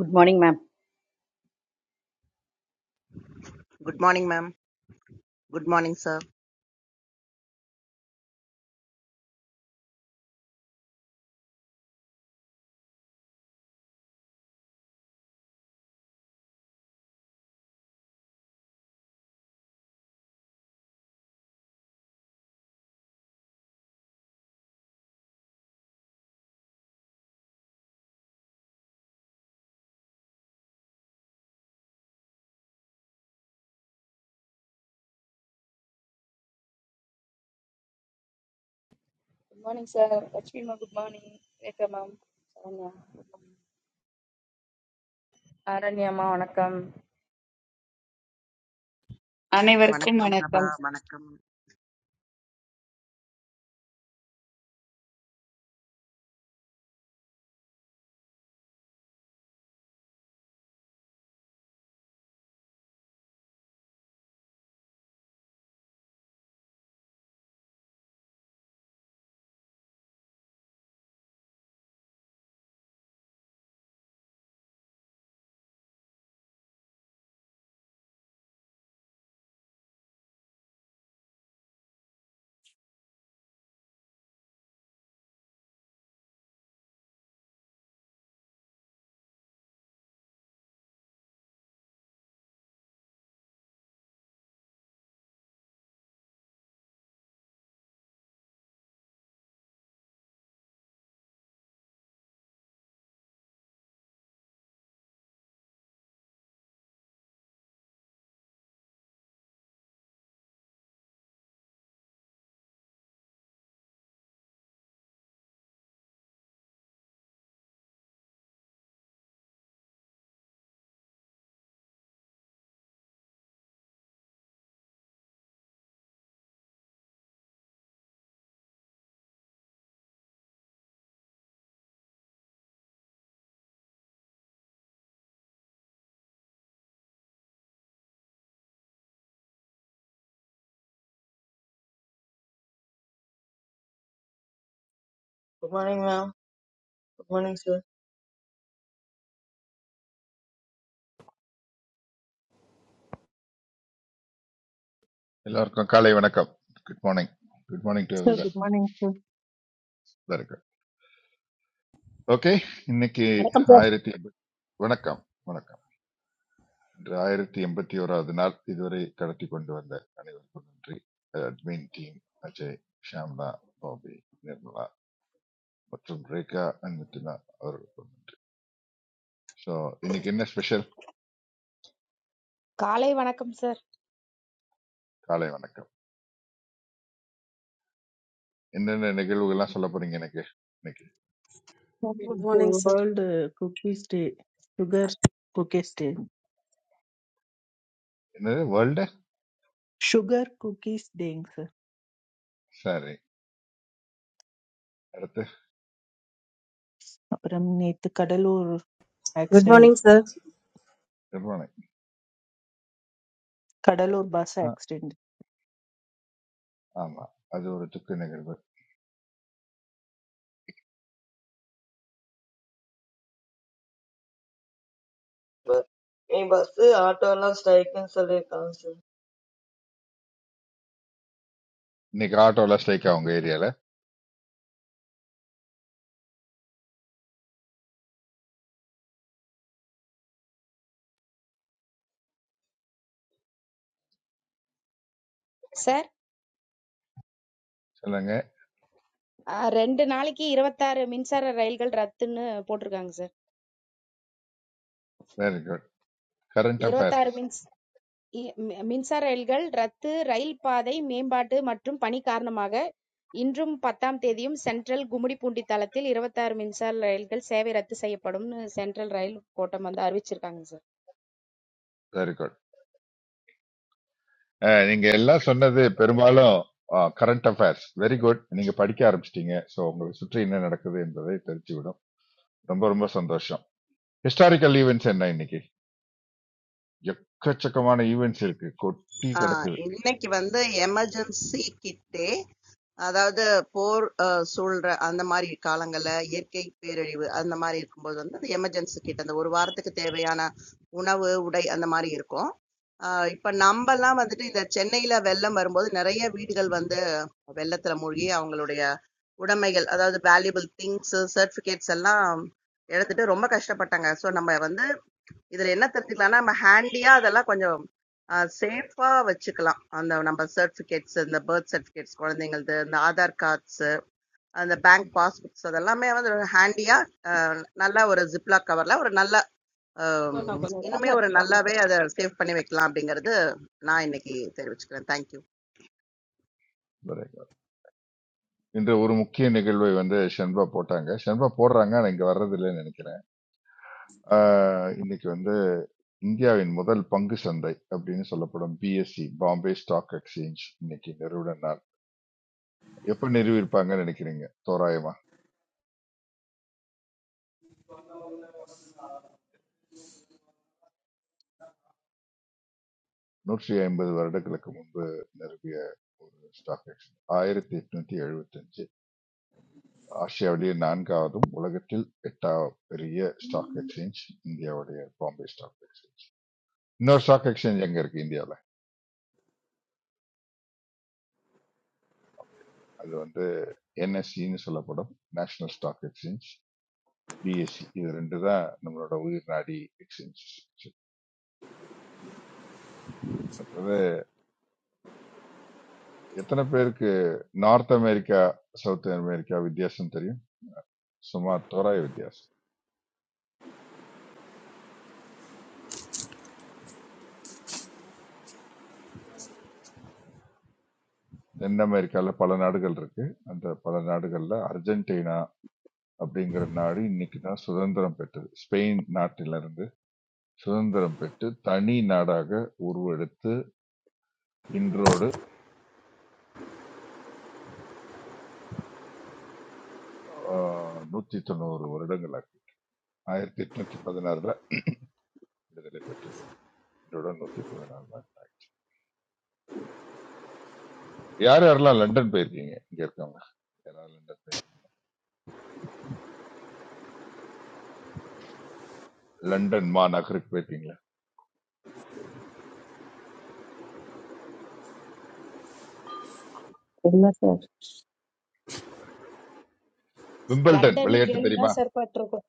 Good morning, ma'am. Good morning ma'am good morning sir Good morning, sir. Lakshmi, Good morning, Rekha, ma'am. How are you? I am very well, ma'am. I never come வணக்கம் at Prabha all. வணக்கம் Good morning, ma'am. Good morning, sir. எல்லாருக்கும் காலை வணக்கம் good morning good morning to So every good morning to இருக்கு okay இன்னைக்கு Hello, sir. ஆயிரத்தி எண்பத்தி- வணக்கம் வணக்கம் இன்று ஆயிரத்தி எண்பத்தி ஓராவது நாள் இதுவரை கடத்தி கொண்டு வந்த அனைவருக்கும் நன்றி அட்மின் டீம் அஜய் ஷாம்லா பாபி நிர்மலா மற்றும் ரேகா அண்ட் மிதுனா அவர்களுக்கும் ஸோ இன்னைக்கு என்ன ஸ்பெஷல் காலை வணக்கம் சார் காலை வணக்கம் என்னென்ன நிகழ்வுகள்லாம் சொல்ல போறீங்க எனக்கு இன்னைக்கு Good to morning, sir. World uh, Cookies Day, Sugar Cookies Day, என்னது world Sugar Cookies Day. sir. சரி அடுத்து அப்புறம் நேத்து Cuddalore Good accident morning, sir. நிர்மலை கடலூர் ஆ, பஸ் ஆமா அது ஒரு துக்க நிகழ்வு But, me bus auto La strike ன்னு சொல்லிருக்காங்க sir. இன்னைக்கு ஆட்டோல ஸ்ட்ரைக்கா உங்க ஏரியால சார் சொல்லுங்க அஹ், ரெண்டு நாளைக்கு இருபத்தாறு மின்சார ரயில்கள் ரத்துன்னு போட்டிருக்காங்க sir very good current affairs இருபத்தாறு மின்ஸ் இ- மி- மின்சார ரயில்கள் ரத்து ரயில் பாதை மேம்பாட்டு மற்றும் பணி காரணமாக இன்றும் பத்தாம் தேதியும் சென்ட்ரல் கும்மிடிப்பூண்டி தளத்தில் இருபத்தாறு மின்சார ரயில்கள் சேவை ரத்து செய்யப்படும்னு சென்ட்ரல் ரயில் கோட்டம் வந்து அறிவிச்சிருக்காங்க சார் வெரி குட் நீங்க எல்லாம் சொன்னது பெரும்பாலும் கரண்ட் அஃபேர்ஸ் வெரி குட் நீங்க படிக்க ஆரம்பிச்சிட்டீங்க ஸோ உங்களை சுற்றி என்ன நடக்குது என்பதை தெரிஞ்சு விடும் ரொம்ப ரொம்ப சந்தோஷம் ஹிஸ்டாரிக்கல் ஈவெண்ட்ஸ் என்ன இன்னைக்கு எக்கச்சக்கமான ஈவெண்ட்ஸ் இருக்கு கொட்டி ஆஹ் கிடக்குது இன்னைக்கு வந்து எமர்ஜென்சி கிட்டே அதாவது போர் ஆஹ் சூழ்ற அந்த மாதிரி காலங்கள்ல இயற்கை பேரழிவு அந்த மாதிரி இருக்கும்போது வந்து அந்த எமர்ஜென்சி கிட் அந்த ஒரு வாரத்துக்கு தேவையான உணவு உடை அந்த மாதிரி இருக்கும் ஆஹ் இப்ப நம்ம எல்லாம் வந்துட்டு இந்த சென்னையில வெள்ளம் வரும்போது நிறைய வீடுகள் வந்து வெள்ளத்துல மூழ்கி அவங்களுடைய உடைமைகள் அதாவது வேல்யூபிள் திங்ஸ் சர்டிபிகேட்ஸ் எல்லாம் இழந்துட்டு ரொம்ப கஷ்டப்பட்டாங்க ஸோ நம்ம வந்து இதுல என்ன தெரிஞ்சுக்கலாம்னா நம்ம ஹேண்டியா அதெல்லாம் கொஞ்சம் சேஃபா வச்சுக்கலாம் அந்த நம்ம சர்டிபிகேட்ஸ் இந்த பர்த் சர்டிபிகேட்ஸ் குழந்தைங்களது இந்த ஆதார் கார்ட்ஸ் அந்த பேங்க் ம், பாஸ்புக்ஸ் அதெல்லாமே வந்து ஹேண்டியா நல்ல ஒரு ஜிப்லாக் கவர்ல ஒரு நல்ல ஆம், இன்னுமே ஒரு நல்லாவே அதை சேவ் பண்ணி வைக்கலாம் அப்படிங்கறது நான் இன்னைக்கு தெரிவிச்சுக்கிறேன் தேங்க்யூ very good. இன்று ஒரு முக்கிய நிகழ்வை வந்து ஷென்பா போட்டாங்க ஷென்பா போடுறாங்க ஆனா இங்க வர்றது இல்லைன்னு நினைக்கிறேன் ஆஹ் இன்னைக்கு வந்து இந்தியாவின் முதல் பங்கு சந்தை அப்படின்னு சொல்லப்படும் பிஎஸ்சி பாம்பே ஸ்டாக் எக்ஸ்சேஞ்ச் இன்னைக்கு நிறுவன நாள் எப்ப நிறுவியிருப்பாங்கன்னு நினைக்கிறீங்க தோராயமா நூற்றி ஐம்பது வருடங்களுக்கு முன்பு நிறுவிய ஒரு ஸ்டாக் எக்ஸ்சேஞ்ச் ஆயிரத்தி எட்நூத்தி எழுபத்தஞ்சு ஆசியாவிலேயே நான்காவதும் உலகத்தில் எட்டாவது பெரிய ஸ்டாக் எக்ஸ்சேஞ்ச் இந்தியாவுடைய பாம்பே ஸ்டாக் எக்ஸ்சேஞ்ச் இன்னொரு ஸ்டாக் எக்ஸ்சேஞ்ச் எங்க இருக்கு இந்தியாவில் அது வந்து என்எஸ்சின்னு சொல்லப்படும் நேஷனல் ஸ்டாக் எக்ஸ்சேஞ்ச் பிஎஸ்சி இது ரெண்டு தான் நம்மளோட உயிர் நாடி எக்ஸ்சேஞ்ச் மற்றது எத்தனை பேருக்கு நார்த் அமெரிக்கா சவுத் அமெரிக்கா வித்தியாசம் தெரியும் சுமார் தோராய வித்தியாசம் தென் அமெரிக்கால பல நாடுகள் இருக்கு அந்த பல நாடுகள்ல அர்ஜென்டினா அப்படிங்கிற நாடு இன்னைக்கு தான் சுதந்திரம் பெற்றது ஸ்பெயின் நாட்டிலிருந்து சுதந்திரம் பெற்று தனி நாடாக உருவெடுத்து இன்றோடு ஆஹ், நூத்தி தொண்ணூறு வருடங்களாக ஆயிரத்தி எட்நூத்தி பதினாறுல விடுதலை பெற்றது இன்றோட நூத்தி பதினாறு யார் யாரெல்லாம் லண்டன் போயிருக்கீங்க இங்க இருக்கவங்க யாராவது லண்டன் போயிருக்கீங்க லண்டன் மாநகருக்கு போயிருக்கீங்களா Bless us. விம்பிள்டன் லண்டனுக்கு விளையாட்டு தெரியுமா கேள்விதான் சார் பட்டிருக்கோம்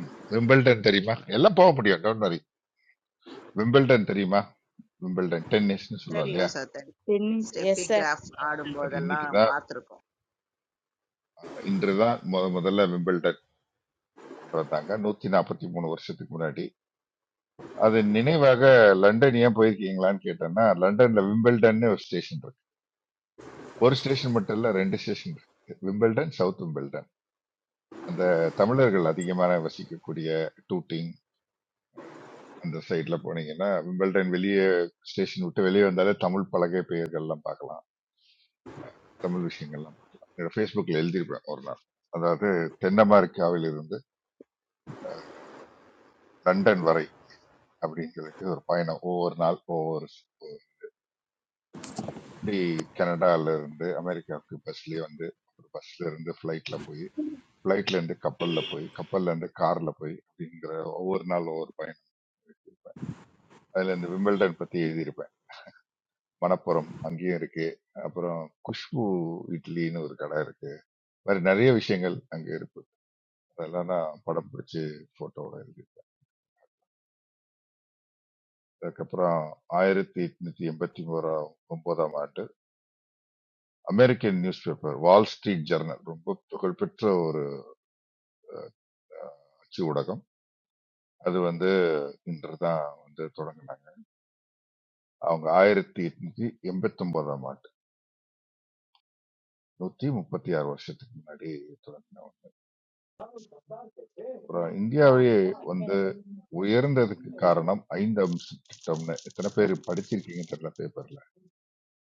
ம், விம்பிள்டன் தெரியுமா எல்லாம் போக முடியும் டோன்ட் வரி விம்பிள்டன் தெரியுமா விம்பிள்டன் டென்னிஸ்னு சொல்லுவோம் இல்லையா தெரியும் சார் தெரியும் How yes Steffi sir Graf ஆ, அது இன்னைக்கு ஆடும்போதெல்லாம் தான் பார்த்துருக்கோம் இன்று தான் முத முதல்ல விம்பிள்டன் கொண்டு வந்தாங்க நூத்தி நாற்பத்தி மூணு வருஷத்துக்கு முன்னாடி அது நினைவாக லண்டன் ஏன் போயிருக்கீங்களான்னு கேட்டேன்னா லண்டன்ல விம்பிள்டன்னு ஒரு ஸ்டேஷன் இருக்கு ஒரு ஸ்டேஷன் மட்டும் இல்ல ரெண்டு ஸ்டேஷன் இருக்கு விம்பிள்டன் சவுத் விம்பிள்டன் அந்த தமிழர்கள் அதிகமான வசிக்கக்கூடிய டூட்டிங் அஹ், அந்த சைட்ல போனீங்கன்னா விம்பிள்டன் வெளியே ஸ்டேஷன் விட்டு வெளியே வந்தாலே தமிழ் பலகை பெயர்கள்லாம் பார்க்கலாம் தமிழ் விஷயங்கள்லாம் பார்க்கலாம் என்னோட ஃபேஸ்புக்கில் எழுதியிருப்பேன் ஒரு நாள் அதாவது தென் அமெரிக்காவில் இருந்து லண்டன் வரை அப்படின்னு சொல்லிட்டு ஒரு பயணம் ஒவ்வொரு நாள் ஒவ்வொரு இப்படி கனடால இருந்து அமெரிக்காவுக்கு பஸ்லயே வந்து ஒரு பஸ்ல இருந்து ஃபிளைட்ல போய் ஃபிளைட்ல இருந்து கப்பல்ல போய் கப்பல்ல இருந்து கார்ல போய் அப்படிங்கிற ஒவ்வொரு நாள் ஒவ்வொரு பயணம் அதுல இந்த விம்பிள்டன் பத்தி எழுதியிருப்பேன் மணப்புறம் அங்கேயும் இருக்கு அப்புறம் குஷ்பு இட்லின்னு ஒரு கடை இருக்கு இந்த மாதிரி நிறைய விஷயங்கள் அங்க இருக்கு அதெல்லாம் நான் படம் பிடிச்சு போட்டோட இருக்கு அதுக்கப்புறம் ஆயிரத்தி எட்நூத்தி எண்பத்தி ஓராம் ஒன்பதாம் ஆண்டு American news paper Wall Street Journal ரொம்ப புகழ்பெற்ற ஒரு அஹ், அச்சு ஊடகம் அது வந்து இன்று தான் வந்து தொடங்கினாங்க அவங்க ஆயிரத்தி எட்நூத்தி எண்பத்தி ஒன்பதாம் ஆண்டு நூத்தி முப்பத்தி ஆறு வருஷத்துக்கு முன்னாடி தொடங்கினாங்க அப்புறம் இந்தியாவே வந்து உயர்ந்ததுக்கு காரணம் ஐந்து அம்ச திட்டம்னு எத்தனை பேர் படிச்சிருக்கீங்க தெரியல பேப்பர்ல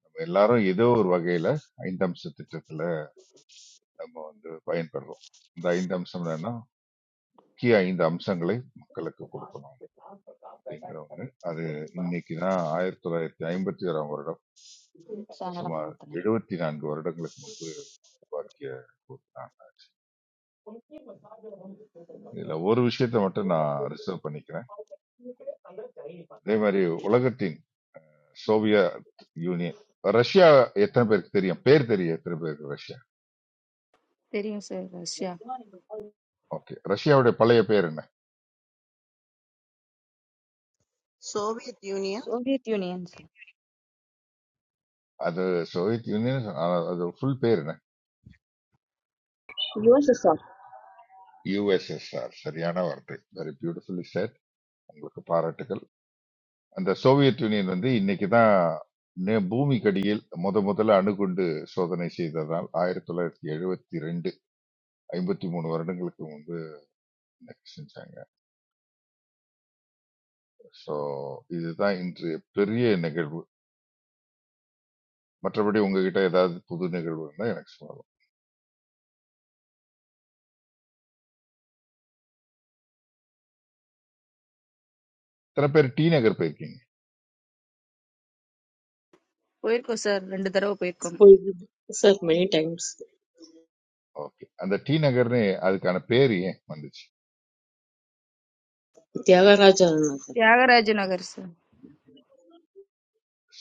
நம்ம எல்லாரும் ஏதோ ஒரு வகையில ஐந்து அம்ச திட்டத்துல நம்ம வந்து பயன்பெறுறோம் இந்த ஐந்து அம்சம் என்னன்னா முக்கிய ஐந்து அம்சங்களை மக்களுக்கு கொடுக்கணும் அப்படிங்கிற ஒண்ணு அது இன்னைக்கு தான் ஆயிரத்தி தொள்ளாயிரத்தி ஐம்பத்தி ஓராம் வருடம் சுமார் Soviets எழுபத்தி நான்கு வருடங்களுக்கு முன்பு உருவாக்கிய ஒரு நாள். இதுல ஒரு விஷயத்தை மட்டும் நான் ரிசர்வ் பண்ணிக்கிறேன் அதே மாதிரி உலகத்தின் சோவியத் யூனியன் ரஷ்யா எத்தனை பேருக்கு தெரியும் பேர் தெரியும் எத்தனை பேருக்கு Russia are you, sir? Okay ரஷ்யாவுடைய பழைய பேர் என்ன சோவியத் யூனியன் Union. அது சோவியத் யூனியன் ஆனா, அது ஃபுல் பேர் என்ன USSR. யுஎஸ்எஸ்ஆர் சரியான வார்த்தை வெரி பியூட்டிஃபுல்லி said உங்களுக்கு பாராட்டுகள் அந்த சோவியத் யூனியன் வந்து இன்னைக்கு தான் பூமிக்கடியில் முத முதல்ல அணுகுண்டு சோதனை செய்ததால் ஆயிரத்தி தொள்ளாயிரத்தி எழுபத்தி ரெண்டு ஐம்பத்தி மூணு வருடங்களுக்கு முன்பு இன்னைக்கு செஞ்சாங்க ஸோ இதுதான் இன்று பெரிய நிகழ்வு மற்றபடி உங்ககிட்ட ஏதாவது புது நிகழ்வு இருந்தால் எனக்கு சொல்லலாம் சில பேர் டி நகர் போயிருக்கீங்க Sir, many times. ஓகே அந்த டி நகர்னு அதுக்கான பேர் ஏன் வந்துச்சு Tyagaraja Nagar.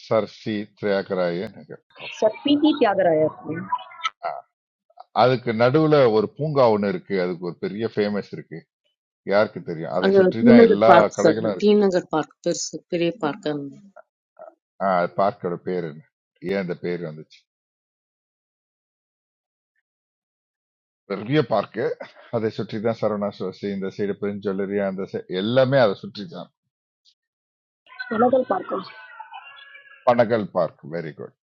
Sir C Thyagaraya Nagar okay So, we need to gather. அதுக்கு நடுவுல ஒரு பூங்கா ஒன்று இருக்கு அதுக்கு ஒரு பெரிய ஃபேமஸ் இருக்கு யாருக்கு தெரியும் அதை And சுற்றி T தான் Nagar எல்லா Park, sir. கடைகளும் T இருக்கு Nagar Park, பெரிய பெரிய park. ஆ, அது பார்க்கோட பேர் என்ன ஏன் அந்த பேர் வந்துச்சு பெரிய பார்க்கு அதை சுற்றி தான் சரவணா சோசி இந்த சைடு பெருஞ்சொல்லரி அந்த சை- எல்லாமே அதை சுற்றி தான் Hello, Mr. Parker. Panagal Park very good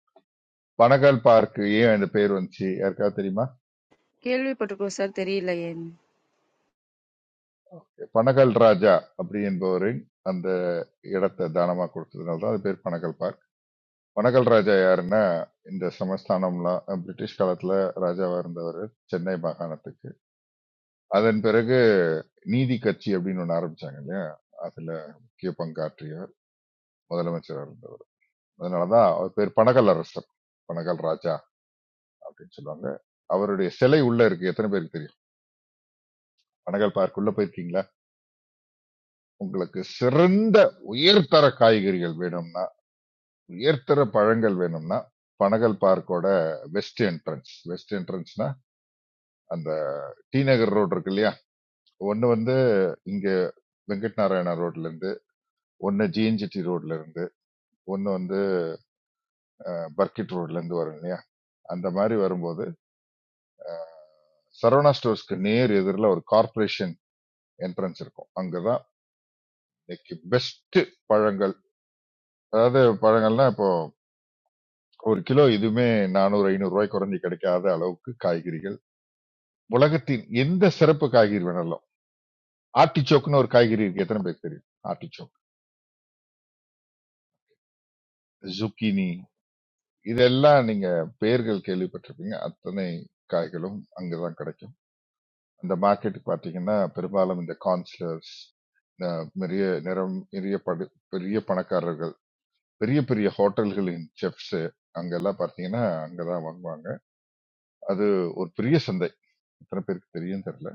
Panagal Park ஏன் இந்த பேர் வந்துச்சு யாருக்காவது தெரியுமா Good morning. பனகல் ராஜா அப்படி என்பவரின் அந்த இடத்தை தானமா கொடுத்ததுனால தான் அது பேர் பனகல் பார்க் பனகல் ராஜா யாருன்னா இந்த சமஸ்தானம்லாம் அஹ், பிரிட்டிஷ் காலத்துல ராஜாவா இருந்தவர் சென்னை மாகாணத்துக்கு அதன் பிறகு நீதி கட்சி அப்படின்னு ஒண்ணு ஆரம்பிச்சாங்க இல்லையா அதுல முக்கிய பங்காற்றிய முதலமைச்சராக இருந்தவர் அதனாலதான் அவர் பேர் பனகல் அரசர் பனகல் ராஜா அப்படின்னு சொல்லுவாங்க அவருடைய சிலை உள்ள இருக்கு எத்தனை பேருக்கு தெரியும் பனகல் பார்க் உள்ள போயிருக்கீங்களா உங்களுக்கு சிறந்த உயர்தர காய்கறிகள் வேணும்னா உயர்தர பழங்கள் வேணும்னா பனகல் பார்க்கோட வெஸ்ட் என்ட்ரன்ஸ் வெஸ்ட் என்ட்ரன்ஸ்னா அந்த டி நகர் ரோடு இருக்கு இல்லையா ஒன்னு வந்து இங்க வெங்கட் நாராயணா ரோட்ல இருந்து ஒன்னு ஜிஎன்ஜிடி ரோட்ல இருந்து ஒன்னு வந்து பர்கிட் ரோட்ல இருந்து வரும் இல்லையா அந்த மாதிரி வரும்போது சரவணா ஸ்டோர்ஸ்க்கு நேர் எதிரில் ஒரு கார்ப்பரேஷன் என்ட்ரன்ஸ் இருக்கும் அங்கதான் இன்னைக்கு பெஸ்ட் பழங்கள் அதாவது பழங்கள்னா இப்போ ஒரு கிலோ இதுவுமே நானூறு ஐநூறு ரூபாய் குறைஞ்சு கிடைக்காத அளவுக்கு காய்கறிகள் உலகத்தின் எந்த சிறப்பு காய்கறி வேணாலும் ஆர்டிச்சோக்னு ஒரு காய்கறி இருக்கு எத்தனை பேர் தெரியும் ஆர்டிச்சோக் ஜுக்கினி இதெல்லாம் நீங்க பெயர்கள் கேள்விப்பட்டிருப்பீங்க அத்தனை காய்களும் அங்கதான் கிடைக்கும் அந்த மார்க்கெட்டுக்கு பார்த்தீங்கன்னா பெரும்பாலும் இந்த கான்ஸ்லர்ஸ் இந்த பெரிய நிறம் பெரிய படு பெரிய பணக்காரர்கள் பெரிய பெரிய ஹோட்டல்களின் செஃப்ஸ் அங்கெல்லாம் பார்த்தீங்கன்னா அங்கதான் வாங்குவாங்க அது ஒரு பெரிய சந்தை எத்தனை பேருக்கு தெரியும் தெரியல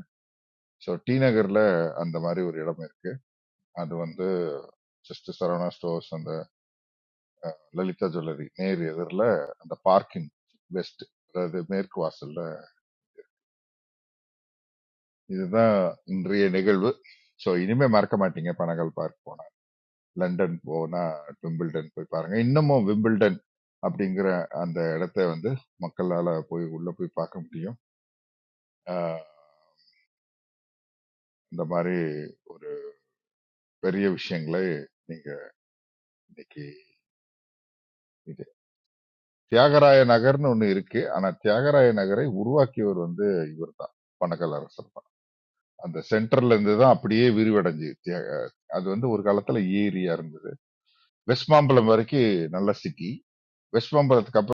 ஸோ டி நகர்ல அந்த மாதிரி ஒரு இடம் இருக்கு அது வந்து ஜஸ்ட் சரவணா ஸ்டோர்ஸ் அந்த லலிதா ஜுவல்லரி நேர் எதிரில் அந்த பார்க்கிங் வெஸ்ட் அதாவது மேற்கு வாசல்ல இதுதான் இன்றைய நிகழ்வு ஸோ இனிமே மறக்க மாட்டீங்க பனகல் பார்க் போனா லண்டன் போனா விம்பிள்டன் போய் பாருங்க இன்னமும் விம்பிள்டன் அப்படிங்கிற அந்த இடத்த வந்து மக்களால போய் உள்ள போய் பார்க்க முடியும் ஆஹ் இந்த மாதிரி ஒரு பெரிய விஷயங்களை நீங்க இன்னைக்கு இது தியாகராய நகர்னு ஒண்ணு இருக்கு ஆனா தியாகராய நகரை உருவாக்கியவர் வந்து இவர்தான் பனகல் அரசர் அந்த சென்டர்ல இருந்து தான் அப்படியே விரிவடைஞ்சு தியாக- அது வந்து ஒரு காலத்துல ஏரியா இருந்தது வெஸ்ட் மாம்பலம் வரைக்கும் நல்ல சிட்டி வெஸ்ட் மாம்பலத்துக்கு அப்புறம்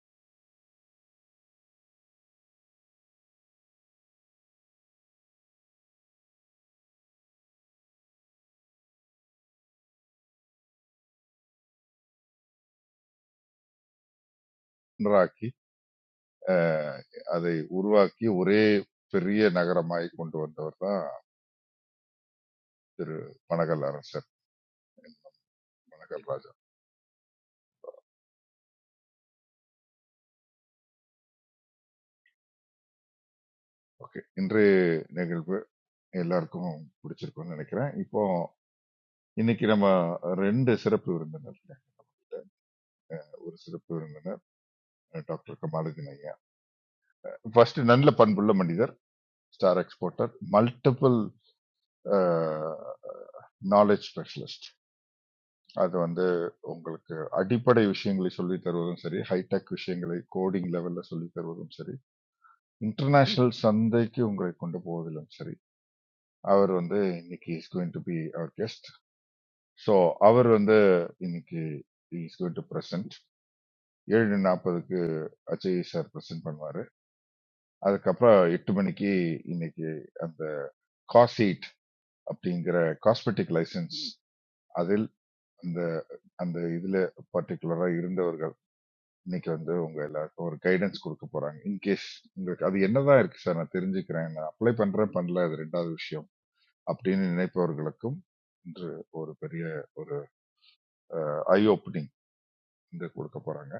குன்றராக்கி, அஹ், அதை உருவாக்கி ஒரே பெரிய நகரமாய் கொண்டு வந்தவர் தான் திரு பனகல் அரசர் பனகல் ராஜா ஓகே இன்றைய நிகழ்வு எல்லாருக்கும் பிடிச்சிருக்கும்னு நினைக்கிறேன் இப்போ இன்னைக்கு நம்ம ரெண்டு சிறப்பு விருந்தினர் இருக்காங்க. ஒரு சிறப்பு விருந்தினர் டாக்டர் கமாலுதீன் ஐயா ஃபர்ஸ்ட் நல்ல பண்புள்ள மனிதர் star exporter multiple knowledge specialist அது வந்து உங்களுக்கு அடிப்படை விஷயங்களை சொல்லி தருவதும் சரி ஹைடெக் விஷயங்களை கோடிங் லெவல்ல சொல்லி தருவதும் சரி இன்டர்நேஷனல் சந்தைக்கு உங்களை கொண்டு போவதிலும் சரி அவர் வந்து இன்னைக்கு இஸ் கோயிங் டு பி அவர் கெஸ்ட் ஸோ அவர் வந்து இன்னைக்கு இஸ் கோயிங் டு பிரசன்ட் ஏழு நாற்பதுக்கு அஜய் சார் ப்ரெசென்ட் பண்ணுவாரு அதுக்கப்புறம் எட்டு மணிக்கு இன்னைக்கு அந்த காசீட் அப்படிங்கிற காஸ்மெட்டிக் லைசன்ஸ் அதில் அந்த அந்த இதுல பர்டிகுலரா இருந்தவர்கள் இன்னைக்கு வந்து உங்க எல்லாருக்கும் ஒரு கைடன்ஸ் கொடுக்க போறாங்க இன்கேஸ் உங்களுக்கு அது என்னதான் இருக்கு சார் நான் தெரிஞ்சுக்கிறேன் நான் அப்ளை பண்றேன் பண்ணல அது ரெண்டாவது விஷயம் அப்படின்னு நினைப்பவர்களுக்கும் இன்று ஒரு பெரிய ஒரு ஐ ஓப்பனிங் இங்க கொடுக்க போறாங்க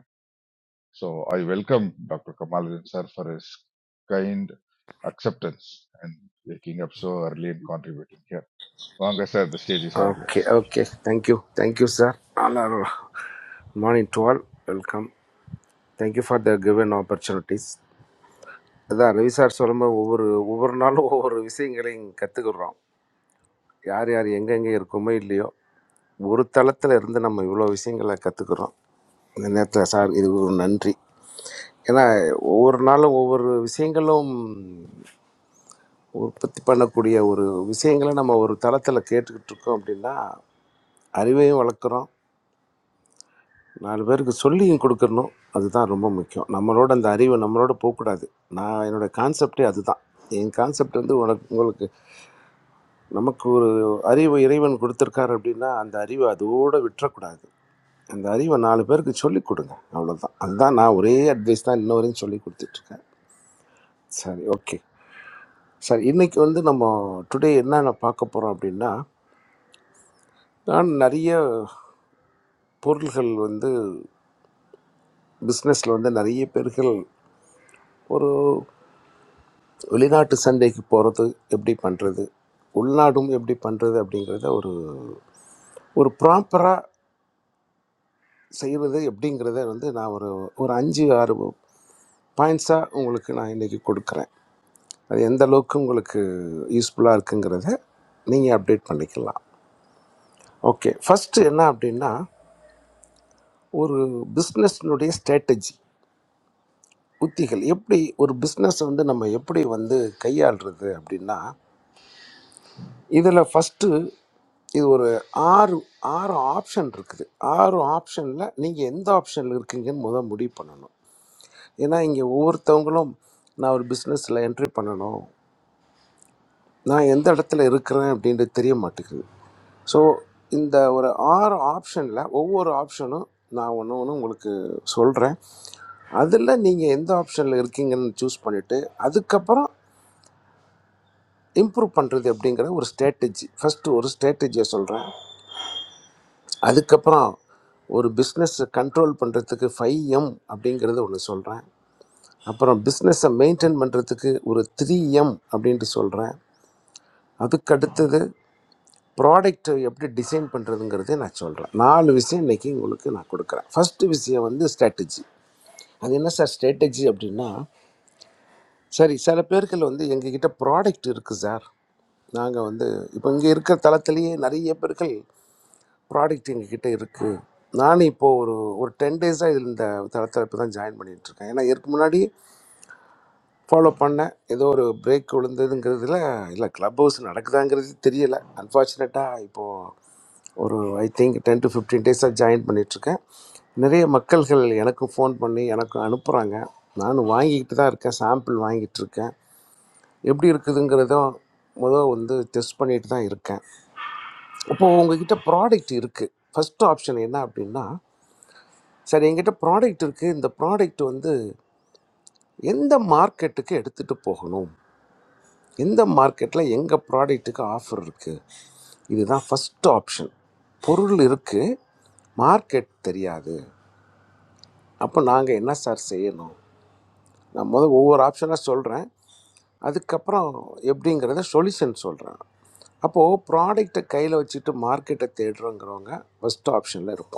so I welcome doctor Kamaluddin sir for his kind acceptance and waking up so early and contributing here. வாங்க sir the stage is all Okay, yours okay. Thank you. Thank you, sir. Honor. Morning to all. Welcome. Thank you for the given opportunities. அதான் Ravi sir சொல்லும்போது ஒவ்வொரு ஒவ்வொரு நாளும் ஒவ்வொரு விஷயங்களையும் கற்றுக்குறோம் யார் யார் எங்கெங்கே இருக்கோமோ இல்லையோ ஒரு தளத்தில் இருந்து நம்ம இவ்வளோ விஷயங்களை கற்றுக்குறோம் இந்த நேரத்தில் சார் இது ஒரு நன்றி ஏன்னா ஒவ்வொரு நாளும் ஒவ்வொரு விஷயங்களும் உற்பத்தி பண்ணக்கூடிய ஒரு விஷயங்களை நம்ம ஒரு தளத்தில் கேட்டுக்கிட்டு இருக்கோம் அப்படின்னா அறிவையும் வளர்க்குறோம் நாலு பேருக்கு சொல்லியும் கொடுக்கணும் அதுதான் ரொம்ப முக்கியம் நம்மளோட அந்த அறிவை நம்மளோட போகக்கூடாது நான் என்னோட கான்செப்டே அதுதான் என் கான்செப்ட் வந்து உனக்கு உங்களுக்கு நமக்கு ஒரு அறிவு இறைவன் கொடுத்துருக்காரு அப்படின்னா அந்த அறிவை அதோட விட்டுறக்கூடாது அந்த அறிவை நாலு பேருக்கு சொல்லிக் கொடுங்க அவ்வளோதான் அதுதான் நான் ஒரே அட்வைஸ் தான் இன்ன வரையும் சொல்லி கொடுத்துட்ருக்கேன் சரி ஓகே சரி இன்னைக்கு வந்து நம்ம டுடே என்னென்ன பார்க்க போகிறோம் அப்படின்னா நான் நிறைய பொருள்கள் வந்து பிஸ்னஸில் வந்து நிறைய பேர்கள் ஒரு வெளிநாட்டு சந்தைக்கு போகிறது எப்படி பண்ணுறது உள்நாடும் எப்படி பண்ணுறது அப்படிங்கிறத ஒரு ஒரு ப்ராப்பராக செய்கிறது எப்படிங்கிறத வந்து நான் ஒரு ஒரு அஞ்சு ஆறு பாயிண்ட்ஸாக உங்களுக்கு நான் இன்றைக்கி கொடுக்குறேன் அது எந்த அளவுக்கு உங்களுக்கு யூஸ்ஃபுல்லாக இருக்குங்கிறத நீங்கள் அப்டேட் பண்ணிக்கலாம் ஓகே ஃபஸ்ட்டு என்ன அப்படின்னா ஒரு பிஸ்னஸ்னுடைய ஸ்ட்ராட்டஜி உத்திகள் எப்படி ஒரு பிஸ்னஸ் வந்து நம்ம எப்படி வந்து கையாளுறது அப்படின்னா இதில் ஃபஸ்ட்டு இது ஒரு ஆறு ஆறு ஆப்ஷன் இருக்குது ஆறு ஆப்ஷனில் நீங்கள் எந்த ஆப்ஷனில் இருக்கீங்கன்னு முத முடிவு பண்ணணும் ஏன்னா இங்கே ஒவ்வொருத்தவங்களும் நான் ஒரு பிஸ்னஸில் என்ட்ரி பண்ணணும் நான் எந்த இடத்துல இருக்கிறேன் அப்படின்றது தெரிய மாட்டேங்குது ஸோ இந்த ஒரு ஆறு ஆப்ஷனில் ஒவ்வொரு ஆப்ஷனும் நான் ஒன்று ஒன்று உங்களுக்கு சொல்கிறேன் அதில் நீங்கள் எந்த ஆப்ஷனில் இருக்கீங்கன்னு சூஸ் பண்ணிவிட்டு அதுக்கப்புறம் இம்ப்ரூவ் பண்ணுறது அப்படிங்கிற ஒரு ஸ்ட்ராட்டஜி ஃபஸ்ட்டு ஒரு ஸ்ட்ராட்டஜியை சொல்கிறேன் அதுக்கப்புறம் ஒரு பிஸ்னஸை கண்ட்ரோல் பண்ணுறதுக்கு ஃபைவ் எம் அப்படிங்கிறது ஒன்று சொல்கிறேன் அப்புறம் பிஸ்னஸை மெயின்டைன் பண்ணுறதுக்கு ஒரு த்ரீ எம் அப்படின்ட்டு சொல்கிறேன் அதுக்கு அடுத்தது ப்ராடக்ட்டை எப்படி டிசைன் பண்ணுறதுங்கிறதே நான் சொல்கிறேன் நாலு விஷயம் இன்றைக்கி உங்களுக்கு நான் கொடுக்குறேன் ஃபஸ்ட்டு விஷயம் வந்து ஸ்ட்ராட்டஜி அது என்ன சார் ஸ்ட்ராட்டஜி அப்படின்னா சரி சில பேர்கள் வந்து எங்ககிட்ட ப்ராடக்ட் இருக்குது சார் நாங்கள் வந்து இப்போ இங்கே இருக்கிற தளத்திலேயே நிறைய பேர்கள் ப்ராடக்ட் எங்ககிட்ட இருக்குது நானும் இப்போது ஒரு ஒரு டென் டேஸாக இதில் இந்த தளத்தில் இப்போ தான் ஜாயின் பண்ணிகிட்ருக்கேன் ஏன்னா இதற்கு முன்னாடி ஃபாலோ பண்ணேன் ஏதோ ஒரு பிரேக் விழுந்ததுங்கிறதுல இல்லை க்ளப் ஹவுஸ் நடக்குதாங்கிறது தெரியலை அன்ஃபார்ச்சுனேட்டாக இப்போது ஒரு I think ten to fifteen டேஸாக ஜாயின் பண்ணிகிட்ருக்கேன் நிறைய மக்கள்கள் எனக்கும் ஃபோன் பண்ணி எனக்கும் அனுப்புகிறாங்க நானும் வாங்கிக்கிட்டு தான் இருக்கேன் சாம்பிள் வாங்கிட்டு இருக்கேன் எப்படி இருக்குதுங்கிறதும் முதல் வந்து டெஸ்ட் பண்ணிட்டு தான் இருக்கேன் இப்போது உங்ககிட்ட ப்ராடக்ட் இருக்குது ஃபஸ்ட் ஆப்ஷன் என்ன அப்படின்னா சார் என்கிட்ட ப்ராடக்ட் இருக்குது இந்த ப்ராடக்ட் வந்து எந்த மார்க்கெட்டுக்கு எடுத்துகிட்டு போகணும் எந்த மார்க்கெட்டில் எங்கள் ப்ராடக்ட்டுக்கு ஆஃபர் இருக்குது இதுதான் ஃபஸ்ட் ஆப்ஷன் பொருள் இருக்குது மார்க்கெட் தெரியாது அப்போ நாங்கள் என்ன சார் செய்யணும் நான் முதல் ஒவ்வொரு ஆப்ஷனாக சொல்கிறேன் அதுக்கப்புறம் எப்படிங்கிறத சொல்யூஷன் சொல்கிறேன் அப்போது ப்ராடக்ட்டை கையில் வச்சுட்டு மார்க்கெட்டை தேடுறோங்கிறவங்க ஃபஸ்ட் ஆப்ஷனில் இருப்போம்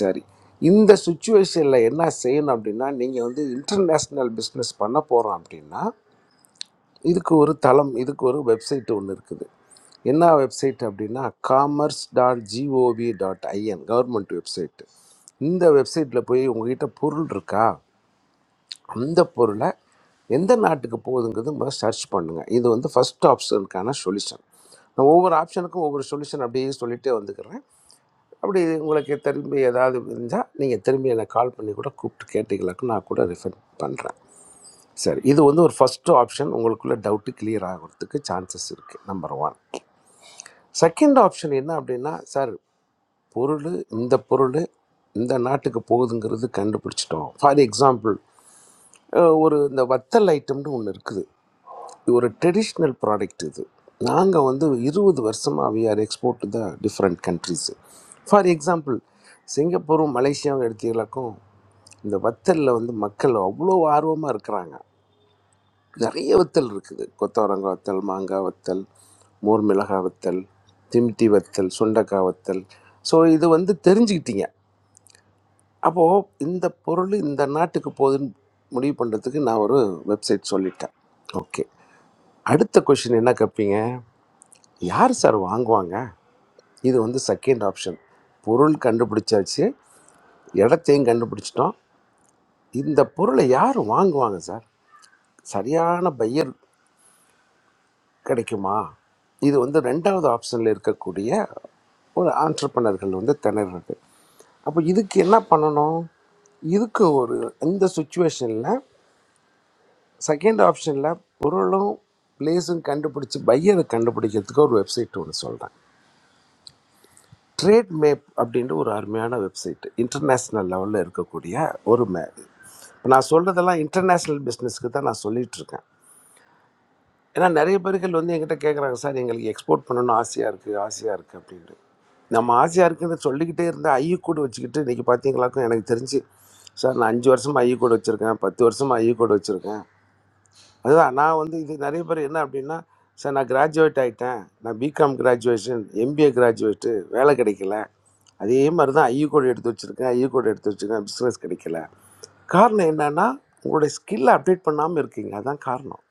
சரி இந்த சுச்சுவேஷனில் என்ன செய்யணும் அப்படின்னா நீங்கள் வந்து இன்டர்நேஷ்னல் பிஸ்னஸ் பண்ண போகிறோம் அப்படின்னா இதுக்கு ஒரு தளம் இதுக்கு ஒரு வெப்சைட் ஒன்று இருக்குது என்ன வெப்சைட் அப்படின்னா commerce dot G O V dot I N government website இந்த வெப்சைட்டில் போய் உங்ககிட்ட பொருள் இருக்கா அந்த பொருளை எந்த நாட்டுக்கு போகுதுங்கிறது முதல்ல சர்ச் பண்ணுங்கள் இது வந்து ஃபஸ்ட் ஆப்ஷனுக்கான சொல்யூஷன் நான் ஒவ்வொரு ஆப்ஷனுக்கும் ஒவ்வொரு சொல்யூஷன் அப்படியே சொல்லிகிட்டே வந்துக்கிறேன் அப்படி உங்களுக்கு திரும்பி ஏதாவது இருந்தால் நீங்கள் திரும்பி எனக்கு கால் பண்ணி கூட கூப்பிட்டு கேட்டீங்களாக்கும் நான் கூட ரிஃபண்ட் பண்ணுறேன் சரி இது வந்து ஒரு ஃபஸ்ட்டு ஆப்ஷன் உங்களுக்குள்ள டவுட்டு கிளியர் ஆகிறதுக்கு சான்சஸ் இருக்குது நம்பர் ஒன் செகண்ட் ஆப்ஷன் என்ன அப்படின்னா சார் பொருள் இந்த பொருள் இந்த நாட்டுக்கு போகுதுங்கிறது கண்டுபிடிச்சிட்டோம் ஃபார் எக்ஸாம்பிள் அஹ் ஒரு இந்த வத்தல் ஐட்டம்னு ஒன்று இருக்குது இது ஒரு ட்ரெடிஷ்னல் ப்ராடக்ட் இது நாங்கள் வந்து இருபது வருஷமாக we are export to the different countries for example சிங்கப்பூரும் மலேசியாவும் எடுத்தீங்களாக்கும் இந்த வத்தலில் வந்து மக்கள் அவ்வளோ ஆர்வமாக இருக்கிறாங்க நிறைய வத்தல் இருக்குது கொத்தவரங்காய் வத்தல் மாங்காய் வத்தல் மோர் மிளகாய் வத்தல் திமிட்டி வத்தல் சுண்டக்காய் வத்தல் ஸோ இது வந்து தெரிஞ்சுக்கிட்டீங்க அப்போது இந்த பொருள் இந்த நாட்டுக்கு போகுதுன்னு முடிவு பண்ணுறதுக்கு நான் ஒரு வெப்சைட் சொல்லிட்டேன் ஓகே அடுத்த கொஷின் என்ன கேட்பீங்க யார் சார் வாங்குவாங்க இது வந்து செகண்ட் ஆப்ஷன் பொருள் கண்டுபிடிச்சாச்சு இடத்தையும் கண்டுபிடிச்சிட்டோம் இந்த பொருளை யார் வாங்குவாங்க சார் சரியான பையர் கிடைக்குமா இது வந்து ரெண்டாவது ஆப்ஷனில் இருக்கக்கூடிய ஒரு ஆண்டர்பனர்கள் வந்து திணறது அப்போ இதுக்கு என்ன பண்ணணும் இதுக்கு ஒரு இந்த சுச்சுவேஷனில் செகண்ட் ஆப்ஷனில் பொருளும் பிளேஸும் கண்டுபிடிச்சி பையரை கண்டுபிடிக்கிறதுக்கு ஒரு வெப்சைட் ஒன்று சொல்கிறேன் ட்ரேட் மேப் அப்படின்ற ஒரு அருமையான வெப்சைட் இன்டர்நேஷ்னல் லெவலில் இருக்கக்கூடிய ஒரு மே இப்போ நான் சொல்கிறதெல்லாம் இன்டர்நேஷ்னல் பிஸ்னஸ்க்கு தான் நான் சொல்லிட்டு இருக்கேன் ஏன்னா நிறைய பேர்கள் வந்து என்கிட்ட கேட்குறாங்க சார் எங்களுக்கு எக்ஸ்போர்ட் பண்ணணும்னு ஆசையாக இருக்குது ஆசையாக இருக்குது அப்படின்ட்டு நம்ம ஆசையாக இருக்குன்னு சொல்லிக்கிட்டே இருந்தால் ஐயு கூட வச்சுக்கிட்டு இன்றைக்கி பார்த்தீங்களாக்கும் எனக்கு தெரிஞ்சு சார் நான் அஞ்சு வருஷமாக ஐயு கூட வச்சுருக்கேன் பத்து வருஷமாக ஐயு கூட வச்சுருக்கேன் அதுதான் நான் வந்து இது நிறைய பேர் என்ன அப்படின்னா சார் நான் கிராஜுவேட் ஆகிட்டேன் நான் பிகாம் கிராஜுவேஷன் எம்பிஏ கிராஜுவேட்டு வேலை கிடைக்கல அதே மாதிரி தான் ஐயு கோடு எடுத்து வச்சுருக்கேன் ஐயு கோடு எடுத்து வச்சுருக்கேன் பிஸ்னஸ் கிடைக்கல காரணம் என்னன்னா உங்களுடைய ஸ்கில்லை அப்டேட் பண்ணாமல் இருக்கீங்க அதான் காரணம்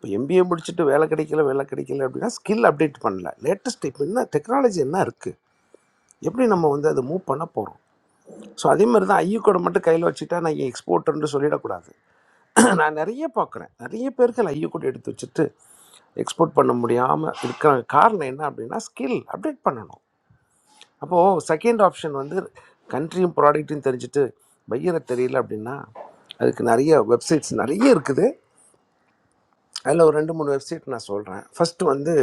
இப்போ எம்பிஏ முடிச்சுட்டு வேலை கிடைக்கல வேலை கிடைக்கல அப்படின்னா ஸ்கில் அப்டேட் பண்ணல லேட்டஸ்ட் இப்போ என்ன டெக்னாலஜி என்ன இருக்குது எப்படி நம்ம வந்து அதை மூவ் பண்ண போகிறோம் ஸோ அதே மாதிரி தான் ஐயோ கோடை மட்டும் கையில் வச்சுட்டா நான் எக்ஸ்போர்ட்டர்னு சொல்லிடக்கூடாது நான் நிறைய பார்க்குறேன் நிறைய பேர்கள் ஐயோ கோடை எடுத்து வச்சுட்டு எக்ஸ்போர்ட் பண்ண முடியாமல் இருக்கிற காரணம் என்ன அப்படின்னா ஸ்கில் அப்டேட் பண்ணணும் அப்போது செகண்ட் ஆப்ஷன் வந்து கண்ட்ரியும் ப்ராடக்ட்டையும் தெரிஞ்சுட்டு பையனை தெரியல அப்படின்னா அதுக்கு நிறைய வெப்சைட்ஸ் நிறைய இருக்குது அதில் ஒரு ரெண்டு மூணு வெப்சைட் நான் சொல்கிறேன் ஃபஸ்ட்டு வந்து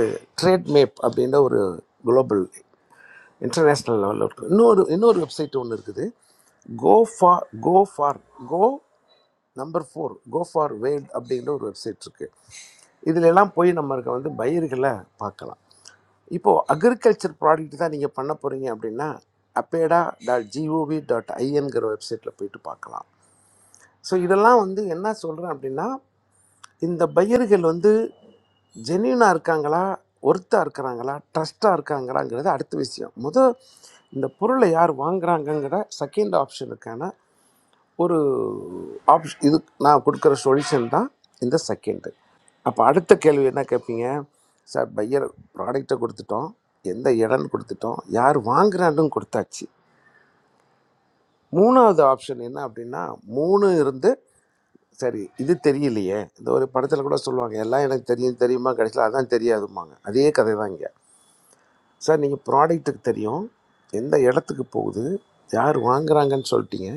ட்ரேட் மேப் அப்படின்ற ஒரு குளோபல் இன்டர்நேஷ்னல் லெவலில் இருக்குது இன்னொரு இன்னொரு வெப்சைட் ஒன்று இருக்குது go for go for go number four go for world அப்படிங்கிற ஒரு வெப்சைட் இருக்குது இதுல எல்லாம் போய் நம்மளுக்கு வந்து பயிர்களை பார்க்கலாம் இப்போது அக்ரிகல்ச்சர் ப்ராடக்ட் தான் நீங்கள் பண்ண போகிறீங்க அப்படின்னா அப்பேடா டாட் ஜிஓவி டாட் ஐஎன்கிற வெப்சைட்டில் போயிட்டு பார்க்கலாம் ஸோ இதெல்லாம் வந்து என்ன சொல்கிறேன் அப்படின்னா இந்த பையர்கள் வந்து ஜெனியூனாக இருக்காங்களா ஒர்த்தாக இருக்கிறாங்களா ட்ரஸ்ட்டாக இருக்காங்களாங்கிறது அடுத்த விஷயம் முத இந்த பொருளை யார் வாங்குறாங்கங்கிற செகண்ட் ஆப்ஷனுக்கான ஒரு ஆப்ஷன் இது நான் கொடுக்குற சொல்யூஷன் தான் இந்த செகண்டு அப்போ அடுத்த கேள்வி என்ன கேட்பீங்க சார் பையர் ப்ராடக்டை கொடுத்துட்டோம் எந்த இடம்னு கொடுத்துட்டோம் யார் வாங்குறான்னு கொடுத்தாச்சு மூணாவது ஆப்ஷன் என்ன அப்படின்னா மூணு இருந்து சரி இது தெரியலையே இந்த ஒரு படத்தில் கூட சொல்லுவாங்க எல்லாம் எனக்கு தெரியும் தெரியுமா கடைசியில் அதான் தெரியாதும்பாங்க அதே கதை தான் இங்கே சார் நீங்கள் ப்ராடக்ட்டுக்கு தெரியும் எந்த இடத்துக்கு போகுது யார் வாங்குறாங்கன்னு சொல்லிட்டீங்க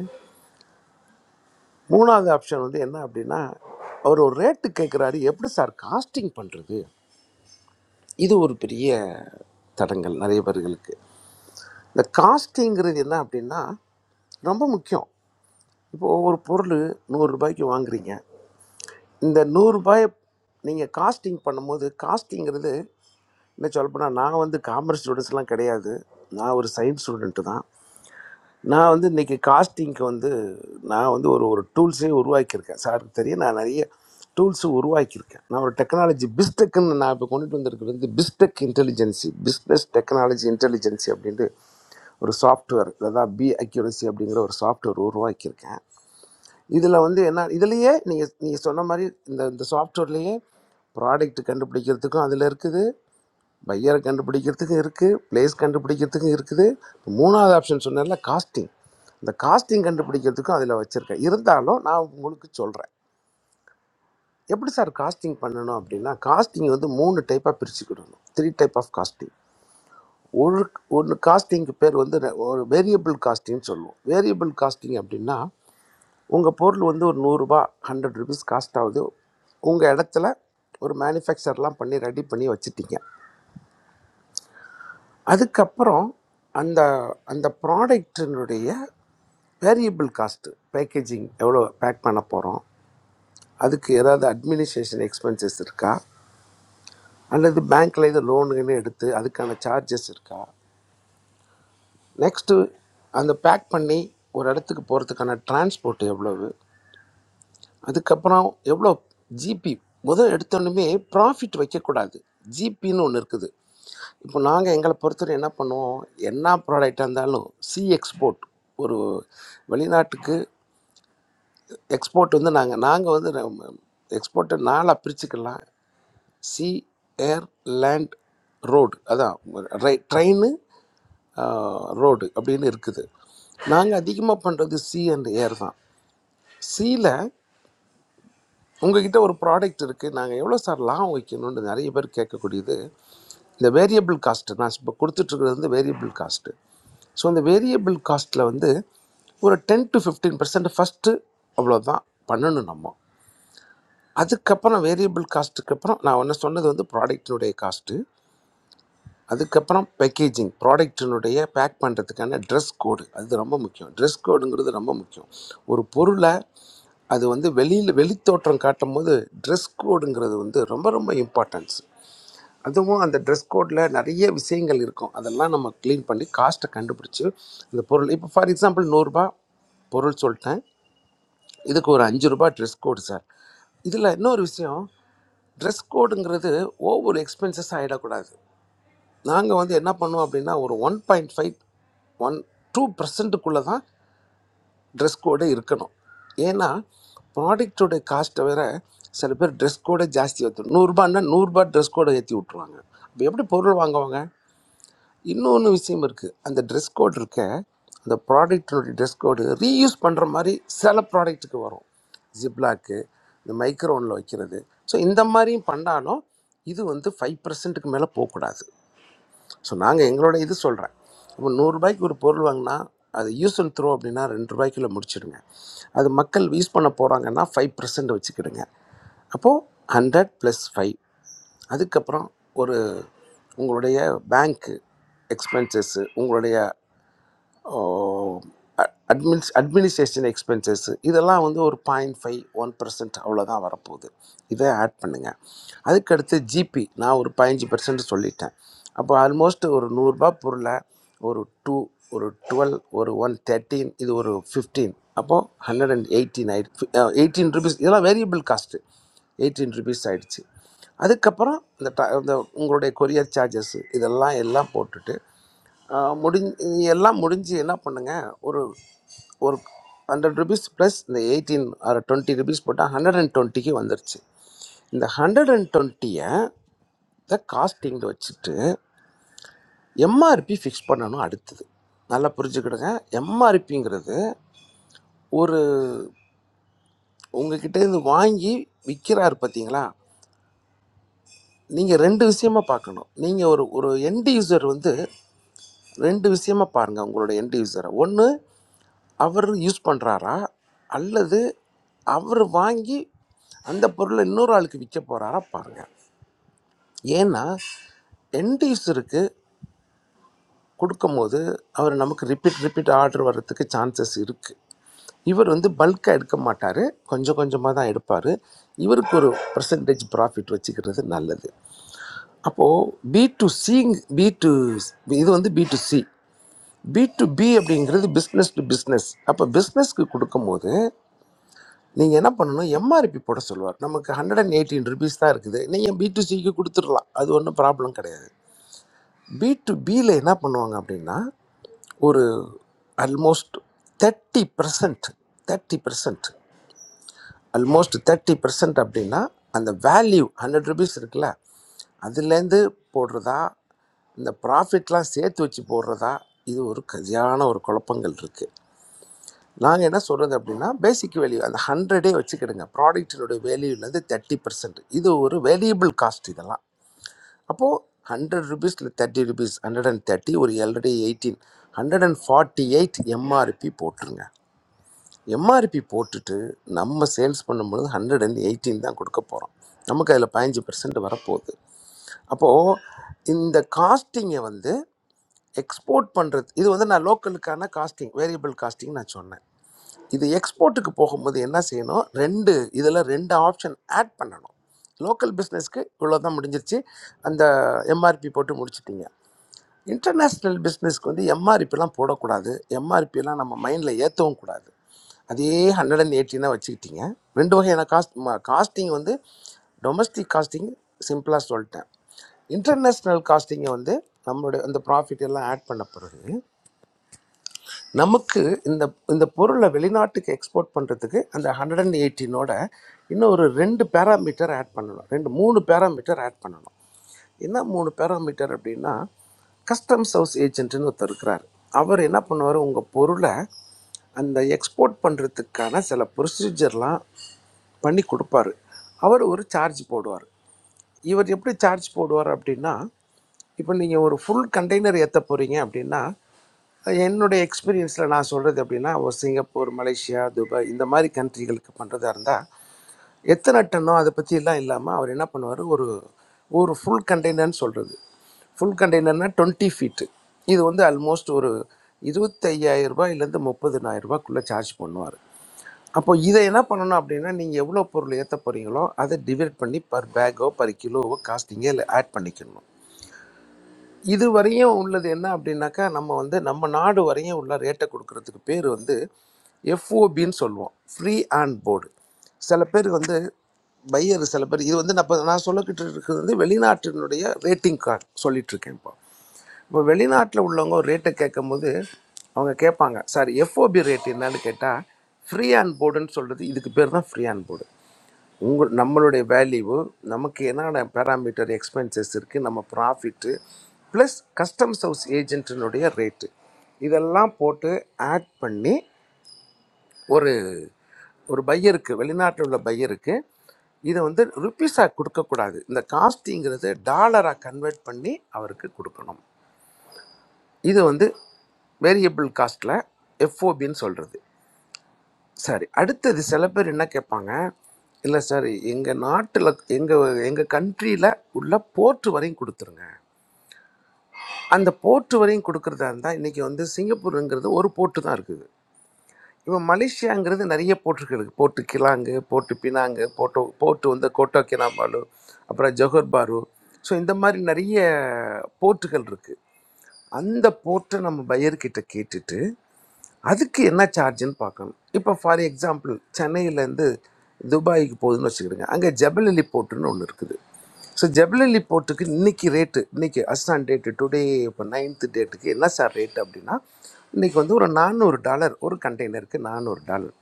மூணாவது ஆப்ஷன் வந்து என்ன அப்படின்னா அவர் ஒரு ரேட்டு கேட்குறாரு எப்படி சார் காஸ்டிங் பண்ணுறது இது ஒரு பெரிய தடங்கள் நிறைய பேர்களுக்கு இந்த காஸ்டிங்கிறது என்ன அப்படின்னா ரொம்ப முக்கியம் இப்போ ஒரு பொருள் நூறுரூபாய்க்கு வாங்குறீங்க இந்த நூறுரூபாய் நீங்கள் காஸ்டிங் பண்ணும்போது காஸ்டிங்கிறது என்ன சொல்லப்போனால் நான் வந்து காமர்ஸ் ஸ்டூடெண்ட்ஸ்லாம் கிடையாது நான் ஒரு சயின்ஸ் ஸ்டூடெண்ட்டு தான் நான் வந்து இன்றைக்கி காஸ்டிங்க்கு வந்து நான் வந்து ஒரு ஒரு டூல்ஸே உருவாக்கியிருக்கேன் சார் தெரியும் நான் நிறைய டூல்ஸு உருவாக்கியிருக்கேன் நான் ஒரு டெக்னாலஜி பிஸ்டெக்குன்னு நான் இப்போ கொண்டுட்டு வந்திருக்கிறது வந்து BizTech intelligence business technology intelligence அப்படின்ட்டு ஒரு சாஃப்ட்வேர் அதாவது பி அக்யூரசி அப்படிங்கிற ஒரு சாஃப்ட்வேர் உருவாக்கியிருக்கேன் இதில் வந்து என்ன இதுலேயே நீங்கள் நீங்கள் சொன்ன மாதிரி இந்த இந்த சாஃப்ட்வேர்லேயே ப்ராடக்ட் கண்டுபிடிக்கிறதுக்கும் அதில் இருக்குது பையரை கண்டுபிடிக்கிறதுக்கும் இருக்குது பிளேஸ் கண்டுபிடிக்கிறதுக்கும் இருக்குது மூணாவது ஆப்ஷன் சொன்னேன்ல காஸ்டிங் இந்த காஸ்டிங் கண்டுபிடிக்கிறதுக்கும் அதில் வச்சுருக்கேன் இருந்தாலும் நான் உங்களுக்கு சொல்கிறேன் எப்படி சார் காஸ்டிங் பண்ணணும் அப்படின்னா காஸ்டிங் வந்து மூணு டைப்பாக பிரிச்சுக்கிடணும் த்ரீ டைப் ஆஃப் காஸ்டிங் ஒரு ஒன்று காஸ்டிங்க்கு பேர் வந்து ரெ- ஒரு வேரியபிள் காஸ்டிங்னு சொல்லுவோம் வேரியபிள் காஸ்டிங் அப்படின்னா உங்கள் பொருள் வந்து ஒரு நூறுரூபா ஹண்ட்ரட் ருபீஸ் காஸ்ட் ஆகுது உங்கள் இடத்துல ஒரு மேனுஃபேக்சர்லாம் பண்ணி ரெடி பண்ணி வச்சுட்டீங்க அதுக்கப்புறம் அந்த அந்த ப்ராடக்டினுடைய வேரியபிள் காஸ்ட்டு பேக்கேஜிங் எவ்வளோ பேக் பண்ண போகிறோம் அதுக்கு ஏதாவது அட்மினிஸ்ட்ரேஷன் எக்ஸ்பென்சஸ் இருக்கா அல்லது பேங்க்கில் இது லோனுன்னு எடுத்து அதுக்கான சார்ஜஸ் இருக்கா நெக்ஸ்ட்டு அந்த பேக் பண்ணி ஒரு இடத்துக்கு போகிறதுக்கான டிரான்ஸ்போர்ட் எவ்வளவு அதுக்கப்புறம் எவ்வளோ ஜிபி முதல் எடுத்தோன்னுமே ப்ராஃபிட் வைக்கக்கூடாது ஜிபின்னு ஒன்று இருக்குது இப்போ நாங்கள் எங்களை பொறுத்தவரை என்ன பண்ணுவோம் என்ன ப்ராடக்டாக இருந்தாலும் சி எக்ஸ்போர்ட் ஒரு வெளிநாட்டுக்கு எக்ஸ்போர்ட் வந்து நாங்கள் நாங்கள் வந்து எக்ஸ்போர்ட்டை நாளாக பிரிச்சுக்கலாம் சி ஏர் லேண்ட் ரோடு அதான் ரை ட்ரெயின் ரோடு அப்படின்னு இருக்குது நாங்கள் அதிகமாக பண்ணுறது சி அண்ட் ஏர் தான் சியில் உங்ககிட்ட ஒரு ப்ராடக்ட் இருக்குது நாங்கள் எவ்வளோ சார் லாபம் வைக்கணும்னு நிறைய பேர் கேட்கக்கூடியது இந்த வேரியபிள் காஸ்ட்டு நான் இப்போ கொடுத்துட்ருக்கிறது வந்து வேரியபிள் காஸ்ட்டு ஸோ அந்த வேரியபிள் காஸ்ட்டில் வந்து ஒரு ten to fifteen percent first அவ்வளோதான் பண்ணணும் நம்ம அதுக்கப்புறம் வேரியபிள் காஸ்ட்டுக்கு அப்புறம் நான் ஒன்று சொன்னது வந்து ப்ராடக்டினுடைய காஸ்ட்டு அதுக்கப்புறம் பேக்கேஜிங் ப்ராடக்டினுடைய பேக் பண்ணுறதுக்கான ட்ரெஸ் கோடு அது ரொம்ப முக்கியம் ட்ரெஸ் கோடுங்கிறது ரொம்ப முக்கியம் ஒரு பொருளை அது வந்து வெளியில் வெளித்தோற்றம் காட்டும் போது ட்ரெஸ் கோடுங்கிறது வந்து ரொம்ப ரொம்ப இம்பார்ட்டன்ஸ் அதுவும் அந்த ட்ரெஸ் கோடில் நிறைய விஷயங்கள் இருக்கும் அதெல்லாம் நம்ம க்ளீன் பண்ணி காஸ்ட்டை கண்டுபிடிச்சி அந்த பொருள் இப்போ ஃபார் எக்ஸாம்பிள் நூறுரூபா பொருள் சொல்லிட்டேன் இதுக்கு ஒரு அஞ்சு ரூபா ட்ரெஸ் கோடு சார் இதில் இன்னொரு விஷயம் ட்ரெஸ் கோடுங்கிறது ஓவர் எக்ஸ்பென்சஸ் ஆகிடக்கூடாது நாங்கள் வந்து என்ன பண்ணுவோம் அப்படின்னா ஒரு one point five one two பர்சன்ட்டுக்குள்ளே தான் ட்ரெஸ் கோடு இருக்கணும் ஏன்னா ப்ராடக்டோட காஸ்ட்டை வேற சில பேர் ட்ரெஸ் கோடை ஜாஸ்தி ஏற்றும் நூறுரூபான்னா நூறுரூபா ட்ரெஸ் கோடை ஏற்றி விட்ருவாங்க அப்போ எப்படி பொருள் வாங்குவாங்க இன்னொன்று விஷயம் இருக்குது அந்த ட்ரெஸ் கோட் இருக்க அந்த ப்ராடக்டினுடைய ட்ரெஸ் கோடு ரீயூஸ் பண்ணுற மாதிரி சில ப்ராடக்ட்டுக்கு வரும் ஜிப்லாக்கு இந்த மைக்ரோனில் வைக்கிறது ஸோ இந்த மாதிரியும் பண்ணாலும் இது வந்து ஃபைவ் பர்சன்ட்டுக்கு மேலே போகக்கூடாது ஸோ நாங்கள் எங்களோட இது சொல்கிறேன் இப்போ நூறுரூபாய்க்கு ஒரு பொருள் வாங்கினா அது யூஸ் அண்ட் த்ரோ அப்படின்னா ரெண்டு ரூபாய்க்குள்ள முடிச்சிடுங்க அது மக்கள் யூஸ் பண்ண போகிறாங்கன்னா ஃபைவ் பர்சன்ட் வச்சுக்கிடுங்க அப்போது ஹண்ட்ரட் ப்ளஸ் ஃபைவ் அதுக்கப்புறம் ஒரு உங்களுடைய பேங்க்கு எக்ஸ்பென்சஸ்ஸு உங்களுடைய அட்மின்ஸ் அட்மினிஸ்ட்ரேஷன் எக்ஸ்பென்சஸ் இதெல்லாம் வந்து ஒரு பாயிண்ட் ஃபைவ் ஒன் பர்சன்ட் அவ்வளோதான் வரப்போகுது இதை ஆட் பண்ணுங்கள் அதுக்கடுத்து ஜிபி நான் ஒரு பதினஞ்சு பர்சன்ட் சொல்லிட்டேன் அப்போ ஆல்மோஸ்ட் ஒரு நூறுரூபா பொருளை ஒரு டூ ஒரு டுவெல் ஒரு ஒன் தேர்ட்டீன் இது ஒரு ஃபிஃப்டீன் அப்போது ஹண்ட்ரட் அண்ட் எயிட்டீன் ஆயிடுச்சு எயிட்டீன் ருபீஸ் இதெல்லாம் வேரியபிள் காஸ்ட்டு எயிட்டீன் ருபீஸ் ஆயிடுச்சு அதுக்கப்புறம் இந்த ட- இந்த உங்களுடைய கொரியர் சார்ஜஸ் இதெல்லாம் எல்லாம் போட்டுட்டு ஆஹ் முடிஞ்சு இது எல்லாம் முடிஞ்சு என்ன பண்ணுங்க ஒரு ஒரு ஹண்ட்ரட் ருபீஸ் ப்ளஸ் இந்த எயிட்டீன் ஆர் டுவெண்ட்டி ருபீஸ் போட்டால் ஹண்ட்ரட் அண்ட் டுவெண்ட்டிக்கு வந்துருச்சு இந்த ஹண்ட்ரட் அண்ட் டுவெண்ட்டியை த காஸ்டிங்கில் வச்சுட்டு எம்ஆர்பி ஃபிக்ஸ் பண்ணணும் அடுத்தது நல்லா புரிஞ்சுக்கிடுங்க எம்ஆர்பிங்கிறது ஒரு உங்ககிட்ட இருந்து வாங்கி விற்கிறாரு பார்த்தீங்களா நீங்கள் ரெண்டு விஷயமா பார்க்கணும் நீங்கள் ஒரு ஒரு எண்ட் யூசர் வந்து ரெண்டு விஷயமா பாருங்க உங்களோட எண்ட் யூசரை ஒன்று அவர் யூஸ் பண்ணுறாரா அல்லது அவர் வாங்கி அந்த பொருளை இன்னொரு ஆளுக்கு விற்க போகிறாரா பாருங்க ஏன்னா எண்ட் யூஸருக்கு கொடுக்கும்போது அவர் நமக்கு ரிப்பீட் ரிப்பீட் ஆர்டர் வர்றதுக்கு சான்சஸ் இருக்குது இவர் வந்து பல்காக எடுக்க மாட்டார் கொஞ்சம் கொஞ்சமாக தான் எடுப்பார் இவருக்கு ஒரு பர்சன்டேஜ் ப்ராஃபிட் வச்சுக்கிறது நல்லது அப்போது பி டு சிங் பி டு இது வந்து B to C B to B அப்படிங்கிறது பிஸ்னஸ் டு பிஸ்னஸ் அப்போ பிஸ்னஸ்க்கு கொடுக்கும்போது நீங்கள் என்ன பண்ணணும் எம்ஆர்பி போட சொல்லுவார் நமக்கு ஹண்ட்ரட் அண்ட் எயிட்டீன் ருபீஸ் தான் இருக்குது நீங்கள் பி டு சிக்கு கொடுத்துடலாம் அது ஒன்றும் ப்ராப்ளம் கிடையாது பி டு பியில் என்ன பண்ணுவாங்க அப்படின்னா ஒரு almost thirty percent thirty percent almost thirty percent அப்படின்னா அந்த வேல்யூ ஹண்ட்ரட் ருபீஸ் இருக்குல்ல அதுலேருந்து போடுறதா இந்த ப்ராஃபிட்லாம் சேர்த்து வச்சு போடுறதா இது ஒரு கதியான ஒரு குழப்பங்கள் இருக்குது நாங்கள் என்ன சொல்கிறது அப்படின்னா பேசிக் வேல்யூ அந்த ஹண்ட்ரடே வச்சுக்கிடுங்க ப்ராடக்ட்டினுடைய வேல்யூலேருந்து தேர்ட்டி பர்சன்ட் இது ஒரு வேல்யூபிள் காஸ்ட் இதெல்லாம் அப்போது ஹண்ட்ரட் ருபீஸில் thirty rupees hundred and thirty ஒரு already eighteen hundred and forty eight MRP போட்டுருங்க எம்ஆர்பி போட்டுட்டு நம்ம சேல்ஸ் பண்ணும்பொழுது ஹண்ட்ரட் அண்ட் எயிட்டீன் தான் கொடுக்க போகிறோம் நமக்கு அதில் பதினஞ்சு பர்சன்ட் வரப்போகுது அப்போது இந்த காஸ்டிங்கை வந்து எக்ஸ்போர்ட் பண்ணுறது இது வந்து நான் லோக்கலுக்கான காஸ்டிங் வேரியபிள் காஸ்டிங் நான் சொன்னேன் இது எக்ஸ்போர்ட்டுக்கு போகும்போது என்ன செய்யணும் ரெண்டு இதில் ரெண்டு ஆப்ஷன் ஆட் பண்ணணும் லோக்கல் பிஸ்னஸ்க்கு இவ்வளோ தான் முடிஞ்சிருச்சு அந்த எம்ஆர்பி போட்டு முடிச்சிட்டீங்க இன்டர்நேஷ்னல் பிஸ்னஸ்க்கு வந்து எம்ஆர்பிலாம் போடக்கூடாது எம்ஆர்பிலாம் நம்ம மைண்டில் ஏற்றவும் கூடாது அதே ஹண்ட்ரட் அண்ட் எயிட்டினாக வச்சுக்கிட்டீங்க ரெண்டு வகையான காஸ்ட் காஸ்டிங் வந்து டொமஸ்டிக் காஸ்டிங் சிம்பிளாக சொல்லிட்டேன் இன்டர்நேஷ்னல் காஸ்டிங்கை வந்து நம்மளுடைய அந்த ப்ராஃபிட் எல்லாம் ஆட் பண்ண பிறகு நமக்கு இந்த இந்த பொருளை வெளிநாட்டுக்கு எக்ஸ்போர்ட் பண்ணுறதுக்கு அந்த ஹண்ட்ரட் அண்ட் எயிட்டீனோட இன்னும் ஒரு ரெண்டு பேராமீட்டர் ஆட் பண்ணணும் ரெண்டு மூணு பேராமீட்டர் ஆட் பண்ணணும் என்ன மூணு பேராமீட்டர் அப்படின்னா கஸ்டம்ஸ் ஹவுஸ் ஏஜென்ட்னு ஒருத்தர் இருக்கிறார் அவர் என்ன பண்ணுவார் உங்கள் பொருளை அந்த எக்ஸ்போர்ட் பண்ணுறதுக்கான சில ப்ரொசீஜர்லாம் பண்ணி கொடுப்பாரு அவர் ஒரு சார்ஜ் போடுவார் இவர் எப்படி சார்ஜ் போடுவார் அப்படின்னா இப்போ நீங்கள் ஒரு ஃபுல் கண்டெய்னர் ஏற்ற போகிறீங்க அப்படின்னா என்னுடைய எக்ஸ்பீரியன்ஸில் நான் சொல்கிறது அப்படின்னா ஒரு சிங்கப்பூர் மலேசியா துபாய் இந்த மாதிரி கண்ட்ரிகளுக்கு பண்ணுறதா இருந்தால் எத்தனை டன்னோ அதை பற்றிலாம் இல்லாமல் அவர் என்ன பண்ணுவார் ஒரு ஒரு ஃபுல் கண்டெய்னர்னு சொல்கிறது ஃபுல் கண்டெய்னர்னால் டுவெண்ட்டி ஃபீட்டு இது வந்து ஆல்மோஸ்ட் ஒரு இருபத்தையாயிரரூபாயிலேருந்து முப்பதினாயிரரூபாக்குள்ளே சார்ஜ் பண்ணுவார் அப்போ இதை என்ன பண்ணணும் அப்படின்னா நீங்கள் எவ்வளோ பொருள் ஏற்ற போகிறீங்களோ அதை டிவைட் பண்ணி பர் பேக்கோ பர் கிலோவோ காஸ்ட் நீங்கள் ஆட் பண்ணிக்கணும் இது வரையும் உள்ளது என்ன அப்படின்னாக்கா நம்ம வந்து நம்ம நாடு வரையும் உள்ள ரேட்டை கொடுக்கறதுக்கு பேர் வந்து எஃப்ஓபின்னு சொல்லுவோம் ஃப்ரீ அண்ட் போர்டு சில பேர் வந்து பையர் சில பேர் இது வந்து நான் இப்ப நான் சொல்லிக்கிட்டு இருக்கிறது வந்து வெளிநாட்டினுடைய ரேட்டிங் கார்டு சொல்லிட்டு இருக்கேன் இப்போ இப்போ வெளிநாட்டில் உள்ளவங்க ஒரு ரேட்டை கேட்கும்போது அவங்க கேட்பாங்க சார் எஃப்ஓபி ரேட் என்னன்னு கேட்டால் ஃப்ரீ ஆன் போர்டுன்னு சொல்கிறது இதுக்கு பேர் தான் ஃப்ரீ ஆன் போர்டு உங்கள் நம்மளுடைய வேல்யூ நமக்கு என்னென்ன பேராமீட்டர் எக்ஸ்பென்சஸ் இருக்குது நம்ம ப்ராஃபிட்டு ப்ளஸ் கஸ்டம்ஸ் ஹவுஸ் ஏஜென்ட்டினுடைய ரேட்டு இதெல்லாம் போட்டு ஆட் பண்ணி ஒரு ஒரு பையருக்கு வெளிநாட்டில் உள்ள பையருக்கு இதை வந்து ருப்பீஸாக கொடுக்கக்கூடாது இந்த காஸ்டிங்கிறது டாலராக கன்வெர்ட் பண்ணி அவருக்கு கொடுக்கணும் இது வந்து வேரியபிள் காஸ்ட்டில் எஃப்ஓபின்னு சொல்கிறது சரி அடுத்தது சில பேர் என்ன கேட்பாங்க இல்லை சார் எங்கள் நாட்டில் எங்கள் எங்கள் கண்ட்ரியில் உள்ள போர்ட் வரையும் கொடுத்துருங்க அந்த போர்ட் வரையும் கொடுக்குறதா இருந்தால் இன்றைக்கி வந்து சிங்கப்பூருங்கிறது ஒரு போர்ட்டு தான் இருக்குது இப்போ மலேசியாங்கிறது நிறைய போர்ட்டுகள் இருக்குது போர்ட்டு கிலாங்கு போர்ட்டு பினாங்கு போட்டோ போர்ட்டு வந்து கோட்டோ கினாபாலு அப்புறம் ஜொஹர் பாரு ஸோ இந்த மாதிரி நிறைய போர்ட்டுகள் இருக்குது அந்த போர்ட்டை நம்ம பையர்கிட்ட கேட்டுட்டு அதுக்கு என்ன சார்ஜுன்னு பார்க்கணும் இப்போ ஃபார் எக்ஸாம்பிள் சென்னையிலேருந்து துபாய்க்கு போகுதுன்னு வச்சுக்கிடுங்க அங்கே ஜபலலி போர்ட்டுன்னு ஒன்று இருக்குது ஸோ ஜபலலி போர்ட்டுக்கு இன்னைக்கு ரேட்டு இன்னைக்கு அஸ்டான் டேட்டு டுடே இப்போ நைன்த்து டேட்டுக்கு என்ன சார் ரேட் அப்படின்னா இன்னைக்கு வந்து ஒரு நானூறு டாலர் ஒரு கண்டெய்னருக்கு நானூறு டாலர்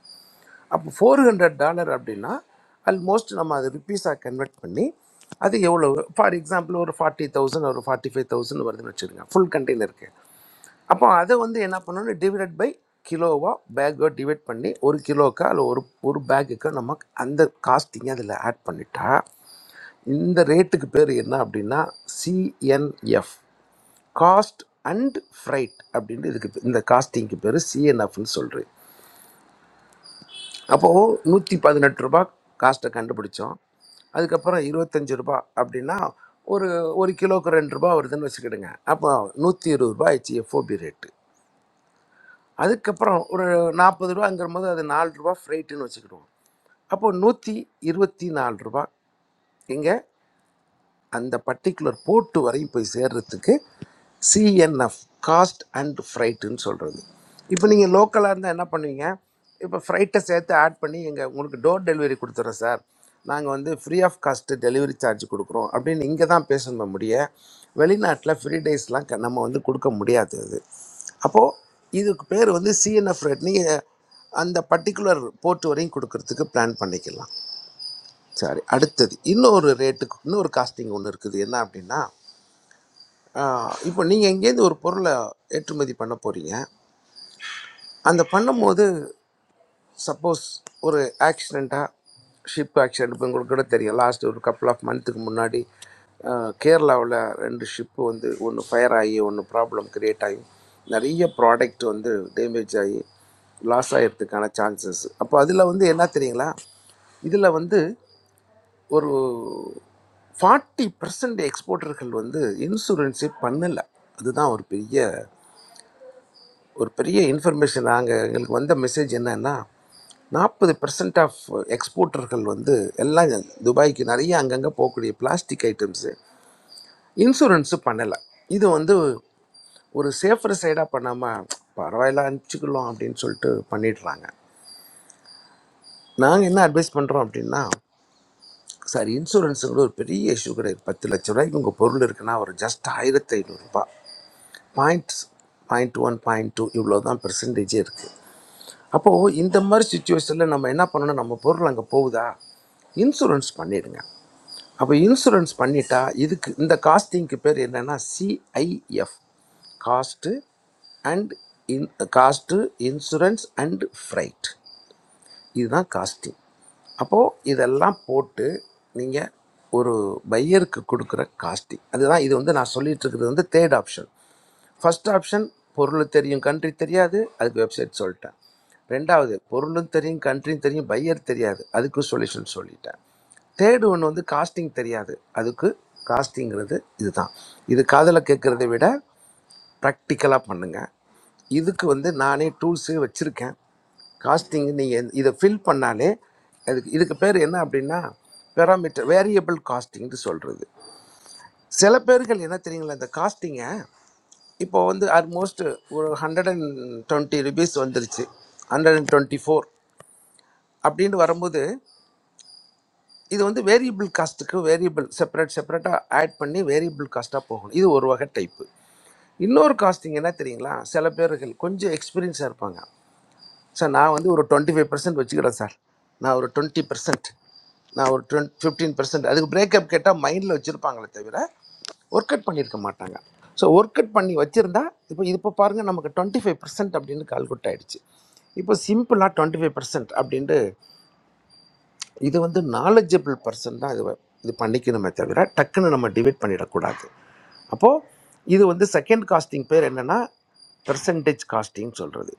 அப்போ ஃபோர் ஹண்ட்ரட் டாலர் அப்படின்னா ஆல்மோஸ்ட் நம்ம அதை ருப்பீஸாக கன்வெர்ட் பண்ணி அது எவ்வளோ ஃபார் எக்ஸாம்பிள் ஒரு ஃபார்ட்டி தௌசண்ட் ஒரு ஃபார்ட்டி ஃபைவ் தௌசண்ட் வருதுன்னு வச்சுருங்க ஃபுல் கண்டெய்னருக்கு அப்போ அதை வந்து என்ன பண்ணணும் டிவைட் பை கிலோவாக பேக்கோ டிவைட் பண்ணி ஒரு கிலோக்கா அல்ல ஒரு ஒரு பேக்குக்கு நம்ம அந்த காஸ்டிங்கை அதில் ஆட் பண்ணிட்டா இந்த ரேட்டுக்கு பேர் என்ன அப்படின்னா சிஎன்எஃப் காஸ்ட் அண்ட் ஃப்ரைட் அப்படின்ட்டு இதுக்கு இந்த காஸ்டிங்க்கு பேர் சிஎன்எஃப்னு சொல்கிறேன் அப்போது நூற்றி பதினெட்டு ரூபா காஸ்ட்டை கண்டுபிடிச்சோம் அதுக்கப்புறம் இருபத்தஞ்சு ரூபா அப்படின்னா ஒரு ஒரு கிலோக்கு ரெண்டு ரூபா வருதுன்னு வச்சுக்கிடுங்க அப்போ நூற்றி இருபது ரூபா ஆயிடுச்சு எஃப்ஓபி ரேட்டு அதுக்கப்புறம் ஒரு நாற்பது ரூபாங்கிற போது அது நாலு ரூபா ஃப்ரைட்டுன்னு வச்சுக்கிடுவோம் அப்போ நூற்றி இருபத்தி நாலு ரூபா இங்கே அந்த பர்டிகுலர் போர்ட் வரையும் போய் சேர்றதுக்கு சிஎன்எஃப் காஸ்ட் அண்ட் ஃப்ரைட்டுன்னு சொல்கிறது இப்போ நீங்கள் லோக்கலாக இருந்தால் என்ன பண்ணுவீங்க இப்போ ஃப்ரைட்டை சேர்த்து ஆட் பண்ணி எங்கள் உங்களுக்கு டோர் டெலிவரி கொடுத்துட்றோம் சார் நாங்கள் வந்து free of cost delivery charge கொடுக்குறோம் அப்படின்னு இங்கே தான் பேசணுமே முடிய வெளிநாட்டில் ஃப்ரீ டேஸ்லாம் க- நம்ம வந்து கொடுக்க முடியாது அது அப்போது இதுக்கு பேர் வந்து சிஎன்எஃப் ரேட் நீங்கள் அந்த பர்டிகுலர் போர்ட் வரையும் கொடுக்கறதுக்கு பிளான் பண்ணிக்கலாம் சரி அடுத்தது இன்னொரு ரேட்டுக்கு இன்னொரு காஸ்டிங் ஒன்று இருக்குது என்ன அப்படின்னா ஆஹ் இப்போ நீங்கள் எங்கேருந்து ஒரு பொருளை ஏற்றுமதி பண்ண போகிறீங்க அந்த பண்ணும்போது சப்போஸ் ஒரு ஆக்சிடெண்ட்டாக ஷிப் ஆக்சிடென்ட் இப்போ உங்களுக்கு கூட தெரியும் லாஸ்ட் ஒரு கப்பல் ஆஃப் மந்த்துக்கு முன்னாடி கேரளாவில் ரெண்டு ஷிப்பு வந்து ஒன்று ஃபயர் ஆகி ஒன்று ப்ராப்ளம் கிரியேட் ஆகி நிறைய ப்ராடக்ட் வந்து டேமேஜ் ஆகி லாஸ் ஆகிறதுக்கான சான்சஸ் அப்போ அதில் வந்து என்ன தெரியுங்களா இதில் வந்து ஒரு ஃபார்ட்டி பர்சன்ட் எக்ஸ்போர்ட்டர்கள் வந்து இன்சூரன்ஸே பண்ணலை அதுதான் ஒரு பெரிய ஒரு பெரிய இன்ஃபர்மேஷன் நாங்கள் எங்களுக்கு வந்த மெசேஜ் என்னன்னா நாற்பது பர்சன்ட் ஆஃப் எக்ஸ்போர்ட்டர்கள் வந்து எல்லாம் துபாய்க்கு நிறைய அங்கங்கே போகக்கூடிய பிளாஸ்டிக் ஐட்டம்ஸு இன்சூரன்ஸு பண்ணலை இது வந்து ஒரு சேஃபர் சைடாக பண்ணாமல் பரவாயில்ல அனுப்பிச்சிக்கலாம் அப்படின்னு சொல்லிட்டு பண்ணிடுறாங்க நாங்கள் என்ன அட்வைஸ் பண்ணுறோம் அப்படின்னா சார் இன்சூரன்ஸுங்கிற ஒரு பெரிய இஷ்யூ கிடையாது பத்து லட்ச ரூபாய்க்கு உங்கள் பொருள் இருக்குன்னா ஒரு ஜஸ்ட் ஆயிரத்தி ஐநூறுரூபா point point one point two இவ்வளோ தான் பெர்சன்டேஜே இருக்குது அப்போது இந்த மாதிரி சுச்சுவேஷனில் நம்ம என்ன பண்ணணும் நம்ம பொருள் அங்கே போகுதா இன்சூரன்ஸ் பண்ணிடுங்க அப்போ இன்சூரன்ஸ் பண்ணிட்டா இதுக்கு இந்த காஸ்டிங்க்கு பேர் என்னென்னா CIF cost and in cost insurance and freight இதுதான் காஸ்டிங் அப்போது இதெல்லாம் போட்டு நீங்கள் ஒரு பையருக்கு கொடுக்குற காஸ்டிங் அதுதான் இது வந்து நான் சொல்லிட்டு இருக்கிறது வந்து தேர்ட் ஆப்ஷன் ஃபர்ஸ்ட் ஆப்ஷன் பொருள் தெரியும் கண்ட்ரி தெரியாது அதுக்கு வெப்சைட் சொல்லிட்டேன் ரெண்டாவது பொருளும் தெரியும் கண்ட்ரியும் தெரியும் பையர் தெரியாது அதுக்கு சொல்யூஷன் சொல்லிட்டேன் தேர்டு ஒன்று வந்து காஸ்டிங் தெரியாது அதுக்கு காஸ்டிங்கிறது இதுதான் இது காதில் கேட்குறதை விட ப்ராக்டிக்கலாக பண்ணுங்கள் இதுக்கு வந்து நானே டூல்ஸு வச்சுருக்கேன் காஸ்டிங் நீங்கள் இதை ஃபில் பண்ணாலே அதுக்கு இதுக்கு பேர் என்ன அப்படின்னா பெராமீட்டர் வேரியபிள் காஸ்டிங்னு சொல்கிறது சில பேர்கள் என்ன தெரியுங்களா இந்த காஸ்டிங்கை இப்போ வந்து ஆல்மோஸ்ட் ஒரு ஹண்ட்ரட் அண்ட் டுவெண்ட்டி ருபீஸ் வந்துருச்சு ஹண்ட்ரட் அண்ட் டுவெண்ட்டி ஃபோர் அப்படின்னு வரும்போது இது வந்து வேரியபிள் காஸ்ட்டுக்கு வேரியபிள் செப்பரேட் செப்பரேட்டாக ஆட் பண்ணி வேரியபிள் காஸ்ட்டாக போகணும் இது ஒரு வகை டைப்பு இன்னொரு காஸ்டிங் என்ன தெரியுங்களா சில பேர்கள் கொஞ்சம் எக்ஸ்பீரியன்ஸாக இருப்பாங்க சார் நான் வந்து ஒரு டுவெண்ட்டி ஃபைவ் பர்சன்ட் வச்சுக்கிறேன் சார் நான் ஒரு டுவெண்ட்டி பர்சன்ட் நான் ஒரு டுவெண்ட் ஃபிஃப்டீன் பர்சன்ட் அதுக்கு பிரேக்கப் கேட்டால் மைண்டில் வச்சுருப்பாங்களே தவிர ஒர்க் அவுட் பண்ணியிருக்க மாட்டாங்க ஸோ ஒர்க் அவுட் பண்ணி வச்சுருந்தா இப்போ இது இப்போ பாருங்கள் நமக்கு டுவெண்ட்டி ஃபைவ் பர்சன்ட் அப்படின்னு கால்குட் ஆயிடுச்சு இப்போ சிம்பிளாக டுவெண்ட்டி ஃபைவ் பர்சன்ட் அப்படின்ட்டு இது வந்து நாலேஜபிள் பர்சன் தான் இது வ- இது பண்ணிக்கணுமே தவிர டக்குன்னு நம்ம டிவைட் பண்ணிடக்கூடாது அப்போது இது வந்து செகண்ட் காஸ்டிங் பேர் என்னென்னா பெர்சன்டேஜ் காஸ்டிங் சொல்கிறது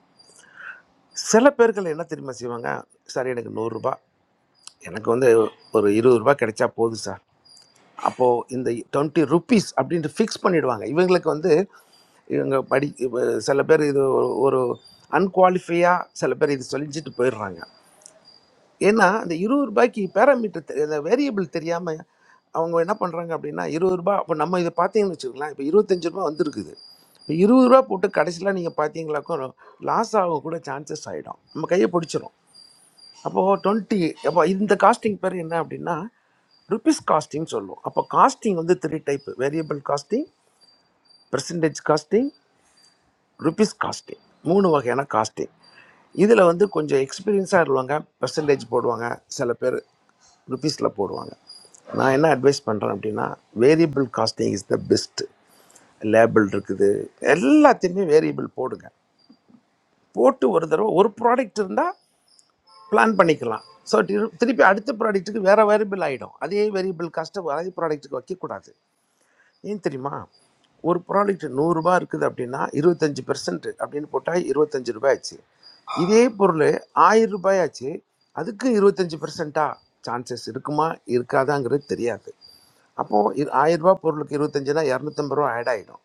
சில பேர்கள் என்ன தெரியுமா செய்வாங்க சார் எனக்கு நூறுரூபா எனக்கு வந்து ஒரு இருபது ரூபாய் கிடைச்சா போதும் சார் அப்போது இந்த டுவெண்ட்டி ருபீஸ் அப்படின்ட்டு ஃபிக்ஸ் பண்ணிடுவாங்க இவங்களுக்கு வந்து இவங்க படி இப்ப சில பேர் இது ஒரு அன்குவாலிஃபையாக சில பேர் இது சொல்லிச்சிட்டு போயிடுறாங்க ஏன்னா அந்த இருபது ரூபாய்க்கு பேராமீட்டர் அந்த வேரியபிள் தெரியாமல் அவங்க என்ன பண்ணுறாங்க அப்படின்னா இருபது ரூபாய் இப்போ நம்ம இதை பார்த்தீங்கன்னு வச்சுக்கலாம் இப்போ இருபத்தஞ்சு ரூபா வந்திருக்குது இப்போ இருபது ரூபா போட்டு கடைசியில் நீங்கள் பார்த்தீங்களாக்கும் லாஸ் ஆக கூட சான்சஸ் ஆகிடும் நம்ம கையை பிடிச்சிரும் அப்போது டுவெண்ட்டி அப்போ இந்த காஸ்டிங் பேர் என்ன அப்படின்னா ருபீஸ் காஸ்டிங் சொல்லுவோம் அப்போ காஸ்டிங் வந்து three type variable costing percentage costing rupees costing மூணு வகையான காஸ்டிங் இதில் வந்து கொஞ்சம் எக்ஸ்பீரியன்ஸாக இருவாங்க பர்சன்டேஜ் போடுவாங்க சில பேர் ருபீஸில் போடுவாங்க நான் என்ன அட்வைஸ் பண்ணுறேன் அப்படின்னா variable costing is the best label இருக்குது எல்லாத்தையுமே வேரியபிள் போடுங்க போட்டு ஒரு தடவை ஒரு ப்ராடக்ட் இருந்தால் பிளான் பண்ணிக்கலாம் ஸோ திருப்பி அடுத்த ப்ராடக்ட்டுக்கு வேறு வேரியபிள் ஆகிடும் அதே வேரியபிள் காஸ்ட்டை அதே ப்ராடக்ட்டுக்கு வைக்கக்கூடாது ஏன் தெரியுமா ஒரு ப்ராடக்ட் நூறுரூபா இருக்குது அப்படின்னா இருபத்தஞ்சி பெர்சன்ட் அப்படின்னு போட்டால் இருபத்தஞ்சி ரூபாய் ஆச்சு இதே பொருள் ஆயிரம் ரூபாய் ஆச்சு அதுக்கு இருபத்தஞ்சி பெர்சன்ட்டா சான்சஸ் இருக்குமா இருக்காதாங்கிறது தெரியாது அப்போது இது ஆயிரம் ரூபாய் பொருளுக்கு இருபத்தஞ்சுனா இரநூத்தம்பது ரூபா ஆட் ஆகிடும்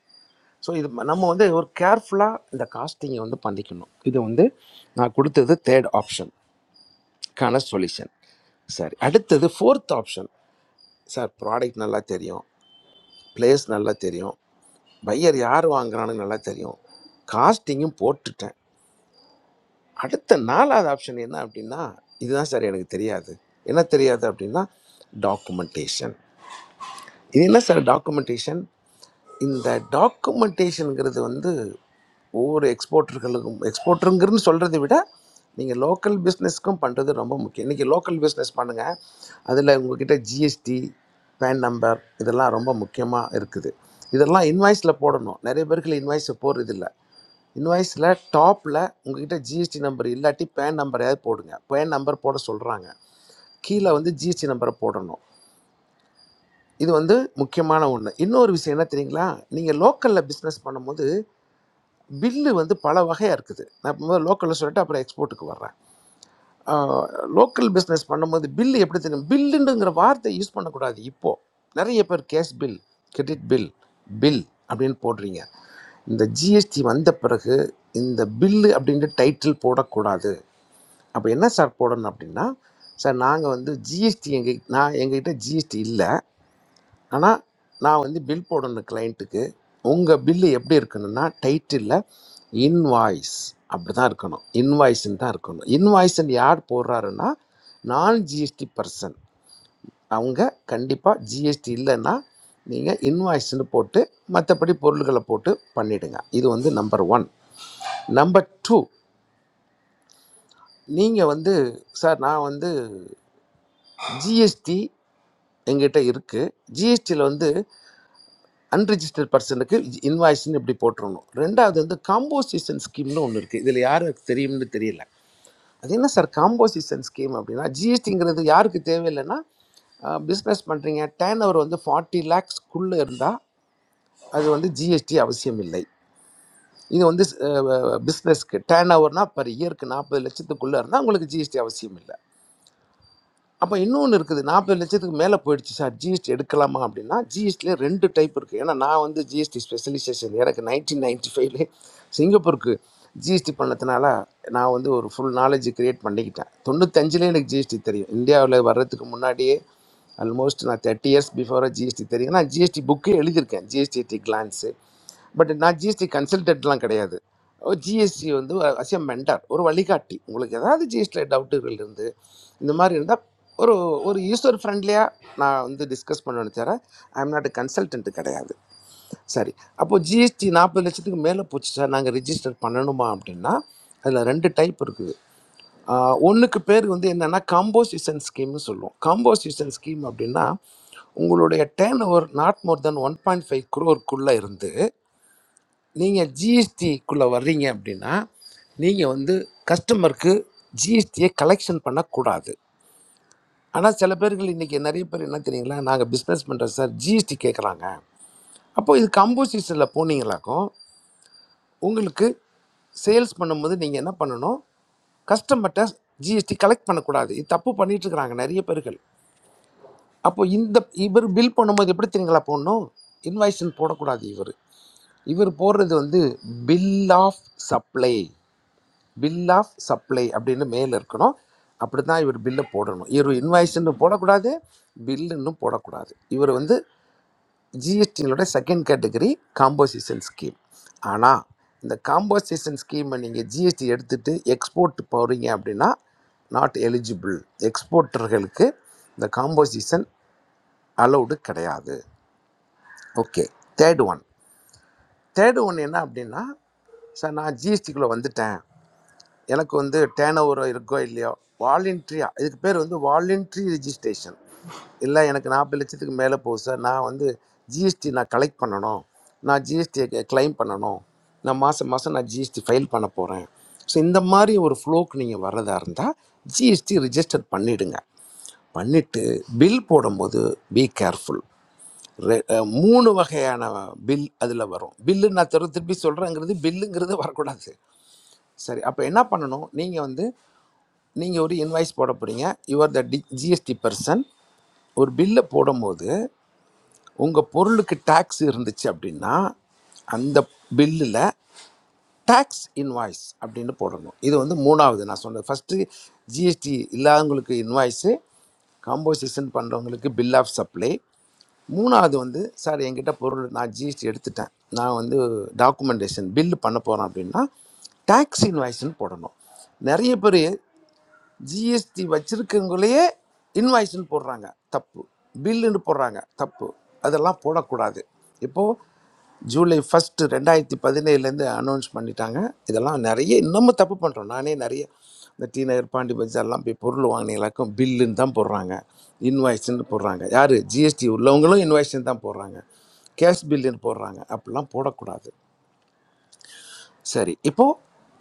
ஸோ இது ம- நம்ம வந்து ஒரு கேர்ஃபுல்லாக இந்த காஸ்டிங்கை வந்து பண்ணிக்கணும் இது வந்து நான் கொடுத்தது தேர்ட் ஆப்ஷன் கான சொல்யூஷன் சரி அடுத்தது ஃபோர்த் ஆப்ஷன் சார் ப்ராடக்ட் நல்லா தெரியும் பிளேஸ் நல்லா தெரியும் பையர் யார் வாங்குறான்னு நல்லா தெரியும் காஸ்டிங்கும் போட்டுட்டேன் அடுத்த நாலாவது ஆப்ஷன் என்ன அப்படின்னா இதுதான் சார் எனக்கு தெரியாது என்ன தெரியாது அப்படின்னா டாக்குமெண்டேஷன் இது என்ன சார் டாக்குமெண்டேஷன் இந்த டாக்குமெண்டேஷனுங்கிறது வந்து ஒவ்வொரு எக்ஸ்போர்ட்டர்களுக்கும் எக்ஸ்போர்ட்டருங்கிறது சொல்கிறத விட நீங்கள் லோக்கல் பிஸ்னஸ்க்கும் பண்ணுறது ரொம்ப முக்கியம் இன்றைக்கி லோக்கல் பிஸ்னஸ் பண்ணுங்கள் அதில் உங்ககிட்ட ஜிஎஸ்டி பேன் நம்பர் இதெல்லாம் ரொம்ப முக்கியமாக இருக்குது இதெல்லாம் இன்வாய்ஸில் போடணும் நிறைய பேருக்கு இன்வாய்ஸை போடுறதில்ல இன்வாய்ஸில் டாப்பில் உங்ககிட்ட ஜிஎஸ்டி நம்பர் இல்லாட்டி பேன் நம்பரையாவது போடுங்க பேன் நம்பர் போட சொல்கிறாங்க கீழே வந்து ஜிஎஸ்டி நம்பரை போடணும் இது வந்து முக்கியமான ஒன்று இன்னொரு விஷயம் என்ன தெரியுங்களா நீங்கள் லோக்கலில் பிஸ்னஸ் பண்ணும்போது பில்லு வந்து பல வகையாக இருக்குது நான் முதல்ல லோக்கலில் சொல்லிட்டு அப்புறம் எக்ஸ்போர்ட்டுக்கு வர்றேன் லோக்கல் பிஸ்னஸ் பண்ணும்போது பில்லு எப்படி தெரியும் பில்லுங்கிற வார்த்தை யூஸ் பண்ணக்கூடாது இப்போது நிறைய பேர் cash bill credit bill bill அப்படின்னு போடுறீங்க இந்த ஜிஎஸ்டி வந்த பிறகு இந்த பில்லு அப்படின்ற டைட்டில் போடக்கூடாது அப்போ என்ன சார் போடணும் அப்படின்னா சார் நாங்கள் வந்து ஜிஎஸ்டி எங்கள் நான் எங்ககிட்ட ஜிஎஸ்டி இல்லை ஆனால் நான் வந்து பில் போடணும் கிளைண்ட்டுக்கு உங்கள் பில்லு எப்படி இருக்கணும்னா டைட்டிலில் இன்வாய்ஸ் அப்படி தான் இருக்கணும் இன்வாய்ஸ்ன்னு தான் இருக்கணும் இன்வாய்ஸ்ன்னு யார் போடுறாருன்னா நான் ஜிஎஸ்டி பர்சன் அவங்க கண்டிப்பாக ஜிஎஸ்டி இல்லைன்னா நீங்கள் இன்வாய்ஸ்ன்னு போட்டு மற்றபடி பொருள்களை போட்டு பண்ணிடுங்க இது வந்து நம்பர் ஒன் நம்பர் டூ நீங்கள் வந்து சார் நான் வந்து ஜிஎஸ்டி எங்கிட்ட இருக்குது ஜிஎஸ்டியில் வந்து அன்ரிஜிஸ்டர்ட் பர்சனுக்கு இன்வாய்ஸ்னு இப்படி போட்டுருணும் ரெண்டாவது வந்து காம்போசிஷன் ஸ்கீம்னு ஒன்று இருக்குது இதில் யாருக்கு தெரியும்னு தெரியல அது என்ன சார் காம்போசிஷன் ஸ்கீம் அப்படின்னா ஜிஎஸ்டிங்கிறது யாருக்கு தேவையில்லைன்னா பிஸ்னஸ் பண்ணுறீங்க டேன் ஓவர் வந்து ஃபார்ட்டி லேக்ஸ்க்குள்ளே இருந்தால் அது வந்து ஜிஎஸ்டி அவசியம் இல்லை இது வந்து பிஸ்னஸ்க்கு டேன் ஓவர்னால் பர் இயருக்கு நாற்பது லட்சத்துக்குள்ளே இருந்தால் உங்களுக்கு ஜிஎஸ்டி அவசியம் இல்லை அப்போ இன்னொன்று இருக்குது நாற்பது லட்சத்துக்கு மேலே போயிடுச்சு சார் ஜிஎஸ்டி எடுக்கலாமா அப்படின்னா ஜிஎஸ்டியில் ரெண்டு டைப் இருக்குது ஏன்னா நான் வந்து ஜிஎஸ்டி ஸ்பெஷலைசேஷன் எனக்கு நைன்டீன் நைன்டி ஃபைவ்லே சிங்கப்பூருக்கு ஜிஎஸ்டி பண்ணதுனால நான் வந்து ஒரு ஃபுல் நாலேஜ் கிரியேட் பண்ணிக்கிட்டேன் தொண்ணூத்தஞ்சுலேயே எனக்கு ஜிஎஸ்டி தெரியும் இந்தியாவில் வர்றதுக்கு முன்னாடியே ஆல்மோஸ்ட் நான் தேர்ட்டி இயர்ஸ் பிஃபோராக ஜிஎஸ்டி தெரியும் நான் ஜிஎஸ்டி புக்கே எழுதியிருக்கேன் ஜிஎஸ்டி டி கிளான்ஸு பட் நான் ஜிஎஸ்டி கன்சல்டன்ட்லாம் கிடையாது ஜிஎஸ்டி வந்து அசியம் மெண்டார் ஒரு வழிகாட்டி உங்களுக்கு ஏதாவது ஜிஎஸ்டியில் டவுட்டுகள் இருந்து இந்த மாதிரி இருந்தால் ஒரு ஒரு யூசர் ஃப்ரெண்ட்லியாக நான் வந்து டிஸ்கஸ் பண்ணணும் தவிர ஐ எம் நாட் கன்சல்டன்ட் கிடையாது சரி அப்போது ஜிஎஸ்டி நாற்பது லட்சத்துக்கு மேலே போச்சு சார் நாங்கள் ரிஜிஸ்டர் பண்ணணுமா அப்படின்னா அதில் ரெண்டு டைப் இருக்குது ஒன்றுக்கு பேர் வந்து என்னென்னா காம்போசிஷன் ஸ்கீம்னு சொல்லுவோம் காம்போசிஷன் ஸ்கீம் அப்படின்னா உங்களுடைய turnover not more than one point five குரோருக்குள்ளே இருந்து நீங்கள் ஜிஎஸ்டிக்குள்ளே வர்றீங்க அப்படின்னா நீங்கள் வந்து கஸ்டமருக்கு ஜிஎஸ்டியை கலெக்ஷன் பண்ணக்கூடாது ஆனால் சில பேர்கள் இன்றைக்கி நிறைய பேர் என்ன தெரியுங்களா நாங்கள் பிஸ்னஸ் பண்ணுறோம் சார் ஜிஎஸ்டி கேட்குறாங்க அப்போது இது கம்போசிஷனில் போனீங்களாக்கும் உங்களுக்கு சேல்ஸ் பண்ணும்போது நீங்கள் என்ன பண்ணணும் கஸ்டமர்கிட்ட ஜிஎஸ்டி கலெக்ட் பண்ணக்கூடாது இது தப்பு பண்ணிட்டு இருக்கிறாங்க நிறைய பேர்கள் அப்போ இந்த இவர் பில் பண்ணும்போது எப்படி தெரியுங்களா போடணும் இன்வாய்ஸ்ன்னு போடக்கூடாது இவர் இவர் போடுறது வந்து bill of supply bill of supply அப்படின்னு மேலே இருக்கணும் அப்படி தான் இவர் பில்லை போடணும் இவர் இன்வாய்ஸ்ன்னு போடக்கூடாது பில்லுன்னு போடக்கூடாது இவர் வந்து ஜிஎஸ்டியினுடைய செகண்ட் கேட்டகரி காம்போசிஷன் ஸ்கீம் ஆனால் இந்த காம்போசிஷன் ஸ்கீமை நீங்கள் ஜிஎஸ்டி எடுத்துட்டு எக்ஸ்போர்ட் போகிறீங்க அப்படின்னா நாட் எலிஜிபிள் எக்ஸ்போர்ட்டர்களுக்கு இந்த காம்போசிஷன் அலௌடு கிடையாது okay third one third one என்ன அப்படின்னா சார் நான் ஜிஎஸ்டிக்குள்ளே வந்துட்டேன் எனக்கு வந்து டேர்ன் ஓவர் இருக்கோ இல்லையோ வாலண்ட்ரியா இதுக்கு பேர் வந்து வாலண்ட்ரி ரிஜிஸ்ட்ரேஷன் இல்லை எனக்கு நாற்பது லட்சத்துக்கு மேலே போகுது சார் நான் வந்து ஜிஎஸ்டி நான் கலெக்ட் பண்ணணும் நான் ஜிஎஸ்டியை கிளைம் பண்ணணும் நான் மாதம் மாதம் நான் ஜிஎஸ்டி ஃபைல் பண்ண போகிறேன் ஸோ இந்த மாதிரி ஒரு ஃப்ளோக்கு நீங்கள் வர்றதா இருந்தால் ஜிஎஸ்டி ரிஜிஸ்டர் பண்ணிடுங்க பண்ணிவிட்டு பில் போடும்போது பி கேர்ஃபுல் ரெ மூணு வகையான பில் அதில் வரும் பில்லு நான் திரு திருப்பி சொல்கிறேங்கிறது பில்லுங்கிறது வரக்கூடாது சரி அப்போ என்ன பண்ணணும் நீங்கள் வந்து நீங்கள் ஒரு இன்வாய்ஸ் போட போகிறீங்க யுவர் த டி ஜிஎஸ்டி பர்சன் ஒரு பில்லை போடும்போது உங்கள் பொருளுக்கு டேக்ஸ் இருந்துச்சு அப்படின்னா அந்த பில்லில் டேக்ஸ் இன்வாய்ஸ் அப்படின்னு போடணும் இது வந்து மூணாவது நான் சொன்னது ஃபஸ்ட்டு ஜிஎஸ்டி இல்லாதவங்களுக்கு இன்வாய்ஸு காம்போசிஷன் பண்ணுறவங்களுக்கு பில் ஆஃப் சப்ளை மூணாவது வந்து சார் என்கிட்ட பொருள் நான் ஜிஎஸ்டி எடுத்துட்டேன் நான் வந்து டாக்குமெண்டேஷன் பில் பண்ண போகிறேன் அப்படின்னா டேக்ஸ் இன்வாய்ஸ்னு போடணும் நிறைய பேர் ஜிஎஸ்டி வச்சிருக்கவங்களையே இன்வாய்ஸ்னு போடுறாங்க தப்பு பில்லுன்னு போடுறாங்க தப்பு அதெல்லாம் போடக்கூடாது இப்போது ஜூலை ஃபஸ்ட்டு ரெண்டாயிரத்தி பதினேழுலேருந்து அனௌன்ஸ் பண்ணிட்டாங்க இதெல்லாம் நிறைய இன்னமும் தப்பு பண்ணுறோம் நானே நிறைய இந்த டி நகர் பாண்டி பஜார்லாம் போய் பொருள் வாங்கினீங்களாக்கும் பில்லுன்னு தான் போடுறாங்க இன்வாய்ஸ்ன்னு போடுறாங்க யார் ஜிஎஸ்டி உள்ளவங்களும் இன்வாய்ஸ்ன்னு தான் போடுறாங்க கேஷ் பில்லுன்னு போடுறாங்க அப்படிலாம் போடக்கூடாது சரி இப்போ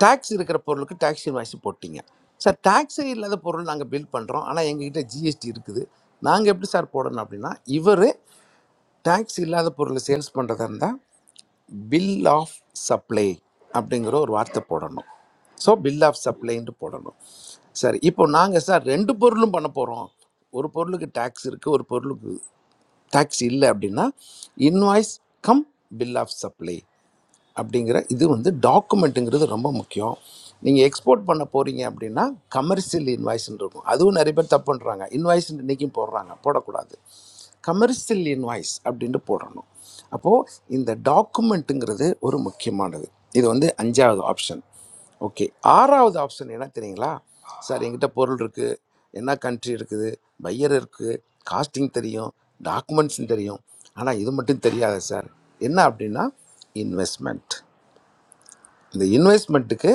டாக்ஸ் இருக்கிற பொருளுக்கு டாக்ஸ் இன்வாய்ஸ் போட்டீங்க சார் டாக்ஸே இல்லாத பொருள் நாங்கள் பில் பண்ணுறோம் ஆனால் எங்ககிட்ட ஜிஎஸ்டி இருக்குது நாங்கள் எப்படி சார் போடணும் அப்படின்னா இவர் டாக்ஸ் இல்லாத பொருளை சேல்ஸ் பண்ணுறதா இருந்தால் பில் ஆஃப் சப்ளை அப்படிங்கிற ஒரு வார்த்தை போடணும் ஸோ பில் ஆஃப் சப்ளைன்ட்டு போடணும் சரி இப்போ நாங்கள் சார் ரெண்டு பொருளும் பண்ண போகிறோம் ஒரு பொருளுக்கு டாக்ஸ் இருக்குது ஒரு பொருளுக்கு டாக்ஸ் இல்லை அப்படின்னா invoice cum bill of supply அப்படிங்கிற இது வந்து டாக்குமெண்ட்டுங்கிறது ரொம்ப முக்கியம் நீங்கள் எக்ஸ்போர்ட் பண்ண போகிறீங்க அப்படின்னா கமர்ஷியல் இன்வாய்ஸ்ன்னு இருக்கும் அதுவும் நிறைய பேர் தப்பு பண்ணுறாங்க இன்வாய்ஸ் இன்றைக்கும் போடுறாங்க போடக்கூடாது கமர்ஷியல் இன்வாய்ஸ் அப்படின்ட்டு போடணும் அப்போது இந்த டாக்குமெண்ட்டுங்கிறது ஒரு முக்கியமானது இது வந்து அஞ்சாவது ஆப்ஷன் ஓகே ஆறாவது ஆப்ஷன் என்ன தெரியுங்களா சார் எங்கிட்ட பொருள் இருக்குது என்ன கண்ட்ரி இருக்குது பையர் இருக்குது காஸ்டிங் தெரியும் டாக்குமெண்ட்ஸும் தெரியும் ஆனால் இது மட்டும் தெரியாது சார் என்ன அப்படின்னா இன்வெஸ்ட்மெண்ட் இந்த இன்வெஸ்ட்மெண்ட்டுக்கு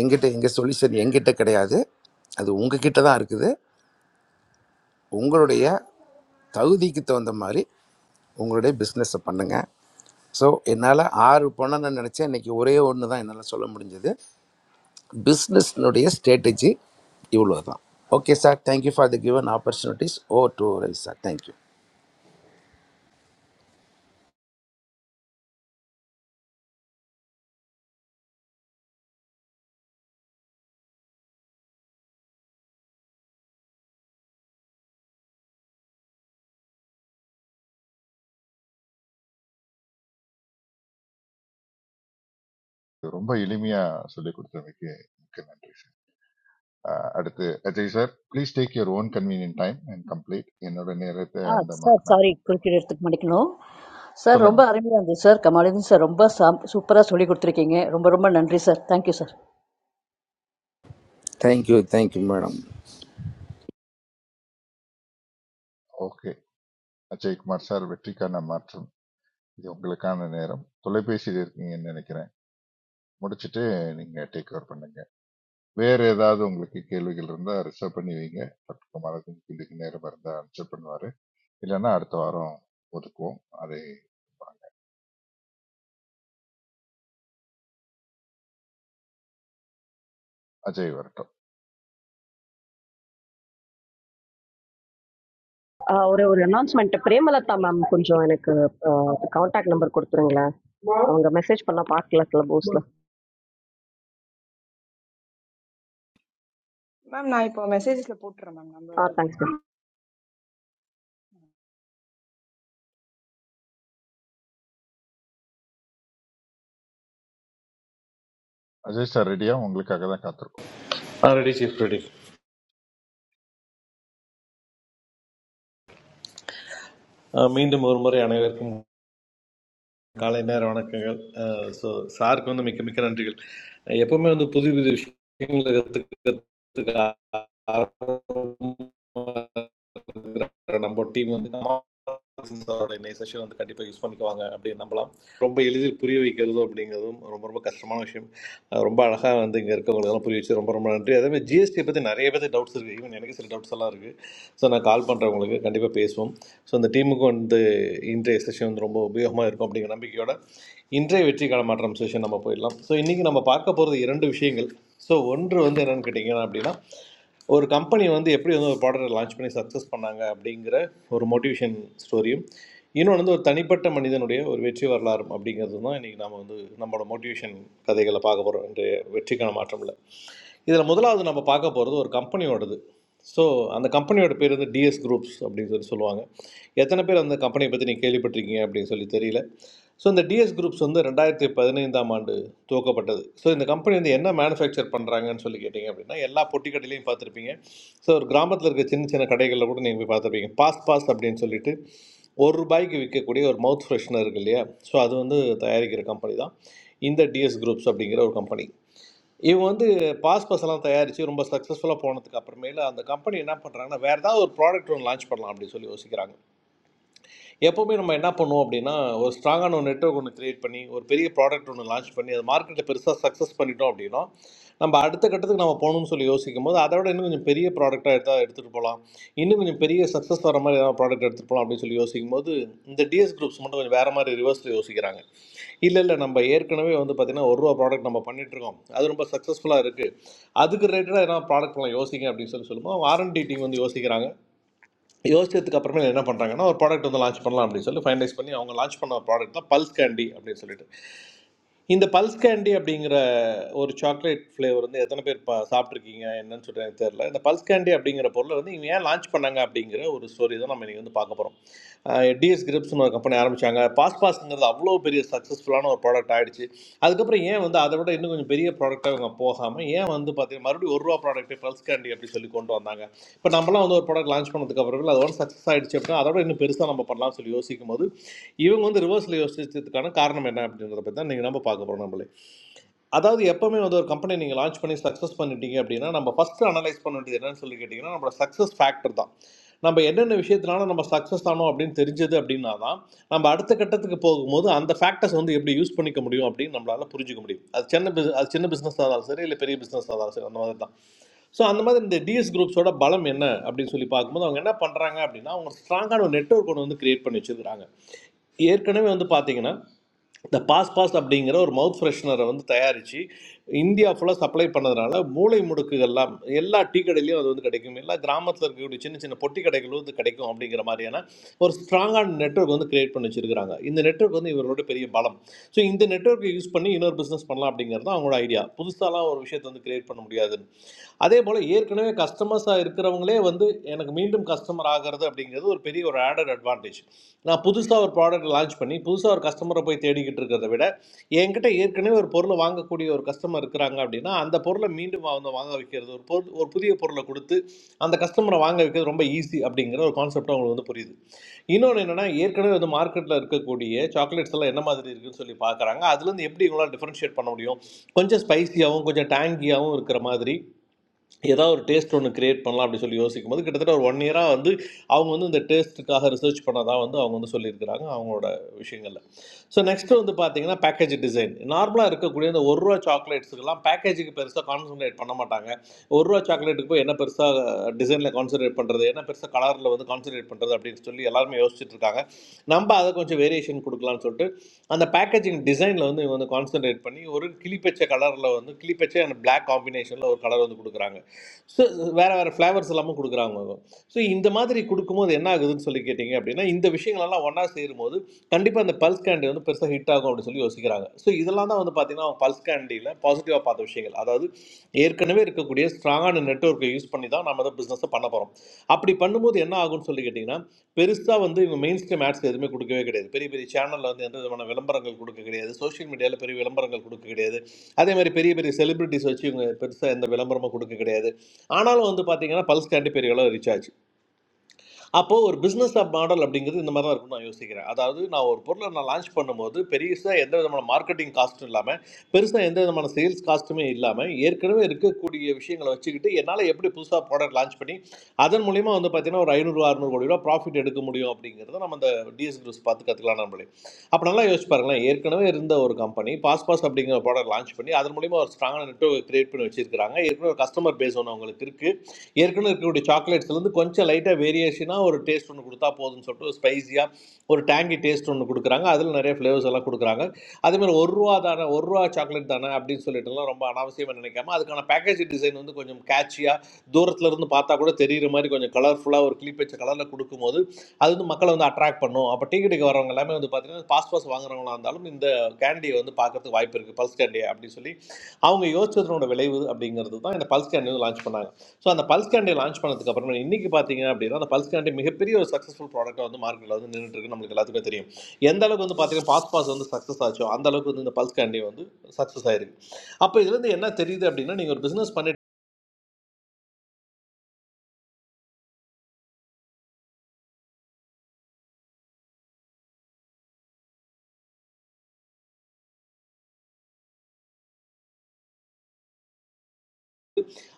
எங்கிட்ட எங்கள் சொல்யூஷன் எங்கிட்ட கிடையாது அது உங்ககிட்ட தான் இருக்குது உங்களுடைய தகுதிக்கு தகுந்த மாதிரி உங்களுடைய பிஸ்னஸை பண்ணுங்கள் ஸோ என்னால் ஆறு பண்ணணும்னு நினச்சேன் இன்றைக்கி ஒரே ஒன்று தான் என்னால் சொல்ல முடிஞ்சது பிஸ்னஸ்னுடைய ஸ்ட்ராட்டஜி இவ்வளோ தான் okay sir thank you for the given opportunities ஓ டு ரைஸ் சார் தேங்க்யூ ரொம்ப எளிமையா சொல்லி கொடுத்ததுக்கு மிக்க நன்றி அஹ் அடுத்து Ajay sir please take your own convenient time and complete என்னோட நேரத்தை Ah, அந்த sir, மார்க் நான் sorry, couldn't கொடுக்குறேன் hear it. Thank you, ma'am. Sir, Romba, சொல்லுங்கம்மா I am here, sir. Kamaladevi, sir, Romba, sir, supera, sorry, good morning, sir. Romba, Romba, Nandri, sir. Thank you, sir. Thank you thank you madam okay Ajaykumar sir வெற்றிக்கான மாற்றம் இது உங்களுக்கான நேரம் தொலைபேசியில் இருக்கீங்கன்னு நினைக்கிறேன் முடிச்சிட்டு நீங்க டேக் ஓவர் பண்ணுங்க வேற ஏதாவது உங்களுக்கு கேள்விகள் இருந்தா ரிசர்வ் பண்ணி வைங்க டாக்டர் குமாரத்தின் கேள்விக்கு நேரம் இருந்தா ஆன்சர் பண்ணுவாரு இல்லைன்னா அடுத்த வாரம் ஒதுக்குவோம் அது அஜய் வரட்டும் Ah, or a announcement. Please, Madam, I am going to contact number. Please, ma'am நான் இப்போ மெசேஜஸ்ல போட்டுறேன் மேம் நம்பர் இதுலயே sir. அஜய் சார் ரெடியா உங்களுக்காக தான் காத்திருக்கோம். ரெடி சீஃப் ரெடி மீண்டும் ஒரு முறை அனைவருக்கும் காலை நேர வணக்கங்கள் ஸோ சாருக்கு வந்து மிக்க மிக்க நன்றிகள் அஹ் எப்பவுமே வந்து புது புது விஷயங்களை கற்றுக்கிறதுக்கு நம்ம டீம் வந்து இந்த செஷன் வந்து கண்டிப்பாக யூஸ் பண்ணிக்குவாங்க அப்படின்னு நம்பலாம் ரொம்ப எளிதில் புரிய வைக்கிறதும் அப்படிங்கிறதும் ரொம்ப ரொம்ப கஷ்டமான விஷயம் அஹ் ரொம்ப அழகாக வந்து இங்கே இருக்கவங்களுக்கெல்லாம் புரிய வச்சு ரொம்ப ரொம்ப நன்றி அதே மாதிரி ஜிஎஸ்டியை பற்றி நிறைய பேர் டவுட்ஸ் இருக்குது ஈவன் எனக்கு சில டவுட்ஸ் எல்லாம் இருக்குது ஸோ நான் கால் பண்ணுறவங்களுக்கு கண்டிப்பாக பேசுவோம் ஸோ அந்த டீமுக்கு வந்து இன்றைய செஷன் வந்து ரொம்ப உபயோகமாக இருக்கும் அப்படிங்கிற நம்பிக்கையோட இன்றைய வெற்றி களமாற்றம் செஷன் நம்ம போயிடலாம் ஸோ இன்றைக்கி நம்ம பார்க்க போகிறது இரண்டு விஷயங்கள் ஸோ ஒன்று வந்து என்னென்னு கேட்டிங்கன்னா அப்படின்னா ஒரு கம்பெனி வந்து எப்படி வந்து ஒரு ப்ராடக்ட்டை லான்ச் பண்ணி சக்ஸஸ் பண்ணாங்க அப்படிங்கிற ஒரு மோட்டிவேஷன் ஸ்டோரியும் இன்னொன்று வந்து ஒரு தனிப்பட்ட மனிதனுடைய ஒரு வெற்றி வரலாறும் அப்படிங்கிறது தான் இன்றைக்கி நம்ம வந்து நம்மளோட மோட்டிவேஷன் கதைகளை பார்க்க போகிறோம் இன்றைய வெற்றிக்கான மாற்றமில்ல இதில் முதலாவது நம்ம பார்க்க போகிறது ஒரு கம்பெனியோடது ஸோ அந்த கம்பெனியோட பேர் வந்து டிஎஸ் குரூப்ஸ் அப்படின்னு சொல்லி சொல்லுவாங்க எத்தனை பேர் அந்த கம்பெனியை பற்றி நீங்கள் கேள்விப்பட்டிருக்கீங்க அப்படின்னு சொல்லி தெரியல ஸோ இந்த டிஎஸ் குரூப்ஸ் வந்து ரெண்டாயிரத்தி பதினைந்தாம் ஆண்டு துவக்கப்பட்டது ஸோ இந்த கம்பெனி வந்து என்ன மேனுஃபேக்சர் பண்ணுறாங்கன்னு சொல்லி கேட்டிங்க அப்படின்னா எல்லா பொட்டி கடையிலையும் பார்த்துருப்பீங்க ஸோ ஒரு கிராமத்தில் இருக்க சின்ன சின்ன கடைகளில் கூட நீங்கள் போய் பார்த்துருப்பீங்க பாஸ் பாஸ் அப்படின்னு சொல்லிட்டு ஒரு ரூபாய்க்கு விற்கக்கூடிய ஒரு மவுத் ஃப்ரெஷ்னர் இருக்கு இல்லையா ஸோ அது வந்து தயாரிக்கிற கம்பெனி தான் இந்த டிஎஸ் குரூப்ஸ் அப்படிங்கிற ஒரு கம்பெனி இவங்க வந்து பாஸ்பஸ் எல்லாம் தயாரித்து ரொம்ப சக்ஸஸ்ஃபுல்லாக போனதுக்கு அப்புறமேல அந்த கம்பெனி என்ன பண்ணுறாங்கன்னா வேறு ஏதாவது ஒரு ப்ராடக்ட் ஒன்று லான்ச் பண்ணலாம் அப்படின்னு சொல்லி யோசிக்கிறாங்க எப்போவுமே நம்ம என்ன பண்ணுவோம் அப்படின்னா ஒரு ஸ்ட்ராங்கான ஒரு நெட்வொர்க் ஒன்று கிரியேட் பண்ணி ஒரு பெரிய ப்ராடக்ட் ஒன்று லான்ச் பண்ணி அது மார்க்கெட்டை பெருசாக சக்ஸஸ் பண்ணிட்டோம் அப்படின்னா நம்ம அடுத்த கட்டத்துக்கு நம்ம போகணும்னு சொல்லி யோசிக்கும் போது அதை விட இன்னும் கொஞ்சம் பெரிய ப்ராடக்டாக எடுத்தால் எடுத்துகிட்டு போகலாம் இன்னும் கொஞ்சம் பெரிய சக்ஸஸ் வர மாதிரி ஏதாவது ப்ராடக்ட் எடுத்துகிட்டு போகலாம் அப்படின்னு சொல்லி யோசிக்கும் போது இந்த டிஎஸ் குரூப்ஸ் மட்டும் கொஞ்சம் வேறு மாதிரி ரிவர்ஸில் யோசிக்கிறாங்க இல்லை இல்லை நம்ம ஏற்கனவே வந்து பார்த்தீங்கன்னா ஒரு ரூபா ப்ராடக்ட் நம்ம பண்ணிட்டு இருக்கோம் அது ரொம்ப சக்ஸஸ்ஃபுல்லாக இருக்குது அதுக்கு ரிலேட்டடாக என்ன ப்ராடக்ட்லாம் யோசிங்க அப்படின்னு சொல்லி சொல்லும்போது அவங்க ஆர்என்டி டீம் வந்து யோசிக்கிறாங்க யோசிச்சதுக்கு அப்புறமேல என்ன பண்ணுறாங்கன்னா ஒரு ப்ராடக்ட் வந்து லான்ச் பண்ணலாம் அப்படின்னு சொல்லி ஃபைனலைஸ் பண்ணி அவங்க லான்ச் பண்ண ப்ராடக்ட் தான் பல்ஸ் கேண்டி அப்படின்னு சொல்லிட்டு இந்த பல்ஸ் கேண்டி அப்படிங்கிற ஒரு சாக்லேட் ஃப்ளேவர் வந்து எத்தனை பேர் பா சாப்பிட்ருக்கீங்க என்னன்னு சொல்லிட்டு எனக்கு தெரியல இந்த பல்ஸ் கேண்டி அப்படிங்கிற பொருளை வந்து இவங்க ஏன் லான்ச் பண்ணாங்க அப்படிங்கிற ஒரு ஸ்டோரி தான் நம்ம இன்றைக்கி வந்து பார்க்க போகிறோம் டிஎஸ் கிரிப்ஸ்னு ஒரு கம்பெனி ஆரம்பித்தாங்க பாஸ் பாஸ்ங்கிறது அவ்வளோ பெரிய சக்ஸஸ்ஃபுல்லான ஒரு ப்ராடக்ட் ஆயிடுச்சு அதுக்கப்புறம் ஏன் வந்து அதை விட இன்னும் கொஞ்சம் பெரிய ப்ராடக்டாக இவங்க போகாமல் ஏன் வந்து பார்த்தீங்கன்னா மறுபடியும் ஒரு ரூபா ப்ராடக்ட்டு பல்ஸ் கேண்டி அப்படி சொல்லி கொண்டு வந்தாங்க இப்போ நம்மலாம் வந்து ஒரு ப்ராடக்ட் லான்ச் பண்ணதுக்கு அப்புறம் அது ஒன் சக்ஸஸ் ஆயிடுச்சு அப்படின்னா அதோட இன்னும் பெருசாக நம்ம பண்ணலாம்னு சொல்லி யோசிக்கும் போது இவங்க வந்து ரிவர்ஸில் யோசிச்சதுக்கான காரணம் என்ன அப்படின்றத பற்றி தான் நீங்கள் நம்ம பார்க்க போகிறோம் நம்மளே அதாவது எப்பவுமே வந்து ஒரு கம்பெனி நீங்கள் லான்ச் பண்ணி சக்ஸஸ் பண்ணிட்டீங்க அப்படின்னா நம்ம ஃபஸ்ட்டு அனலைஸ் பண்ண வேண்டியது என்னன்னு சொல்லி கேட்டிங்கன்னா நம்மளோட சக்ஸஸ் ஃபேக்டர் தான் நம்ம என்னென்ன விஷயத்தினால நம்ம சக்ஸஸ் ஆனோம் அப்படின்னு தெரிஞ்சது அப்படின்னா தான் நம்ம அடுத்த கட்டத்துக்கு போகும்போது அந்த ஃபேக்டர்ஸ் வந்து எப்படி யூஸ் பண்ணிக்க முடியும் அப்படின்னு நம்மளால புரிஞ்சுக்க முடியும் அது சின்ன பிஸ் அது சின்ன பிஸ்னஸாக இருந்தாலும் சரி இல்லை பெரிய பிஸ்னஸாக இருந்தாலும் சரி அந்த மாதிரி தான் ஸோ அந்த மாதிரி இந்த டிஎஸ் குரூப்ஸோட பலம் என்ன அப்படின்னு சொல்லி பார்க்கும்போது அவங்க என்ன பண்ணுறாங்க அப்படின்னா அவங்க ஸ்ட்ராங்கான ஒரு நெட்வொர்க் ஒன்று வந்து கிரியேட் பண்ணி வச்சுருக்காங்க ஏற்கனவே வந்து பார்த்தீங்கன்னா இந்த பாஸ் பாஸ் அப்படிங்கிற ஒரு மவுத் ஃப்ரெஷ்னரை வந்து தயாரித்து இந்தியா ஃபுல்லாக சப்ளை பண்ணதுனால மூளை முடுக்குகள்லாம் எல்லா டீ கடையிலையும் அது வந்து கிடைக்கும் எல்லா கிராமத்தில் இருக்கக்கூடிய சின்ன சின்ன பொட்டி கடைகளும் வந்து கிடைக்கும் அப்படிங்கிற மாதிரியான ஒரு ஸ்ட்ராங்கான நெட்வொர்க் வந்து கிரியேட் பண்ணி வச்சிருக்காங்க இந்த நெட்வொர்க் வந்து இவரோட பெரிய பலம் ஸோ இந்த நெட்வொர்க்கை யூஸ் பண்ணி இன்னொரு பிஸ்னஸ் பண்ணலாம் அப்படிங்கிறது தான் அவங்களோட ஐடியா புதுசாலாம் ஒரு விஷயத்தை வந்து கிரியேட் பண்ண முடியாதுன்னு அதே போல் ஏற்கனவே கஸ்டமர்ஸாக இருக்கிறவங்களே வந்து எனக்கு மீண்டும் கஸ்டமர் ஆகிறது அப்படிங்கிறது ஒரு பெரிய ஒரு ஆடட் அட்வான்டேஜ் நான் புதுசாக ஒரு ப்ராடக்ட் லான்ச் பண்ணி புதுசாக ஒரு கஸ்டமரை போய் தேடிக்கிட்டு இருக்கிறத விட என்கிட்ட ஏற்கனவே ஒரு பொருளை வாங்கக்கூடிய ஒரு கஸ்டமர் இருக்கிறாங்க அப்படின்னா அந்த பொருளை மீண்டும் அவங்க வாங்க வைக்கிறது ஒரு பொருள் ஒரு புதிய பொருளை கொடுத்து அந்த கஸ்டமரை வாங்க வைக்கிறது ரொம்ப ஈஸி அப்படிங்கிற ஒரு கான்செப்ட் அவங்களுக்கு வந்து புரியுது இன்னொன்று என்னென்னா ஏற்கனவே வந்து மார்க்கெட்டில் இருக்கக்கூடிய சாக்லேட்ஸ் எல்லாம் என்ன மாதிரி இருக்குன்னு சொல்லி பார்க்குறாங்க அதுலேருந்து எப்படி இவங்களால் டிஃப்ரென்ஷியேட் பண்ண முடியும் கொஞ்சம் ஸ்பைசியாகவும் கொஞ்சம் டேங்கியாகவும் இருக்கிற மாதிரி ஏதாவது ஒரு டேஸ்ட் ஒன்று கிரியேட் பண்ணலாம் அப்படி சொல்லி யோசிக்கும் போது கிட்டத்தட்ட ஒரு ஒன் இயராக வந்து அவங்க வந்து இந்த டேஸ்ட்டுக்காக ரிசர்ச் பண்ணதாக வந்து அவங்க வந்து சொல்லியிருக்கிறாங்க அவங்களோட விஷயங்களில் ஸோ நெக்ஸ்ட்டு வந்து பார்த்தீங்கன்னா பேக்கேஜ் டிசைன் நார்மலாக இருக்கக்கூடிய இந்த ஒரு ரூபா சாக்லேட்ஸுக்கெல்லாம் பேக்கேஜுக்கு பெருசாக கான்சன்ட்ரேட் பண்ண மாட்டாங்க ஒரு ரூபா சாக்லேட்டுக்கு போய் என்ன பெருசாக டிசைனில் கான்சன்ட்ரேட் பண்ணுறது என்ன பெருசாக கலரில் வந்து கான்சன்ட்ரேட் பண்ணுறது அப்படின்னு சொல்லி எல்லாருமே யோசிச்சுட்டு இருக்காங்க நம்ம அதை கொஞ்சம் வேரியேஷன் கொடுக்கலாம்னு சொல்லிட்டு அந்த பேக்கேஜிங் டிசைனில் வந்து இவங்க வந்து கான்சன்ட்ரேட் பண்ணி ஒரு கிளிப்பச்சை கலரில் வந்து கிளிப்பச்சை அண்ட் Black காம்பினேஷனில் ஒரு கலர் வந்து கொடுக்குறாங்க ஸோ வேறு வேறு ஃப்ளேவர்ஸ் எல்லாமும் கொடுக்குறாங்க ஸோ இந்த மாதிரி கொடுக்கும்போது என்ன ஆகுதுன்னு சொல்லி கேட்டிங்க அப்படின்னா இந்த விஷயங்களெல்லாம் ஒன்றா சேரும்போது கண்டிப்பாக இந்த பல்ஸ் கேண்டி வந்து பெருசாக ஹிட் ஆகும் அப்படின்னு சொல்லி யோசிக்கிறாங்க ஸோ இதெல்லாம் தான் வந்து பார்த்திங்கன்னா அவங்க பல்ஸ் கேண்டியில் பாசிட்டிவாக பார்த்த விஷயங்கள் அதாவது ஏற்கனவே இருக்கக்கூடிய ஸ்ட்ராங்கான நெட்ஒர்க்கை யூஸ் பண்ணி தான் நம்ம தான் பிஸ்னஸை பண்ண போகிறோம் அப்படி பண்ணும்போது என்ன ஆகும்னு சொல்லி கேட்டிங்கன்னா பெருசாக வந்து இவங்க மெயின் ஸ்ட்ரீம் ஆட்ஸ் எதுவுமே கொடுக்கவே கிடையாது பெரிய பெரிய சேனலில் வந்து எந்த விதமான விளம்பரங்கள் கொடுக்க கிடையாது சோஷியல் மீடியாவில் பெரிய விளம்பரங்கள் கொடுக்க கிடையாது அதே மாதிரி பெரிய பெரிய செலிபிரிட்டிஸ் வச்சு இவங்க பெருசாக எந்த விளம்பரமும் கொடுக்க கிடையாது ஆனாலும் வந்து பார்த்தீங்கன்னா பல்ஸ் கண்டு பெரிய அளவு ரீச் ஆச்சு அப்போது ஒரு பிஸ்னஸ் மாடல் அப்படிங்கிறது இந்த மாதிரி தான் இருக்கும்னு நான் யோசிக்கிறேன் அதாவது நான் ஒரு பொருளை நான் லான்ச் பண்ணும்போது பெருசாக எந்த விதமான மார்க்கெட்டிங் காஸ்ட்டும் இல்லாமல் பெருசாக எந்த விதமான சேல்ஸ் காஸ்ட்டுமே இல்லாமல் ஏற்கனவே இருக்கக்கூடிய விஷயங்களை வச்சுக்கிட்டு என்னால் எப்படி புதுசாக ப்ராடக்ட் லான்ச் பண்ணி அதன் மூலிமா வந்து பார்த்தீங்கன்னா ஒரு ஐநூறு அறுநூறு கோடி ரூபா ப்ராஃபிட் எடுக்க முடியும் அப்படிங்கிறத நம்ம இந்த டிஎஸ் குரூஸ் பார்த்து கற்றுக்கலாம் நம்மளே அப்போ நல்லா யோசிச்சு பாருங்களேன் ஏற்கனவே இருந்த ஒரு கம்பெனி பாஸ் பாஸ் அப்படிங்கிற ப்ராடக்ட் லான்ச் பண்ணி அதன் மூலிமா ஒரு ஸ்ட்ராங்கான நெட்வொர்க் கிரியேட் பண்ணி வச்சிருக்காங்க ஏற்கனவே ஒரு கஸ்டமர் பேஸ் ஒன்று அவங்களுக்கு இருக்குது ஏற்கனவே இருக்கக்கூடிய சாக்லேட்ஸ்லேருந்து கொஞ்சம் லைட்டாக வேரியேஷனாக ஒரு டேஸ்ட் ஒன்று கொடுத்தா போதும்னு சொல்லிட்டு ஒரு ஸ்பைஸியாக ஒரு டேங்கி டேஸ்ட் ஒன்று கொடுக்குறாங்க அதில் நிறைய ஃப்ளேவர்ஸ் எல்லாம் கொடுக்குறாங்க அதே மாதிரி ஒரு ரூபா தானே ஒரு ரூபா சாக்லேட் தானே அப்படின்னு சொல்லிட்டுலாம் ரொம்ப அனாவசியமாக நினைக்காம அதுக்கான பேக்கேஜ் டிசைன் வந்து கொஞ்சம் கேட்சியாக தூரத்துல இருந்து பார்த்தா கூட தெரியுற மாதிரி கொஞ்சம் கலர்ஃபுல்லாக ஒரு கிளிப் வச்ச கலரில் கொடுக்கும்போது அது வந்து மக்களை வந்து அட்ராக்ட் பண்ணும் அப்போ டீ கடைக்கு வரவங்க எல்லாமே வந்து பார்த்தீங்கன்னா பாஸ் பாஸ் வாங்குறவங்களா இருந்தாலும் இந்த கேண்டியை வந்து பார்க்கறதுக்கு வாய்ப்பு இருக்குது பல்ஸ் கேண்டி அப்படின்னு சொல்லி அவங்க யோசிச்சதனோட விளைவு அப்படிங்கிறது தான் இந்த பல்ஸ் கேண்டி வந்து லான்ச் பண்ணாங்க ஸோ அந்த பல்ஸ் கேண்டை லான்ச் பண்ணதுக்கு அப்புறமா இன்னைக்கு பார்த்தீங்க அப்படின்னா அந்த பல்ஸ் கேண்டை மிகப்பெரிய ஒரு சக்ஸஸ்ஃபுல் ப்ராடக்ட்டாக வந்து மார்க்கெட்டில் வந்து நின்றுட்டு இருக்கு நம்மளுக்கு எல்லாத்துக்கும் தெரியும் எந்த அளவுக்கு வந்து பார்த்தீங்கன்னா பாஸ் பாஸ் வந்து சக்ஸஸ் ஆச்சோ அந்த அளவுக்கு வந்து இந்த பல்ஸ் கேண்டை வந்து சக்ஸஸ் ஆயிருக்கு அப்போ இதுலேருந்து என்ன தெரியுது அப்படின்னா நீங்கள் ஒரு பிஸ்னஸ் பண்ணிட்டு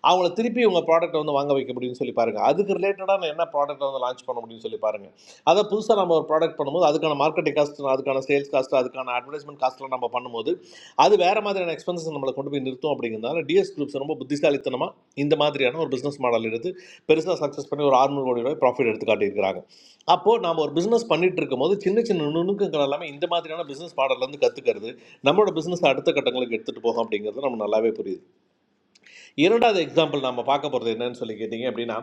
அவங்கள திருப்பி உங்கள் ப்ராடக்ட்டை வந்து வாங்க வைக்க முடியும்னு சொல்லி பாருங்கள் அதுக்கு ரிலேட்டடான என்ன ப்ராடக்ட்டை வந்து லான்ச் பண்ண முடியும்னு சொல்லி பாருங்கள் அதை புதுசாக நம்ம ஒரு ப்ராடக்ட் பண்ணும்போது அதுக்கான மார்க்கெட்டிங் காஸ்ட் அதுக்கான சேல்ஸ் காஸ்ட் அதுக்கான அட்வர்டைஸ்மெண்ட் காஸ்ட்லாம் நம்ம பண்ணும்போது அது வேறு மாதிரியான எக்ஸ்பென்சஸ் நம்மளை கொண்டு போய் நிறுத்தும் அப்படிங்கிறதுனால டிஎஸ் குரூப்ஸ் ரொம்ப புத்திசாலித்தனமாக இந்த மாதிரியான ஒரு பிஸ்னஸ் மாடல் எடுத்து பெருசாக சக்ஸஸ் பண்ணி ஒரு ஆறுநூறு கோடி ரூபாய் ப்ராஃபிட் எடுத்து காட்டியிருக்கிறாங்க அப்போது நாம் ஒரு பிஸ்னஸ் பண்ணிட்டு இருக்கும்போது சின்ன சின்ன நுணுக்கங்கள் எல்லாமே இந்த மாதிரியான பிஸ்னஸ் மாடல்லேருந்து கற்றுக்கிறது நம்மளோட பிஸ்னஸ் அடுத்த கட்டங்களுக்கு எடுத்துகிட்டு போகும் அப்படிங்கிறது நம்ம நல்லாவே புரியுது இரண்டாவது எக்ஸாம்பிள் நம்ம பார்க்க போகிறது என்னன்னு சொல்லி கேட்டிங்க அப்படின்னா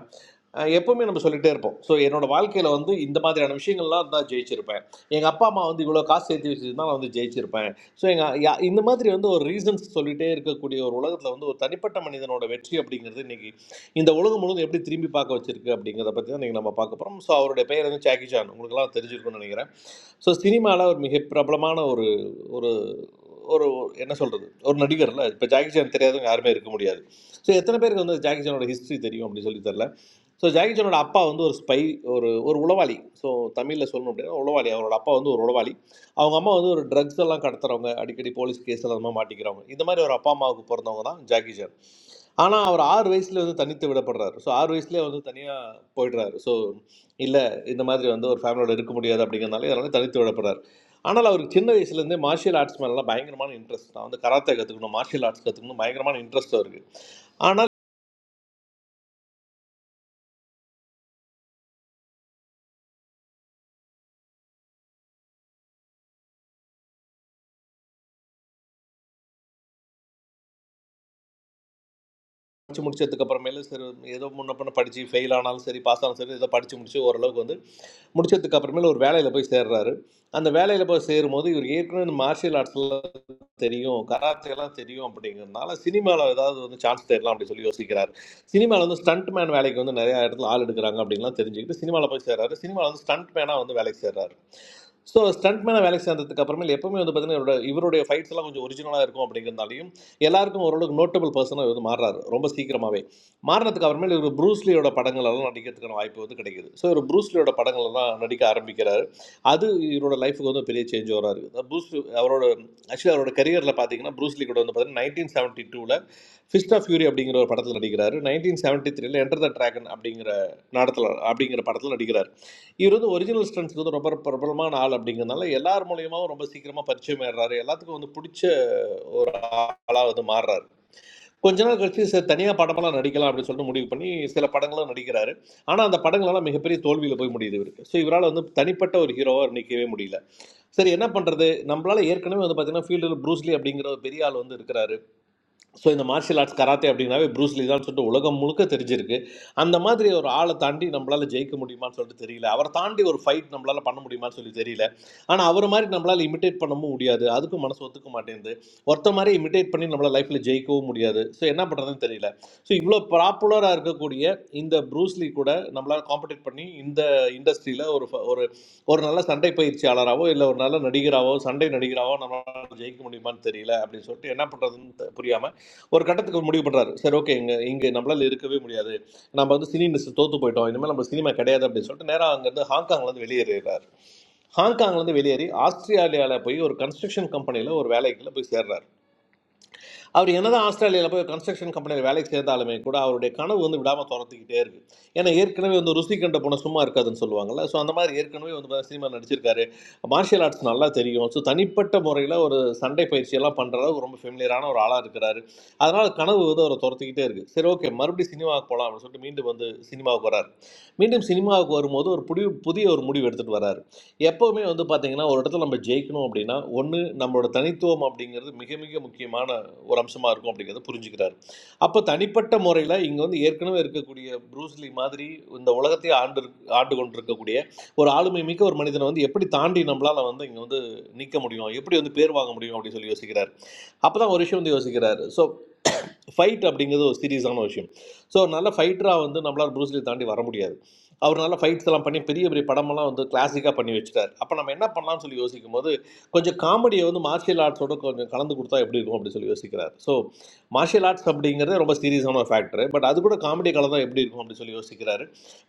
அஹ், எப்பவுமே நம்ம சொல்லிகிட்டே இருப்போம் ஸோ என்னோட வாழ்க்கையில் வந்து இந்த மாதிரியான விஷயங்கள்லாம் இருந்தால் ஜெயிச்சிருப்பேன் எங்கள் அப்பா அம்மா வந்து இவ்வளோ காசு சேர்த்து வச்சுருந்தா நான் வந்து ஜெயிச்சிருப்பேன் ஸோ எங்கள் இந்த மாதிரி வந்து ஒரு ரீசன்ஸ் சொல்லிகிட்டே இருக்கக்கூடிய ஒரு உலகத்தில் வந்து ஒரு தனிப்பட்ட மனிதனோட வெற்றி அப்படிங்கிறது இன்னைக்கு இந்த உலகம் முழுவதும் எப்படி திரும்பி பார்க்க வச்சிருக்கு அப்படிங்கிறத பற்றி தான் நீங்கள் நம்ம பார்க்க போகிறோம் ஸோ அவருடைய பெயர் வந்து ஜாக்கி சான் உங்களுக்குலாம் தெரிஞ்சிருக்கும்னு நினைக்கிறேன் ஸோ சினிமாவில் ஒரு மிக பிரபலமான ஒரு ஒரு ஒரு என்ன சொல்கிறது ஒரு நடிகர்ல இப்போ ஜாக்கி சான் தெரியாதவங்க யாருமே இருக்க முடியாது ஸோ எத்தனை பேருக்கு வந்து ஜாக்கி சானோட ஹிஸ்ட்ரி தெரியும் அப்படின்னு சொல்லி தெரில ஸோ ஜாக்கி சானோட அப்பா வந்து ஒரு ஸ்பை ஒரு ஒரு உளவாளி ஸோ தமிழில் சொல்லணும் அப்படின்னா உளவாளி அவரோட அப்பா வந்து ஒரு உளவாளி அவங்க அம்மா வந்து ஒரு ட்ரக்ஸ் எல்லாம் கடத்துறவங்க அடிக்கடி போலீஸ் கேஸ் எல்லாம் அந்த மாதிரி மாட்டிக்கிறவங்க இந்த மாதிரி ஒரு அப்பா அம்மாவுக்கு பிறந்தவங்க தான் ஜாக்கி சான் ஆனால் அவர் ஆறு வயசுல வந்து தனித்து விடப்படுறாரு ஸோ ஆறு வயசுலேயே வந்து தனியாக போயிடுறாரு ஸோ இல்லை இந்த மாதிரி வந்து ஒரு ஃபேமிலியோட இருக்க முடியாது அப்படிங்கிறனால இதனால தனித்து விடப்படுறாரு ஆனால் அவருக்கு சின்ன வயசுலேருந்தே மார்ஷியல் ஆர்ட்ஸ் மேலாம் பயங்கரமான இன்ட்ரெஸ்ட் நான் வந்து கராத்தே கற்றுக்கணும் மார்ஷியல் ஆர்ட்ஸ் கற்றுக்கணும் பயங்கரமான இன்ட்ரெஸ்ட் அவருக்கு ஆனால் படித்து முடிச்சதுக்கு அப்புறமேல சரி ஏதோ முன்ன பண்ண படித்து ஃபெயில் ஆனாலும் சரி பாஸ் ஆனாலும் சரி ஏதோ படித்து முடிச்சு ஓரளவுக்கு வந்து முடிச்சதுக்கு அப்புறமேல ஒரு வேலையில் போய் சேர்றாரு அந்த வேலையில் போய் சேரும்போது இவர் ஏற்கனவே இந்த மார்ஷியல் ஆர்ட்ஸில் தெரியும் கராத்தேலாம் தெரியும் அப்படிங்கிறதுனால சினிமாவில் ஏதாவது வந்து சான்ஸ் தேடலாம் அப்படின்னு சொல்லி யோசிக்கிறார் சினிமாவில் வந்து ஸ்டண்ட் மேன் வேலைக்கு வந்து நிறையா இடத்துல ஆள் எடுக்கிறாங்க அப்படின்லாம் தெரிஞ்சுக்கிட்டு சினிமாவில் போய் சேர்றாரு சினிமாவில் வந்து ஸ்டண்ட் மேனாக வந்து வேலைக்கு சேர்றாரு ஸோ ஸ்டண்ட் மேனாக வேலைக்கு சேர்ந்ததுக்கு அப்புறமேல் எப்பவுமே வந்து பார்த்தீங்கன்னா இவரோட இவருடைய ஃபைட்ஸ் எல்லாம் கொஞ்சம் ஒரிஜினலாக இருக்கும் அப்படிங்கிறதாலையும் எல்லாருக்கும் ஓரளவுக்கு நோட்டபிள் பர்சனாக வந்து மாறுறாரு ரொம்ப சீக்கிரமாகவே மாறினதுக்கு அப்புறமேல் இவர் ப்ரூஸ்லியோட படங்களெல்லாம் நடிக்கிறதுக்கான வாய்ப்பு வந்து கிடைக்குது ஸோ இவர் ப்ரூஸ்லியோட படங்களெல்லாம் நடிக்க ஆரம்பிக்கிறாரு அது இவரோட லைஃபுக்கு வந்து பெரிய சேஞ்ச் வராரு ப்ரூஸ் அவரோட ஆக்சுவலி அவரோட கரியரில் பார்த்தீங்கன்னா ப்ரூஸ்லி கூட வந்து பார்த்தீங்கன்னா நைன்டீன் செவன்ட்டி டூவில் ஃபிஸ்ட் ஆஃப் ஃபியூரி அப்படிங்கிற ஒரு படத்தில் நடிக்கிறாரு நைன்டீன் செவன்ட்டி த்ரீல என்டர் த ட்ராகன் அப்படிங்கிற நாடத்தில் அப்படிங்கிற படத்தில் நடிக்கிறார் இவர் வந்து ஒரிஜினல் ஸ்டன்ஸ்க்கு வந்து ரொம்ப பிரபலமான ஆள் அப்படிங்கிறதுனால எல்லார் மூலியமாகவும் ரொம்ப சீக்கிரமாக பரிச்சயம் ஏறுறாரு எல்லாத்துக்கும் வந்து பிடிச்ச ஒரு ஆளாக வந்து மாறுறாரு கொஞ்ச நாள் கழிச்சு சார் தனியாக படமெல்லாம் நடிக்கலாம் அப்படின்னு சொல்லிட்டு முடிவு பண்ணி சில படங்களும் நடிக்கிறாரு ஆனால் அந்த படங்களெல்லாம் மிகப்பெரிய தோல்வியில் போய் முடியுது இவருக்கு ஸோ இவரால் வந்து தனிப்பட்ட ஒரு ஹீரோவாக நிற்கவே முடியல சரி என்ன பண்ணுறது நம்மளால ஏற்கனவே வந்து பார்த்தீங்கன்னா ஃபீல்டில் ப்ரூஸ்லி அப்படிங்கிற ஒரு பெரிய ஆள் வந்து இருக்கிறாரு ஸோ இந்த மார்ஷியல் ஆர்ட்ஸ் கராத்தே அப்படின்னாவே ப்ரூஸ்லி தான் சொல்லிட்டு உலகம் முழுக்க தெரிஞ்சிருக்கு அந்த மாதிரி ஒரு ஆளை தாண்டி நம்மளால் ஜெயிக்க முடியுமான்னு சொல்லிட்டு தெரியல அவரை தாண்டி ஒரு ஃபைட் நம்மளால் பண்ண முடியுமான்னு சொல்லி தெரியல ஆனால் அவரை மாதிரி நம்மளால் இமிட்டேட் பண்ணவும் முடியாது அதுக்கும் மனசு ஒத்துக்க மாட்டேங்குது ஒருத்த மாதிரி இமிட்டேட் பண்ணி நம்மளால் லைஃப்பில் ஜெயிக்கவும் முடியாது ஸோ என்ன பண்ணுறதுன்னு தெரியல ஸோ இவ்வளோ பாப்புலராக இருக்கக்கூடிய இந்த ப்ரூஸ்லி கூட நம்மளால் காம்படிட் பண்ணி இந்த இண்டஸ்ட்ரியில் ஒரு ஃப- ஒரு ஒரு நல்ல சண்டை பயிற்சியாளராகவோ இல்லை ஒரு நல்ல நடிகராகவோ சண்டை நடிகராகவோ நம்மளால் ஜெயிக்க முடியுமான்னு தெரியல அப்படின்னு சொல்லிட்டு என்ன பண்ணுறதுன்னு புரியாமல் ஒரு கட்டத்துக்கு முடிவு பண்றாரு சரி ஓகே இங்க இங்க நம்மளால இருக்கவே முடியாது நம்ம வந்து சினி இண்டஸ்ட்ரி தோத்து போயிட்டோம் இனிமேல் நம்ம சினிமா கிடையாது அப்படின்னு சொல்லிட்டு நேரா அங்க இருந்து ஹாங்காங்ல இருந்து வெளியேறாரு ஹாங்காங்ல இருந்து வெளியேறி ஆஸ்திரேலியால போய் ஒரு கன்ஸ்ட்ரக்ஷன் கம்பெனில ஒரு வேலைக்குள்ள போய் சேர்றாரு அவர் என்னதான் ஆஸ்திரேலியாவில் போய் கன்ஸ்ட்ரக்ஷன் கம்பெனியில் வேலைக்கு சேர்ந்தாலுமே கூட அவருடைய கனவு வந்து விடாமல் துரத்துக்கிட்டே இருக்கு ஏன்னா ஏற்கனவே வந்து ருசி கண்ட போன சும்மா இருக்காதுன்னு சொல்லுவாங்கல்ல ஸோ அந்த மாதிரி ஏற்கனவே வந்து சினிமா நடிச்சிருக்காரு மார்ஷியல் ஆர்ட்ஸ் நல்லா தெரியும் ஸோ தனிப்பட்ட முறையில் ஒரு சண்டை பயிற்சியெல்லாம் பண்ணுற அளவுக்கு ரொம்ப ஃபெமிலியரான ஒரு ஆளாக இருக்கிறாரு அதனால் கனவு வந்து அவரை துரத்துக்கிட்டே இருக்கு சரி ஓகே மறுபடியும் சினிமாவுக்கு போகலாம் அப்படின்னு சொல்லிட்டு மீண்டும் வந்து சினிமாவுக்கு வராரு மீண்டும் சினிமாவுக்கு வரும்போது ஒரு புடி புதிய ஒரு முடிவு எடுத்துகிட்டு வராரு எப்போவுமே வந்து பார்த்தீங்கன்னா ஒரு இடத்துல நம்ம ஜெயிக்கணும் அப்படின்னா ஒன்று நம்மளோட தனித்துவம் அப்படிங்கிறது மிக மிக முக்கியமான ஒரு அம்சமாக இருக்கும் அப்படிங்கிறத புரிஞ்சுக்கிறாரு அப்போ தனிப்பட்ட முறையில் இங்கே வந்து ஏற்கனவே இருக்கக்கூடிய ப்ரூஸ்லி மாதிரி இந்த உலகத்தையே ஆண்டு ஆண்டு கொண்டு இருக்கக்கூடிய ஒரு ஆளுமை மிக்க ஒரு மனிதனை வந்து எப்படி தாண்டி நம்மளால் வந்து இங்கே வந்து நிற்க முடியும் எப்படி வந்து பேர் வாங்க முடியும் அப்படின்னு சொல்லி யோசிக்கிறார் அப்போ தான் ஒரு விஷயம் வந்து யோசிக்கிறார் ஸோ ஃபைட் அப்படிங்கிறது ஒரு சீரியஸான விஷயம் ஸோ நல்ல ஃபைட்டராக வந்து நம்மளால் ப்ரூஸ்லி தாண்டி வர முடியாது அவர் நல்ல ஃபைட்ஸ் எல்லாம் பண்ணி பெரிய பெரிய படமெல்லாம் வந்து கிளாசிக்காக பண்ணி வச்சுட்டார் அப்போ நம்ம என்ன பண்ணலாம்னு சொல்லி யோசிக்கும் போது கொஞ்சம் காமெடியை வந்து மார்ஷியல் ஆர்ட்ஸோட கொஞ்சம் கலந்து கொடுத்தா எப்படி இருக்கும் அப்படின்னு சொல்லி யோசிக்கிறார் ஸோ மார்ஷியல் ஆர்ட்ஸ் அப்படிங்கிறது ரொம்ப சீரியஸான ஃபேக்டர் பட் அது கூட காமெடி கலந்தா எப்படி இருக்கும் அப்படின்னு சொல்லி யோசிக்கிறாரு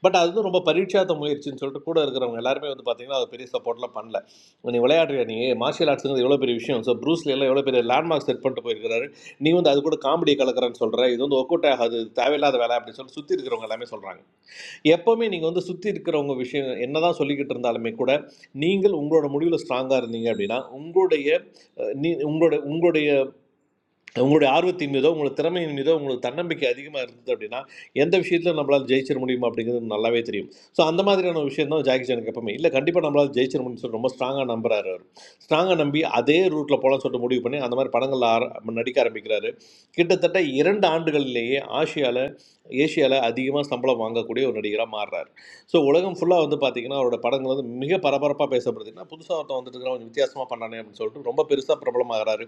பட் அது வந்து ரொம்ப பரீட்சாத்த முயற்சின்னு சொல்லிட்டு கூட இருக்கிறவங்க எல்லாருமே வந்து பார்த்தீங்கன்னா அது பெரிய சப்போர்ட்லாம் பண்ணல நீ விளையாடுறியா நீ மார்ஷியல் ஆர்ட்ஸுங்கிறது எவ்வளோ பெரிய விஷயம் ஸோ ப்ரூஸ்ல எல்லாம் எவ்வளோ பெரிய லேண்ட்மார்க் செட் பண்ணிட்டு போயிருக்கிறாரு நீ வந்து அது கூட காமெடி கலக்கிறேன்னு சொல்கிற இது வந்து ஒக்கோட்டை ஆகாது தேவையில்லாத வேலை அப்படின்னு சொல்லி சுற்றி இருக்கிறவங்க எல்லாமே சொல்கிறாங்க எப்போவுமே நீங்கள் வந்து சுற்றி இருக்கிறவங்க விஷயம் என்னதான் சொல்லிக்கிட்டு இருந்தாலுமே கூட நீங்கள் உங்களோட முடிவில் ஸ்ட்ராங்காக இருந்தீங்க அப்படின்னா உங்களுடைய அஹ், நீ உங்களோட உங்களுடைய உங்களுடைய ஆர்வத்தின் மீதோ உங்களோட திறமையின் மீதோ உங்களுக்கு தன்னம்பிக்கை அதிகமாக இருந்தது அப்படின்னா எந்த விஷயத்தில் நம்மளால் ஜெயிச்சிட முடியுமா அப்படிங்கிறது நல்லாவே தெரியும் ஸோ அந்த மாதிரியான ஒரு விஷயம் தான் ஜாக்கி சானுக்கு எப்பவுமே இல்லை கண்டிப்பாக நம்மளால் ஜெயிச்சிட முடியும்னு சொல்லி ரொம்ப ஸ்ட்ராங்காக நம்புறாரு அவர் ஸ்ட்ராங்காக நம்பி அதே ரூட்டில் போகலாம்னு சொல்லிட்டு முடிவு பண்ணி அந்த மாதிரி படங்களில் ஆர நடிக்க ஆரம்பிக்கிறாரு கிட்டத்தட்ட இரண்டு ஆண்டுகளிலேயே ஆசியாவில் ஏசியாவில் அதிகமாக சம்பளம் வாங்கக்கூடிய ஒரு நடிகராக மாறுறாரு ஸோ உலகம் ஃபுல்லாக வந்து பார்த்தீங்கன்னா அவரோட படங்கள் வந்து மிக பரபரப்பாக பேசப்படுதுன்னா புதுசாக ஒருத்தன் வந்துட்டு இருக்கிறான், கொஞ்சம் வித்தியாசமாக பண்ணானே அப்படின்னு சொல்லிட்டு ரொம்ப பெருசாக பிரபலமாகிறாரு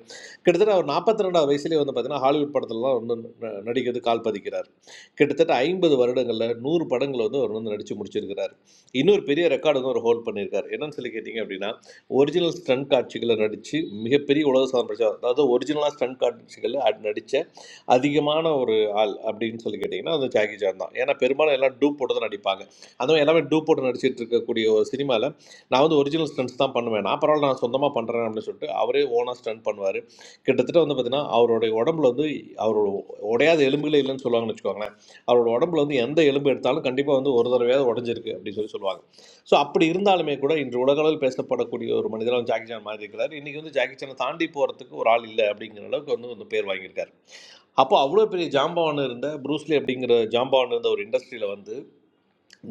கிட்டத்தட்ட அவர் நாற்பத்தி ரெண்டாவது வயசுலேயே வந்து பார்த்தீங்கன்னா ஹாலிவுட் படத்துலலாம் வந்து ந- நடிக்கிறது கால் பதிக்கிறார் கிட்டத்தட்ட ஐம்பது வருடங்களில் நூறு படங்கள் வந்து அவர் வந்து நடித்து முடிச்சிருக்கிறார் இன்னொரு பெரிய ரெக்கார்டு வந்து அவர் ஹோல்ட் பண்ணியிருக்கார் என்னன்னு சொல்லி கேட்டிங்க அப்படின்னா ஒரிஜினல் ஸ்டண்ட் காட்சிகளை நடித்து மிகப்பெரிய உலக சாதனை படைச்ச அதாவது ஒரிஜினலாக ஸ்டண்ட் காட்சிகளில் நடித்த அதிகமான ஒரு ஆள் அப்படின்னு சொல்லி கேட்டிங்கன்னா அது ஜாக்கி ஜான் தான் ஏன்னா பெரும்பாலும் எல்லாம் டூப் போட்டு தான் நடிப்பாங்க அதுவும் எல்லாமே டூப் போட்டு நடிச்சிட்டு இருக்கக்கூடிய ஒரு சினிமாவில் நான் வந்து ஒரிஜினல் ஸ்டண்ட்ஸ் தான் பண்ணுவேன் நான் பரவாயில்ல நான் சொந்தமாக பண்ணுறேன் அப்படின்னு சொல்லிட்டு அவரே ஓனாக ஸ்டண்ட் பண்ணுவார் கிட்டத்தட்ட வந்து பார்த்தீங்கன்னா அவருடைய உடம்புல வந்து அவரோட உடையாத எலும்புகளே இல்லைன்னு சொல்லுவாங்கன்னு வச்சுக்கோங்களேன் அவரோட உடம்புல வந்து எந்த எலும்பு எடுத்தாலும் கண்டிப்பாக வந்து ஒரு தடவையாவது உடஞ்சிருக்கு அப்படின்னு சொல்லி சொல்லுவாங்க ஸோ அப்படி இருந்தாலுமே கூட இன்று உலகளவில் பேசப்படக்கூடிய ஒரு மனிதராக ஜாக்கி சான் மாதிரி இருக்கிறார் இன்றைக்கி வந்து ஜாக்கி சானை தாண்டி போகிறதுக்கு ஒரு ஆள் இல்லை அப்படிங்கிற அளவுக்கு வந்து வந்து பேர் வாங்கியிருக்காரு அப்போ அவ்வளோ பெரிய ஜாம்பவான் இருந்த ப்ரூஸ்லி அப்படிங்கிற ஜாம்பவான் இருந்த ஒரு இண்டஸ்ட்ரியில் வந்து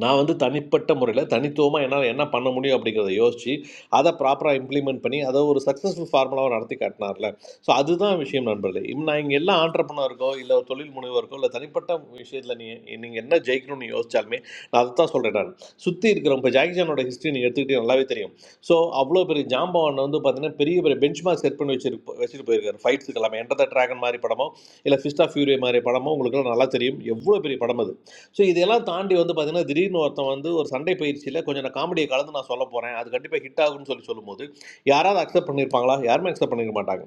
நான் வந்து தனிப்பட்ட முறையில் தனித்துவமாக என்னால் என்ன பண்ண முடியும் அப்படிங்கிறத யோசித்து அதை ப்ராப்பராக இம்ப்ளிமெண்ட் பண்ணி அதை ஒரு சக்ஸஸ்ஃபுல் ஃபார்முலாவை நடத்தி காட்டினார்ல ஸோ அதுதான் விஷயம் நண்பர்களே இவ் நான் இங்கே எல்லாம் ஆண்டர்பனருக்கோ இல்லை ஒரு தொழில் முனைவருக்கோ இல்லை தனிப்பட்ட விஷயத்தில் நீ நீங்கள் என்ன ஜெயிக்கணும்னு யோசிச்சாலுமே நான் அதை தான் சொல்கிறேன் நான் சுற்றி இருக்கிற இப்போ ஜாக்சனோட ஹிஸ்ட்ரி நீங்கள் எடுத்துக்கிட்டே நல்லாவே தெரியும் ஸோ அவ்வளோ பெரிய ஜாம்பவன் வந்து பார்த்தீங்கன்னா பெரிய பெரிய பெஞ்ச் மார்க் செட் பண்ணி வச்சிருக்கு வச்சுட்டு போயிருக்காரு ஃபைட்ஸுக்கு எல்லாமே என்டர் த ட்ராகன் மாதிரி படமோ இல்லை ஃபிஸ்ட் ஆஃப் ஃபியூரி மாதிரி படமோ உங்களுக்கு நல்லா தெரியும் எவ்வளோ பெரிய படம் அது ஸோ இதெல்லாம் தாண்டி வந்து பார்த்தீங்கன்னா திடீர்னு ஒருத்தன் வந்து ஒரு சண்டை பயிற்சியில் கொஞ்சம் நான் காமெடியை கலந்து நான் சொல்ல போகிறேன் அது கண்டிப்பாக ஹிட் ஆகும்னு சொல்லி சொல்லும்போது யாராவது அக்செப்ட் பண்ணியிருப்பாங்களா யாருமே அக்செப்ட் பண்ணிக்க மாட்டாங்க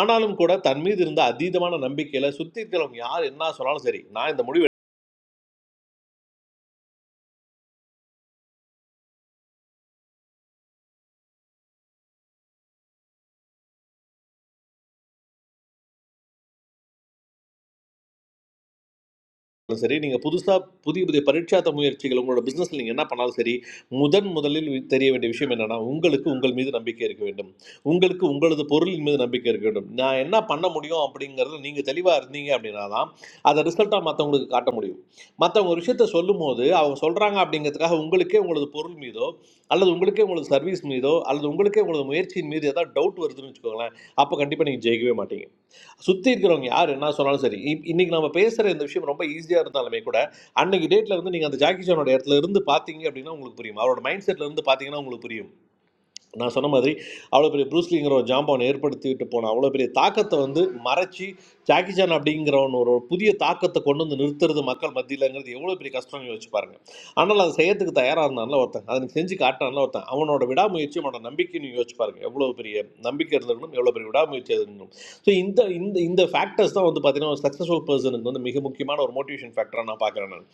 ஆனாலும் கூட தன் மீது இருந்த அதீதமான நம்பிக்கையில் சுற்றி இருக்கிறவங்க யார் என்ன சொன்னாலும் சரி நான் இந்த முடிவு பண்ணாலும் சரி நீங்கள் புதுசாக புதிய புதிய பரீட்சாத்த முயற்சிகள் உங்களோட பிஸ்னஸில் நீங்கள் என்ன பண்ணாலும் சரி முதன் முதலில் வி- தெரிய வேண்டிய விஷயம் என்னன்னா உங்களுக்கு உங்கள் மீது நம்பிக்கை இருக்க வேண்டும் உங்களுக்கு உங்களது பொருளின் மீது நம்பிக்கை இருக்க வேண்டும் நான் என்ன பண்ண முடியும் அப்படிங்கிறது நீங்கள் தெளிவாக இருந்தீங்க அப்படின்னா தான் அதை ரிசல்ட்டாக மற்றவங்களுக்கு காட்ட முடியும் மற்றவங்க ஒரு விஷயத்த சொல்லும்போது அவங்க சொல்கிறாங்க அப்படிங்கிறதுக்காக உங்களுக்கே உங்களது பொருள் மீதோ அல்லது உங்களுக்கே உங்களது சர்வீஸ் மீதோ அல்லது உங்களுக்கே உங்களது முயற்சியின் மீது ஏதாவது டவுட் வருதுன்னு வச்சுக்கோங்களேன் அப்போ கண்டிப்பாக நீங்கள் ஜெயிக்கவே மாட்டீங்க சுற்றி இருக்கிறவங்க யார் என்ன சொன்னாலும் சரி இப்- இன்னைக்கு நம்ம பேசுகிற இந்த விஷயம் ரொம்ப ஈஸியாக இருந்தாலுமே கூட அன்னைக்கு டேட்டில் வந்து நீங்கள் அந்த ஜாக்கி சானோட இடத்துல இருந்து பார்த்தீங்க அப்படின்னா உங்களுக்கு புரியும் அவரோட மைண்ட் செட்டில் இருந்து பார்த்தீங்கன்னா உங்களுக்கு புரியும் நான் சொன்ன மாதிரி அவ்வளோ பெரிய ப்ரூஸ்லிங்கிற ஒரு ஜாம்பவன் ஏற்படுத்திவிட்டு போன அவ்வளோ பெரிய தாக்கத்தை வந்து மறைச்சி ஜாக்கி சான் அப்படிங்கிறவன் ஒரு ஒரு புதிய தாக்கத்தை கொண்டு வந்து நிறுத்துறது மக்கள் மத்தியிலங்கிறது எவ்வளோ பெரிய கஷ்டம் யோசிச்சு பாருங்க ஆனால் அதை செய்யறதுக்கு தயாராக இருந்தான்ல ஒருத்தன் அதை நீ செஞ்சு காட்டான்ல ஒருத்தன் அவனோட விடாமுயற்சி அவனோட நம்பிக்கை நீ யோசிச்சு பாருங்க எவ்வளோ பெரிய நம்பிக்கை இருந்திருக்கணும் எவ்வளோ பெரிய விடாமுயற்சி இருந்திருக்கணும் ஸோ இந்த இந்த இந்த ஃபேக்டர்ஸ் தான் வந்து பார்த்தீங்கன்னா ஒரு சக்ஸஸ்ஃபுல் பர்சனுக்கு வந்து மிக முக்கியமான ஒரு மோட்டிவேஷன் ஃபேக்டராக நான் பார்க்குறேன் நான்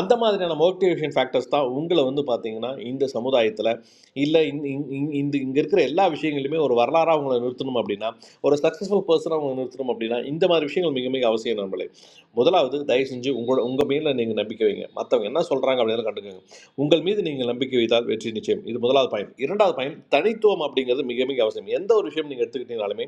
அந்த மாதிரியான மோட்டிவேஷன் ஃபேக்டர்ஸ் தான் உங்களை வந்து பார்த்தீங்கன்னா இந்த சமுதாயத்தில் இல்லை இந்த இந்த இங்கே இருக்கிற எல்லா விஷயங்களையுமே ஒரு வரலாறாக அவங்கள நிறுத்தணும் அப்படின்னா ஒரு சக்ஸஸ்ஃபுல் பர்சனாக அவங்களை நிறுத்தணும் அப்படின்னா இந்த மாதிரி விஷயங்கள் மிக மிக அவசியம் நம்மளே முதலாவது தயவு செஞ்சு உங்களோட உங்கள் மேலே நீங்கள் நம்பிக்கை வைங்க மற்றவங்க என்ன சொல்கிறாங்க அப்படின்னு கண்டுக்கோங்க உங்கள் மீது நீங்கள் நம்பிக்கை வைத்தால் வெற்றி நிச்சயம் இது முதலாவது பாயிண்ட் இரண்டாவது பாயிண்ட் தனித்துவம் அப்படிங்கிறது மிக மிக அவசியம் எந்த ஒரு விஷயம் நீங்கள் எடுத்துக்கிட்டீங்கனாலுமே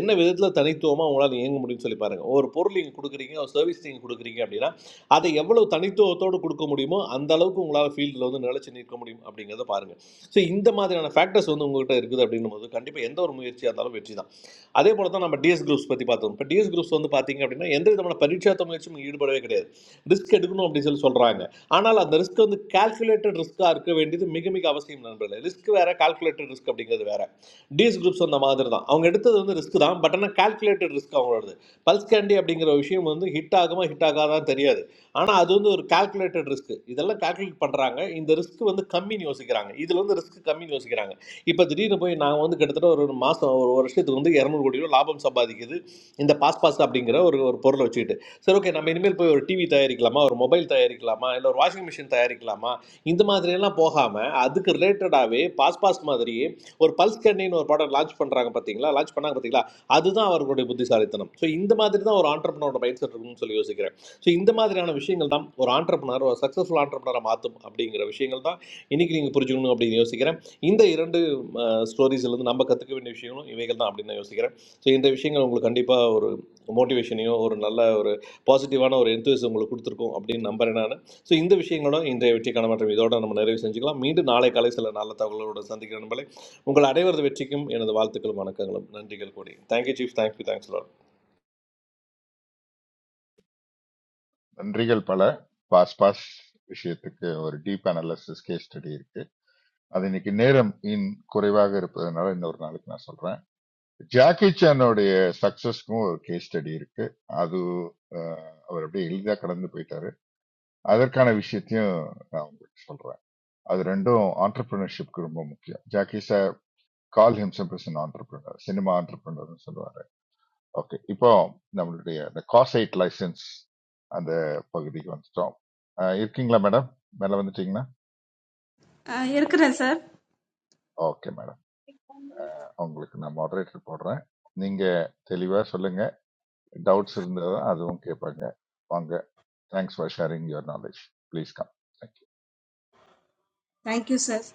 என்ன விதத்தில் தனித்துவமாக உங்களால் இயங்க முடியும்னு சொல்லி பாருங்கள் ஒரு பொருள் நீங்கள் கொடுக்குறீங்க ஒரு சர்வீஸ் நீங்கள் கொடுக்குறீங்க அப்படின்னா அதை எவ்வளவு தனித்துவத்தோடு கொடுக்க முடியுமோ அந்த அளவுக்கு உங்களால் ஃபீல்டில் வந்து நிலைச்சு நிற்க முடியும் அப்படிங்கிறத பாருங்கள் ஸோ இந்த மாதிரியான ஃபேக்டர்ஸ் வந்து உங்ககிட்ட இருக்குது அப்படின்னும் போது கண்டிப்பாக எந்த ஒரு முயற்சியாக இருந்தாலும் வெற்றி தான் அதே போல தான் நம்ம டிஎஸ் குரூப்ஸ் பற்றி பார்த்தோம் இப்போ டிஎஸ் குரூப்ஸ் வந்து பார்த்தீங்க அப்படின்னா எந்த விதமான பரீட்சாத்த முயற்சியும் ஈடுபடவே கிடையாது ரிஸ்க் எடுக்கணும் அப்படின்னு சொல்லி சொல்கிறாங்க ஆனால் அந்த ரிஸ்க் வந்து கால்குலேட்டட் ரிஸ்க்காக இருக்க வேண்டியது மிக மிக அவசியம் நண்பர்களே ரிஸ்க் வேற கால்குலேட்டட் ரிஸ்க் அப்படிங்கிறது வேற டிஎஸ் குரூப்ஸ் அந்த மாதிரி தான் அவங்க எடுத்தது வந்து ரிஸ்க் தான் பட் ஆனால் கால்குலேட்டட் ரிஸ்க் அவங்களோடது பல்ஸ் கேண்டி அப்படிங்கிற விஷயம் வந்து ஹிட் ஆகுமா ஹிட் ஆகாதான் தெரியாது ஆனால் அது வந்து ஒரு கால்குலேட்டட் ரிஸ்க் இதெல்லாம் கால்குலேட் பண்ணுறாங்க இந்த ரிஸ்க் வந்து கம்மின்னு யோசிக்கிறாங்க இதில் வந்து ரிஸ்க் கம்மின்னு யோசிக்கிறாங்க இப்போ திடீர்னு போய் நாங்கள் வந்து கிட்டத்தட்ட ஒரு ஒரு மாதம் ஒரு வருஷத்துக்கு வந்து இரநூறு கோடி ரூபா லாபம் சம்பாதிக்குது இந்த பாஸ் பாஸ் அப்படிங்கிற ஒரு ஒரு பொருளை வச்சுக்கிட்டு சரி ஓகே நம்ம இனிமேல் போய் ஒரு டிவி தயாரிக்கலாமா ஒரு மொபைல் தயாரிக்கலாமா இல்லை ஒரு வாஷிங் மிஷின் தயாரிக்கலாமா இந்த மாதிரியெல்லாம் போகாமல் அதுக்கு ரிலேட்டடாகவே பாஸ் பாஸ் மாதிரியே ஒரு பல்ஸ் கண்ணின்னு ஒரு படம் லான்ச் பண்ணுறாங்க பார்த்தீங்களா லான்ச் பண்ணாங்க பார்த்தீங்களா அதுதான் அவர்களுடைய புத்திசாலித்தனம் ஸோ இந்த மாதிரி தான் ஒரு ஆண்டர்பனோட மைண்ட் செட் இருக்கும்னு சொல்லி யோசிக்கிறேன் ஸோ இந்த மாதிரியான விஷயங்கள் தான் ஒரு ஆண்டர்பனர் ஒரு சக்ஸஸ்ஃபுல் ஆண்டர்பனரை மாற்றும் அப்படிங்கிற விஷயங்கள் தான் இன்னைக்கு நீங்கள் புரிஞ்சுக்கணும் அப்படின்னு யோசிக்கிறேன் இந்த இரண்டு ஸ்டோரிஸ்லேருந்து நம்ம கற்றுக்க வேண்டிய விஷயங்களும் இவைகள் தான் அப்படின்னு நான் யோசிக்கிறேன் ஸோ இந்த விஷயங்கள் உங்களுக்கு கண்டிப்பாக ஒரு மோட்டிவேஷனையும் ஒரு நல்ல ஒரு பாசிட்டிவான ஒரு எந்தூஸ் உங்களுக்கு கொடுத்துருக்கோம் அப்படின்னு நம்புறேன் நான் ஸோ இந்த விஷயங்களோட இன்றைய வெற்றிக்கான மாற்றம் இதோட நம்ம நிறைவு செஞ்சுக்கலாம் மீண்டும் நாளை காலை சில நல்ல தகவலோட சந்திக்கிற நம்பளை உங்கள் அனைவரது வெற்றிக்கும் எனது வாழ்த்துக்களும் வணக்கங்களும் நன்றிகள் கூடி தேங்க்யூ சீஃப் தேங்க்யூ தேங்க்ஸ் நன்றிகள் பல பாஸ் பாஸ் விஷயத்துக்கு ஒரு டீப் அனாலிசிஸ் கேஸ் ஸ்டடி இருக்கு அது இன்னைக்கு நேரம் இன் குறைவாக இருப்பதனால இன்னொரு நாளைக்கு நான் சொல்றேன் ஜாக்கி சானோடைய சக்சஸ்க்கும் ஒரு கேஸ் ஸ்டடி இருக்கு அது அஹ், அவர் அப்படியே எளிதா கடந்து போயிட்டாரு அதற்கான விஷயத்தையும் நான் உங்களுக்கு சொல்றேன் அது ரெண்டும் ஆண்டர்பிரினர்ஷிப்க்கு ரொம்ப முக்கியம் Jackie sir call himself as an entrepreneur cinema entrepreneur சொல்லுவார் ஓகே இப்போ நம்மளுடைய இந்த காசைட் லைசன்ஸ் அந்த பகுதிக்கு வந்துட்டோம் அஹ் இருக்கீங்களா மேடம் மேலே வந்துட்டீங்களா Uh, இருக்கிறேன் சார் ஓகே மேடம் அவங்களுக்கு நான் மாடரேட்டர் போடுறேன் நீங்க தெளிவா சொல்லுங்க டவுட்ஸ் இருந்தால் தான் அதுவும் கேட்பாங்க வாங்க thanks for sharing your knowledge please come thank you thank you sir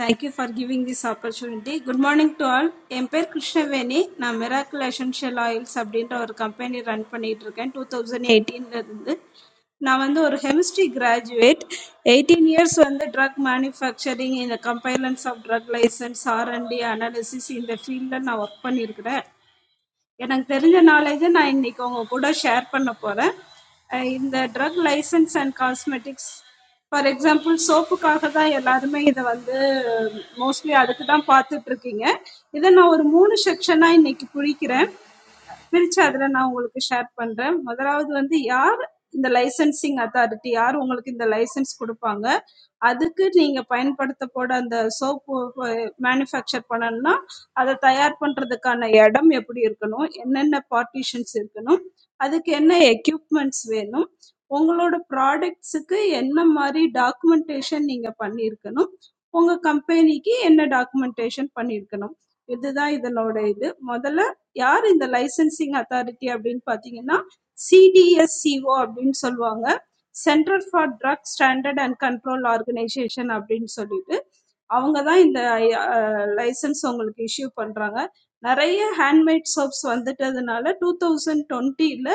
thank you for giving this opportunity good morning to all என் பேர் கிருஷ்ணவேணி நான் மிராக்கிள் எசென்ஷியல் ஆயில்ஸ் அப்படின்ற ஒரு கம்பெனி ரன் பண்ணிட்டு இருக்கேன் டூ தௌசண்ட் எயிட்டீன்ல இருந்து நான் வந்து ஒரு ஹெமிஸ்ட்ரி கிராஜுவேட் எயிட்டீன் இயர்ஸ் வந்து ட்ரக் மேனுஃபேக்சரிங் இந்த compliance of drug license R and D analysis இந்த ஃபீல்டில் நான் ஒர்க் பண்ணியிருக்கிறேன் எனக்கு தெரிஞ்ச நாலேஜை நான் இன்னைக்கு உங்க கூட ஷேர் பண்ண போறேன் அஹ் இந்த drug license and cosmetics for example சோப்புக்காக தான் எல்லாருமே இதை வந்து மோஸ்ட்லி அதுக்கு தான் பார்த்துட்டு இருக்கீங்க இதை நான் ஒரு மூணு செக்ஷனாக இன்னைக்கு பிரிக்கிறேன் பிரிச்சு அதுல நான் உங்களுக்கு ஷேர் பண்றேன் முதலாவது வந்து யார் இந்த லைசென்சிங் அத்தாரிட்டி யார் உங்களுக்கு இந்த லைசென்ஸ் கொடுப்பாங்க அதுக்கு நீங்க பயன்படுத்த போட அந்த சோப்பு மேனுஃபேக்சர் பண்ணணும்னா அதை தயார் பண்றதுக்கான இடம் எப்படி இருக்கணும் என்னென்ன பார்ட்டிஷன்ஸ் இருக்கணும் அதுக்கு என்ன எக்யூப்மெண்ட்ஸ் வேணும் உங்களோட ப்ராடக்ட்ஸுக்கு என்ன மாதிரி டாக்குமெண்டேஷன் நீங்க பண்ணியிருக்கணும் உங்க கம்பெனிக்கு என்ன டாக்குமெண்டேஷன் பண்ணியிருக்கணும் இதுதான் இதனோட இது முதல்ல யார் இந்த லைசென்சிங் அத்தாரிட்டி அப்படின்னு பார்த்தீங்கன்னா சிடிஎஸ்சிஓ அப்படின்னு சொல்லுவாங்க centre for drug standard and control organisation அப்படின்னு சொல்லிட்டு அவங்க தான் இந்த லைசன்ஸ் உங்களுக்கு இஷ்யூ பண்றாங்க நிறைய ஹேண்ட்மேட் சோப்ஸ் வந்துட்டதுனால டூ தௌசண்ட் டுவெண்ட்டியில்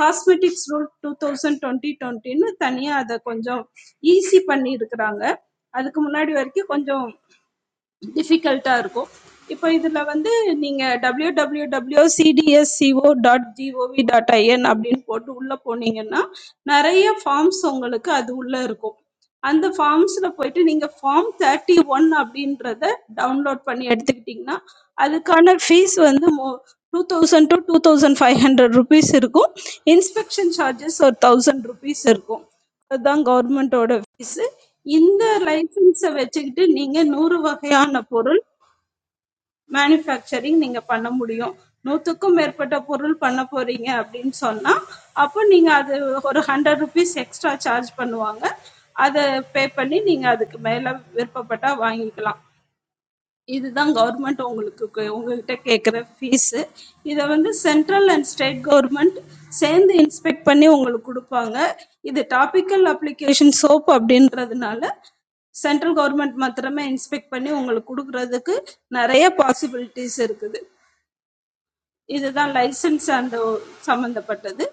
cosmetics rule two thousand twenty டுவெண்ட்டின்னு தனியாக அதை கொஞ்சம் ஈஸி பண்ணி இருக்கிறாங்க. அதுக்கு முன்னாடி வரைக்கும் கொஞ்சம் டிஃபிகல்ட்டா இருக்கும். இப்போ இதுல வந்து நீங்க www.cdsco.gov.in அப்படின்னு போட்டு உள்ள போனீங்கன்னா, நெறைய ஃபார்ம்ஸ் உங்களுக்கு அது உள்ள இருக்கும். அந்த ஃபார்ம்ஸ்ல போயிட்டு நீங்க ஃபார்ம் 31 அப்படின்றத டவுன்லோட் பண்ணி எடுத்துக்கிட்டீங்கன்னா, அதுக்கான ஃபீஸ் வந்து மோ 2000 to 2500 ரூபீஸ் இருக்கும். இன்ஸ்பெக்ஷன் சார்ஜஸ் ஒரு 1000 ரூபீஸ் இருக்கும். அதுதான் கவர்மெண்ட்டோட லைசன்ஸ் இந்த லைசன்ஸை வச்சுக்கிட்டு நீங்க நூறு வகையான பொருள் மேனுஃபேக்சரிங் நீங்க பண்ண முடியும் நூத்துக்கும் மேற்பட்ட பொருள் பண்ண போறீங்க அப்படின்னு சொன்னா அப்போ நீங்க அது ஒரு ஹண்ட்ரட் ருபீஸ் எக்ஸ்ட்ரா சார்ஜ் பண்ணுவாங்க அதை பே பண்ணி நீங்க அதுக்கு மேல விருப்பப்பட்டா வாங்கிக்கலாம் இதுதான் கவர்மெண்ட் உங்களுக்கு கு- உங்ககிட்ட கேட்குற ஃபீஸு இதை வந்து சென்ட்ரல் அண்ட் ஸ்டேட் கவர்மெண்ட் சேர்ந்து இன்ஸ்பெக்ட் பண்ணி உங்களுக்கு கொடுப்பாங்க இது டாபிக்கல் அப்ளிகேஷன் சோப் அப்படின்றதுனால சென்ட்ரல் கவர்மெண்ட் மாத்திரமே இன்ஸ்பெக்ட் பண்ணி உங்களுக்கு கொடுக்கறதுக்கு நிறைய பாசிபிலிட்டிஸ் இருக்குது இதுதான் லைசன்ஸ் அந்த சம்பந்தப்பட்டது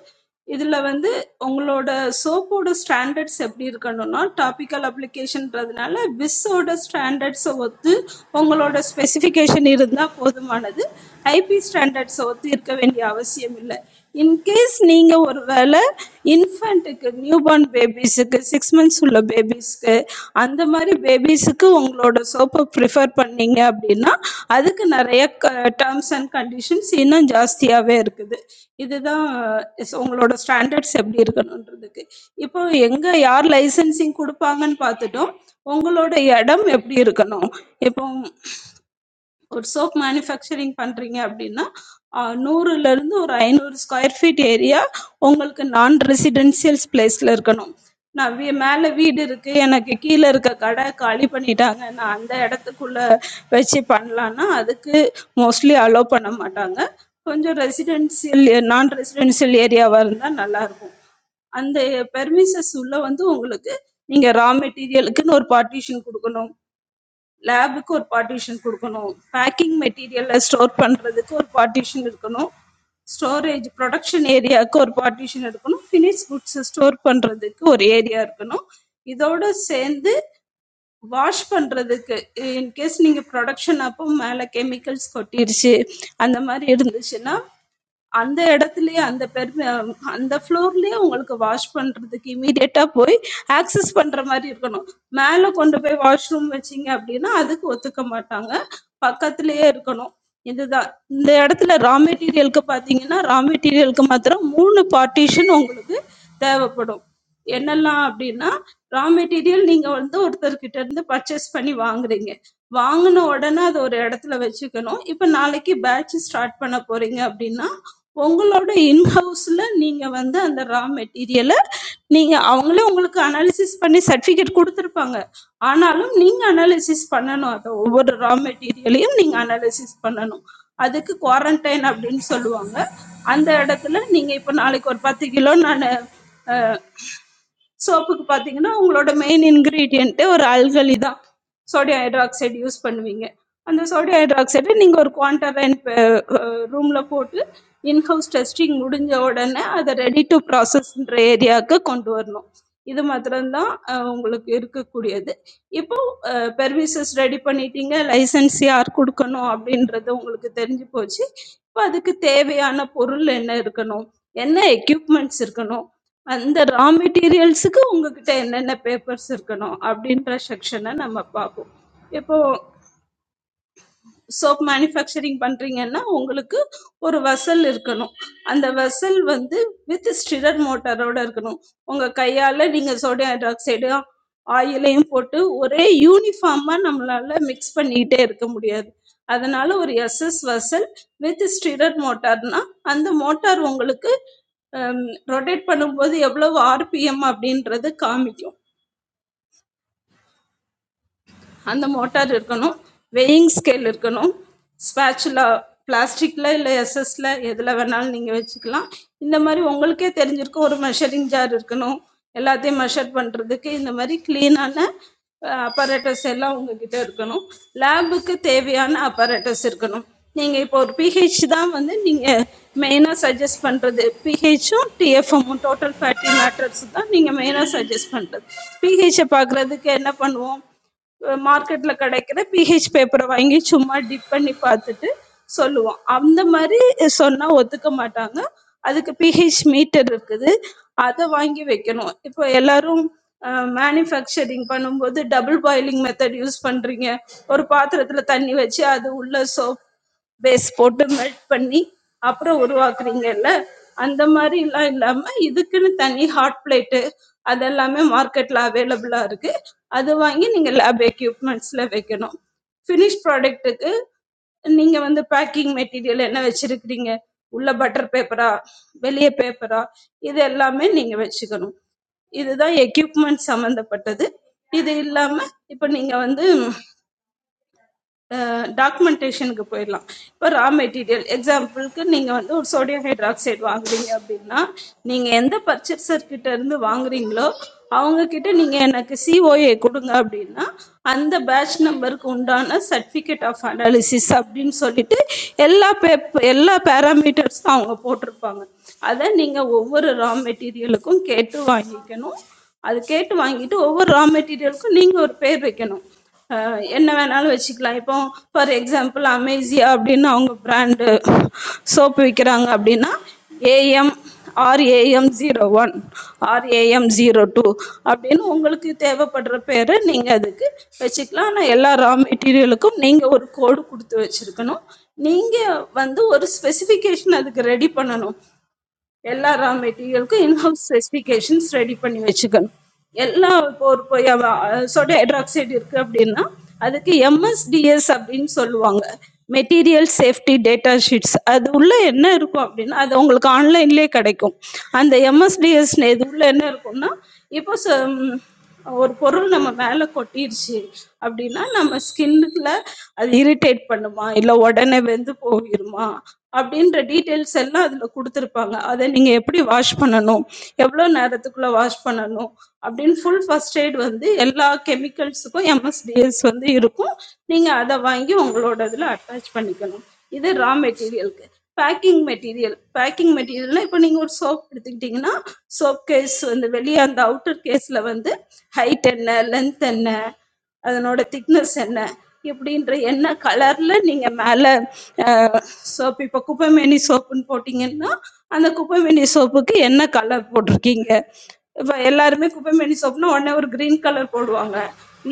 இதுல வந்து உங்களோட சோப்போட ஸ்டாண்டர்ட்ஸ் எப்படி இருக்கணும்னா டாபிக்கல் அப்ளிகேஷன்றதுனால விஸ்ஸோட ஸ்டாண்டர்ட்ஸை ஒத்து உங்களோட ஸ்பெசிஃபிகேஷன் இருந்தால் போதுமானது ஐபி ஸ்டாண்டர்ட்ஸை ஒத்து இருக்க வேண்டிய அவசியம் இல்லை இன்கேஸ் நீங்கள் ஒரு வேளை இன்ஃபண்ட்டுக்கு நியூபார்ன் பேபிஸுக்கு சிக்ஸ் மந்த்ஸ் உள்ள பேபிஸ்க்கு அந்த மாதிரி பேபிஸுக்கு உங்களோட சோப்பை ப்ரிஃபர் பண்ணீங்க அப்படின்னா அதுக்கு நிறைய க டேர்ம்ஸ் அண்ட் கண்டிஷன்ஸ் இன்னும் ஜாஸ்தியாகவே இருக்குது இதுதான் ஸ் உங்களோட ஸ்டாண்டர்ட்ஸ் எப்படி இருக்கணுன்றதுக்கு இப்போ எங்கே யார் லைசன்சிங் கொடுப்பாங்கன்னு பார்த்துட்டோம் உங்களோட இடம் எப்படி இருக்கணும் இப்போ ஒரு சோப் மேனுஃபேக்சரிங் பண்றீங்க அப்படின்னா ஆஹ் நூறுல இருந்து ஒரு ஐநூறு ஸ்கொயர் ஃபீட் ஏரியா உங்களுக்கு நான் ரெசிடென்சியல் பிளேஸ்ல இருக்கணும் நான் வீ- மேல வீடு இருக்கு எனக்கு கீழே இருக்க கடை காலி பண்ணிட்டாங்க நான் அந்த இடத்துக்குள்ள வச்சு பண்ணலான்னா அதுக்கு மோஸ்ட்லி அலோவ் பண்ண மாட்டாங்க கொஞ்சம் ரெசிடென்சியல் நான் ரெசிடென்சியல் ஏரியாவா இருந்தா நல்லா இருக்கும் அந்த பெர்மிசஸ் உள்ள வந்து உங்களுக்கு நீங்க ரா மெட்டீரியலுக்குன்னு ஒரு பார்ட்டிஷன் கொடுக்கணும் லேபுக்கு ஒரு பார்ட்டிஷன் கொடுக்கணும் பேக்கிங் மெட்டீரியல்ல ஸ்டோர் பண்றதுக்கு ஒரு பார்ட்டிஷன் இருக்கணும் ஸ்டோரேஜ் ப்ரொடக்ஷன் ஏரியாவுக்கு ஒரு பார்ட்டிஷன் இருக்கணும் ஃபினிஷ் குட்ஸ் ஸ்டோர் பண்றதுக்கு ஒரு ஏரியா இருக்கணும் இதோட சேர்ந்து வாஷ் பண்றதுக்கு இன்கேஸ் நீங்க ப்ரொடக்ஷன் அப்போ மேல கெமிக்கல்ஸ் கொட்டிருச்சு அந்த மாதிரி இருந்துச்சுன்னா அந்த இடத்துலயே அந்த பெர் அந்த ஃப்ளோர்லயே உங்களுக்கு வாஷ் பண்றதுக்கு இமீடியட்டா போய் ஆக்சஸ் பண்ற மாதிரி இருக்கணும் மேல கொண்டு போய் வாஷ்ரூம் வச்சீங்க அப்படின்னா அதுக்கு ஒத்துக்க மாட்டாங்க பக்கத்திலேயே இருக்கணும் இதுதான் இந்த இடத்துல ரா மெட்டீரியலுக்கு பார்த்தீங்கன்னா ரா மெட்டீரியலுக்கு மாத்திரம் மூணு பார்ட்டிஷன் உங்களுக்கு தேவைப்படும் என்னெல்லாம் அப்படின்னா ரா மெட்டீரியல் நீங்க வந்து ஒருத்தர்கிட்ட இருந்து பர்ச்சேஸ் பண்ணி வாங்குறீங்க வாங்கின உடனே அதை ஒரு இடத்துல வச்சுக்கணும் இப்போ நாளைக்கு பேட்ச் ஸ்டார்ட் பண்ண போறீங்க அப்படின்னா உங்களோட இன்ஹவுஸில் நீங்கள் வந்து அந்த ரா மெட்டீரியலை நீங்கள் அவங்களே உங்களுக்கு அனாலிசிஸ் பண்ணி சர்டிஃபிகேட் கொடுத்துருப்பாங்க ஆனாலும் நீங்கள் அனாலிசிஸ் பண்ணணும் அதை ஒவ்வொரு ரா மெட்டீரியலையும் நீங்கள் அனாலிசிஸ் பண்ணணும் அதுக்கு குவாரண்டைன் அப்படின்னு சொல்லுவாங்க அந்த இடத்துல நீங்கள் இப்போ நாளைக்கு ஒரு பத்து கிலோ நான் சோப்புக்கு பார்த்தீங்கன்னா உங்களோட மெயின் இன்க்ரீடியண்ட்டு ஒரு அல்கலி தான் சோடியம் ஹைட்ராக்சைடு யூஸ் பண்ணுவீங்க அந்த சோடியம் ஹைட்ராக்சைடு நீங்கள் ஒரு குவான்டரைன் ரூமில் போட்டு இன்ஹவுஸ் டெஸ்டிங் முடிஞ்ச உடனே அதை ரெடி டு ப்ராசஸ்ன்ற ஏரியாவுக்கு கொண்டு வரணும் இது மாத்திரம்தான் அஹ், உங்களுக்கு இருக்கக்கூடியது இப்போ பெர்மிசஸ் ரெடி பண்ணிட்டீங்க லைசன்ஸ் யார் கொடுக்கணும் அப்படின்றது உங்களுக்கு தெரிஞ்சு போச்சு இப்போ அதுக்கு தேவையான பொருள் என்ன இருக்கணும் என்ன எக்யூப்மெண்ட்ஸ் இருக்கணும் அந்த ரா மெட்டீரியல்ஸுக்கு உங்ககிட்ட என்னென்ன பேப்பர்ஸ் இருக்கணும் அப்படின்ற செக்ஷனை நம்ம பார்ப்போம் இப்போ சோப் மேனுஃபேக்சரிங் பண்ணுறீங்கன்னா உங்களுக்கு ஒரு வெசல் இருக்கணும் அந்த வெசல் வந்து வித் ஸ்டிரர் மோட்டாரோட இருக்கணும் உங்கள் கையால் நீங்கள் சோடியம் ஹைட்ராக்சைடு ஆயிலையும் போட்டு ஒரே யூனிஃபார்மாக நம்மளால மிக்ஸ் பண்ணிக்கிட்டே இருக்க முடியாது அதனால ஒரு எஸ்எஸ் வெசல் வித் ஸ்டிரர் மோட்டார்னா அந்த மோட்டார் உங்களுக்கு ரொட்டேட் பண்ணும்போது எவ்வளவு ஆர்பிஎம் அப்படின்றது காமிக்கும் அந்த மோட்டார் இருக்கணும் வெயிங் ஸ்கேல் இருக்கணும் ஸ்பேச்சுலா பிளாஸ்டிக்கில் இல்லை எஸ்எஸ்ல எதில் வேணாலும் நீங்கள் வச்சுக்கலாம் இந்த மாதிரி உங்களுக்கே தெரிஞ்சிருக்கும் ஒரு மெஷரிங் ஜார் இருக்கணும் எல்லாத்தையும் மெஷர் பண்ணுறதுக்கு இந்த மாதிரி க்ளீனான அப்பரேட்டஸ் எல்லாம் உங்ககிட்ட இருக்கணும் லேபுக்கு தேவையான அப்பரேட்டஸ் இருக்கணும் நீங்கள் இப்போ ஒரு பிஹெச் தான் வந்து நீங்கள் மெயினாக சஜஸ்ட் பண்ணுறது பிஹெச்சும் டிஎஃப்எம்மும் டோட்டல் ஃபேட்டி மேட்டர்ஸ் தான் நீங்கள் மெயினாக சஜஸ்ட் பண்ணுறது பிஹெச்சை பார்க்குறதுக்கு என்ன பண்ணுவோம் மார்க்கெட்ல கிடைக்கிற பிஹெச் பேப்பரை வாங்கி சும்மா டிப் பண்ணி பார்த்துட்டு சொல்லுவோம் அந்த மாதிரி சொன்னா ஒத்துக்க மாட்டாங்க அதுக்கு பிஹெச் மீட்டர் இருக்குது அதை வாங்கி வைக்கணும் இப்போ எல்லாரும் மேனுஃபேக்சரிங் பண்ணும்போது டபுள் பாயிலிங் மெத்தட் யூஸ் பண்றீங்க ஒரு பாத்திரத்துல தண்ணி வச்சு அது உள்ள சோப் பேஸ் போட்டு மெல்ட் பண்ணி அப்புறம் உருவாக்குறீங்கல்ல அந்த மாதிரி எல்லாம் இல்லாம இதுக்குன்னு தனி ஹாட் பிளேட்டு அதெல்லாமே மார்க்கெட்ல அவைலபிளா இருக்கு அது வாங்கி நீங்க லேப் எக்யூப்மெண்ட்ஸ்ல வைக்கணும் ஃபினிஷ் ப்ராடக்ட்டுக்கு நீங்க வந்து பேக்கிங் மெட்டீரியல் என்ன வச்சிருக்கிறீங்க உள்ள பட்டர் பேப்பரா வெளியே பேப்பரா இது எல்லாமே நீங்க வச்சுக்கணும் இதுதான் எக்யூப்மெண்ட் சம்மந்தப்பட்டது இது இல்லாம இப்போ நீங்க வந்து டாக்குமெண்டேஷனுக்கு போயிடலாம் இப்போ ரா மெட்டீரியல் எக்ஸாம்பிளுக்கு நீங்கள் வந்து ஒரு சோடியம் ஹைட்ராக்சைடு வாங்குறீங்க அப்படின்னா நீங்கள் எந்த பர்ச்சேசர் கிட்ட இருந்து வாங்குறீங்களோ அவங்க கிட்ட நீங்கள் எனக்கு சிஓஏ கொடுங்க அப்படின்னா அந்த பேட்ச் நம்பருக்கு உண்டான சர்டிஃபிகேட் ஆஃப் அனாலிசிஸ் அப்படின்னு சொல்லிட்டு எல்லா பேப் எல்லா பேராமீட்டர்ஸும் அவங்க போட்டிருப்பாங்க அதை நீங்கள் ஒவ்வொரு ரா மெட்டீரியலுக்கும் கேட்டு வாங்கிக்கணும் அது கேட்டு வாங்கிட்டு ஒவ்வொரு ரா மெட்டீரியலுக்கும் நீங்கள் ஒரு பேர் வைக்கணும் அஹ் என்ன வேணாலும் வச்சுக்கலாம் இப்போ ஃபார் எக்ஸாம்பிள் அமேசியா அப்படின்னு அவங்க பிராண்டு சோப்பு விற்கிறாங்க அப்படின்னா AM RAM zero one RAM zero two அப்படின்னு உங்களுக்கு தேவைப்படுற பேரை நீங்கள் அதுக்கு வச்சுக்கலாம் ஆனால் எல்லா ரா மெட்டீரியலுக்கும் நீங்கள் ஒரு கோடு கொடுத்து வச்சுருக்கணும் நீங்கள் வந்து ஒரு ஸ்பெசிஃபிகேஷன் அதுக்கு ரெடி பண்ணணும் எல்லா ரா மெட்டீரியலுக்கும் இன்ஹவுஸ் ஸ்பெசிஃபிகேஷன்ஸ் ரெடி பண்ணி வச்சுக்கணும் எல்லா இப்போ ஒரு இப்போ சோடியம் ஹைட்ராக்சைடு இருக்குது அப்படின்னா அதுக்கு எம்எஸ்டிஎஸ் அப்படின்னு சொல்லுவாங்க மெட்டீரியல் சேஃப்டி டேட்டா ஷீட்ஸ் அது உள்ளே என்ன இருக்கும் அப்படின்னா அது உங்களுக்கு ஆன்லைன்லேயே கிடைக்கும் அந்த எம்எஸ்டிஎஸ் இது உள்ளே என்ன இருக்கும்னா இப்போ ஒரு பொருள் நம்ம மேலே கொட்டிருச்சு அப்படின்னா நம்ம ஸ்கின்ல அது இரிட்டேட் பண்ணுமா இல்லை உடனே வெந்து போயிருமா அப்படின்ற டீட்டெயில்ஸ் எல்லாம் அதில் கொடுத்துருப்பாங்க அதை நீங்கள் எப்படி வாஷ் பண்ணணும் எவ்வளோ நேரத்துக்குள்ளே வாஷ் பண்ணணும் அப்படின்னு ஃபுல் ஃபர்ஸ்ட் எய்ட் வந்து எல்லா கெமிக்கல்ஸுக்கும் எம்எஸ்டிஎஸ் வந்து இருக்கும் நீங்கள் அதை வாங்கி உங்களோட இதில் அட்டாச் பண்ணிக்கணும் இது ரா மெட்டீரியலுக்கு பேக்கிங் மெட்டீரியல் பேக்கிங் மெட்டீரியல்னா இப்போ நீங்கள் ஒரு சோப் எடுத்துக்கிட்டிங்கன்னா சோப் கேஸ் வந்து வெளியே அந்த அவுட்டர் கேஸில் வந்து ஹைட் என்ன லென்த் என்ன அதனோட திக்னஸ் என்ன இப்படின்ற என்ன கலரில் நீங்கள் மேலே சோப் இப்போ குப்பைமேனி சோப்புன்னு போட்டிங்கன்னா அந்த குப்பைமேனி சோப்புக்கு என்ன கலர் போட்டிருக்கீங்க இப்போ எல்லாருமே குப்பைமேனி சோப்புனா உடனே ஒரு க்ரீன் கலர் போடுவாங்க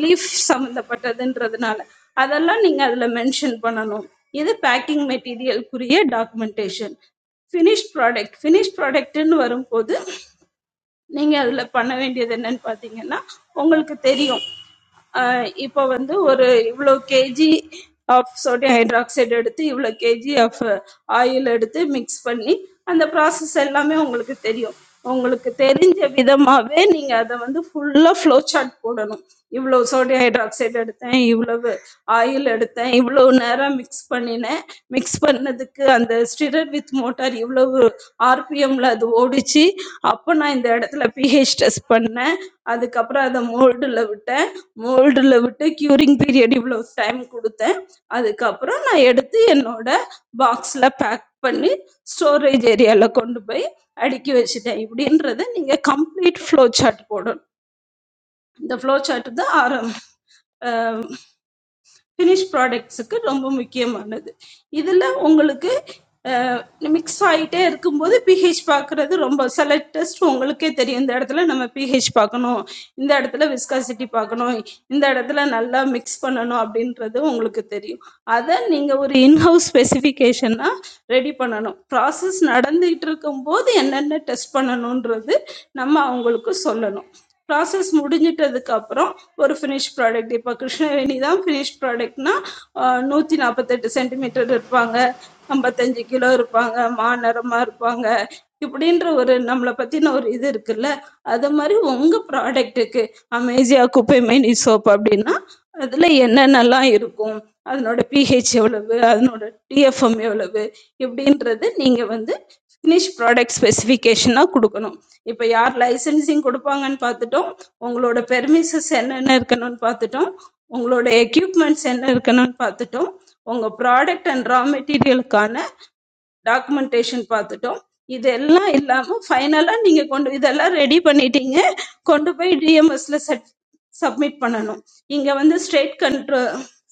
லீஃப் சம்மந்தப்பட்டதுன்றதுனால அதெல்லாம் நீங்கள் அதில் மென்ஷன் பண்ணணும் இது பேக்கிங் மெட்டீரியலுக்குரிய டாக்குமெண்டேஷன் ஃபினிஷ் ப்ராடக்ட் ஃபினிஷ் ப்ராடக்ட்னு வரும்போது நீங்கள் அதில் பண்ண வேண்டியது என்னன்னு பார்த்தீங்கன்னா உங்களுக்கு தெரியும் இப்போ வந்து ஒரு இவ்வளோ கேஜி ஆஃப் சோடியம் ஹைட்ராக்சைடு எடுத்து இவ்வளோ கேஜி ஆஃப் ஆயில் எடுத்து மிக்ஸ் பண்ணி அந்த ப்ராசஸ் எல்லாமே உங்களுக்கு தெரியும் உங்களுக்கு தெரிஞ்ச விதமாகவே நீங்கள் அதை வந்து ஃபுல்லாக ஃப்ளோ சார்ட் போடணும் இவ்வளோ சோடியம் ஹைட்ராக்சைடு எடுத்தேன் இவ்வளவு ஆயில் எடுத்தேன் இவ்வளவு நேரம் மிக்ஸ் பண்ணினேன் மிக்ஸ் பண்ணதுக்கு அந்த ஸ்டிரர் வித் மோட்டார் இவ்வளவு ஆர்பிஎம்ல அது ஓடிச்சு அப்போ நான் இந்த இடத்துல பிஹெச் டெஸ்ட் பண்ணேன் அதுக்கப்புறம் அதை மோல்டில் விட்டேன் மோல்டில் விட்டு க்யூரிங் பீரியட் இவ்வளோ டைம் கொடுத்தேன் அதுக்கப்புறம் நான் எடுத்து என்னோட பாக்ஸில் பேக் பண்ணி ஸ்டோரேஜ் ஏரியாவில் கொண்டு போய் அடுக்கி வச்சுட்டேன் இப்படின்றத நீங்கள் கம்ப்ளீட் ஃப்ளோ சார்ட் போடணும் இந்த ஃப்ளோ சார்ட் தான் ஆரம் ஃபினிஷ் ப்ராடக்ட்ஸுக்கு ரொம்ப முக்கியமானது இதில் உங்களுக்கு மிக்ஸ் ஆகிட்டே இருக்கும்போது பிஹெச் பார்க்குறது ரொம்ப சில டெஸ்ட் உங்களுக்கே தெரியும் இந்த இடத்துல நம்ம பிஹெச் பார்க்கணும் இந்த இடத்துல விஸ்காசிட்டி பார்க்கணும் இந்த இடத்துல நல்லா மிக்ஸ் பண்ணணும் அப்படின்றது உங்களுக்கு தெரியும் அதை நீங்கள் ஒரு இன்ஹவுஸ் ஸ்பெசிஃபிகேஷனாக ரெடி பண்ணணும் ப்ராசஸ் நடந்துகிட்டு இருக்கும்போது என்னென்ன டெஸ்ட் பண்ணணுன்றது நம்ம அவங்களுக்கு சொல்லணும் ப்ராசஸ் முடிஞ்சிட்டதுக்கு அப்புறம் ஒரு ஃபினிஷ் ப்ராடக்ட் இப்போ கிருஷ்ணவேணி தான் ஃபினிஷ் ப்ராடக்ட்னா நூற்றி நாற்பத்தெட்டு சென்டிமீட்டர் இருப்பாங்க ஐம்பத்தஞ்சு கிலோ இருப்பாங்க மாநிறமாக இருப்பாங்க இப்படின்ற ஒரு நம்மளை பற்றின ஒரு இது இருக்குல்ல அது மாதிரி உங்கள் ப்ராடக்ட்டுக்கு அமேசியா குப்பை மேனி சோப் அப்படின்னா அதில் என்னென்னலாம் இருக்கும் அதனோட பிஹெச் எவ்வளவு அதனோட டிஎஃப்எம் எவ்வளவு இப்படின்றது நீங்கள் வந்து ஃபினிஷ் ப்ராடக்ட் ஸ்பெசிஃபிகேஷனாக கொடுக்கணும் இப்போ யார் லைசன்சிங் கொடுப்பாங்கன்னு பார்த்துட்டோம் உங்களோட பெர்மிசஸ் என்னென்ன இருக்கணும்னு பார்த்துட்டோம் உங்களோட எக்யூப்மெண்ட்ஸ் என்ன இருக்கணும்னு பார்த்துட்டோம் உங்கள் ப்ராடக்ட் அண்ட் ரா மெட்டீரியலுக்கான டாக்குமெண்டேஷன் பார்த்துட்டோம் இதெல்லாம் இல்லாம ஃபைனலா நீங்க கொண்டு இதெல்லாம் ரெடி பண்ணிட்டீங்க கொண்டு போய் டிஎம்எஸ்ல சட் சப்மிட் பண்ணணும் இங்க வந்து ஸ்டேட் கண்ட்ரோ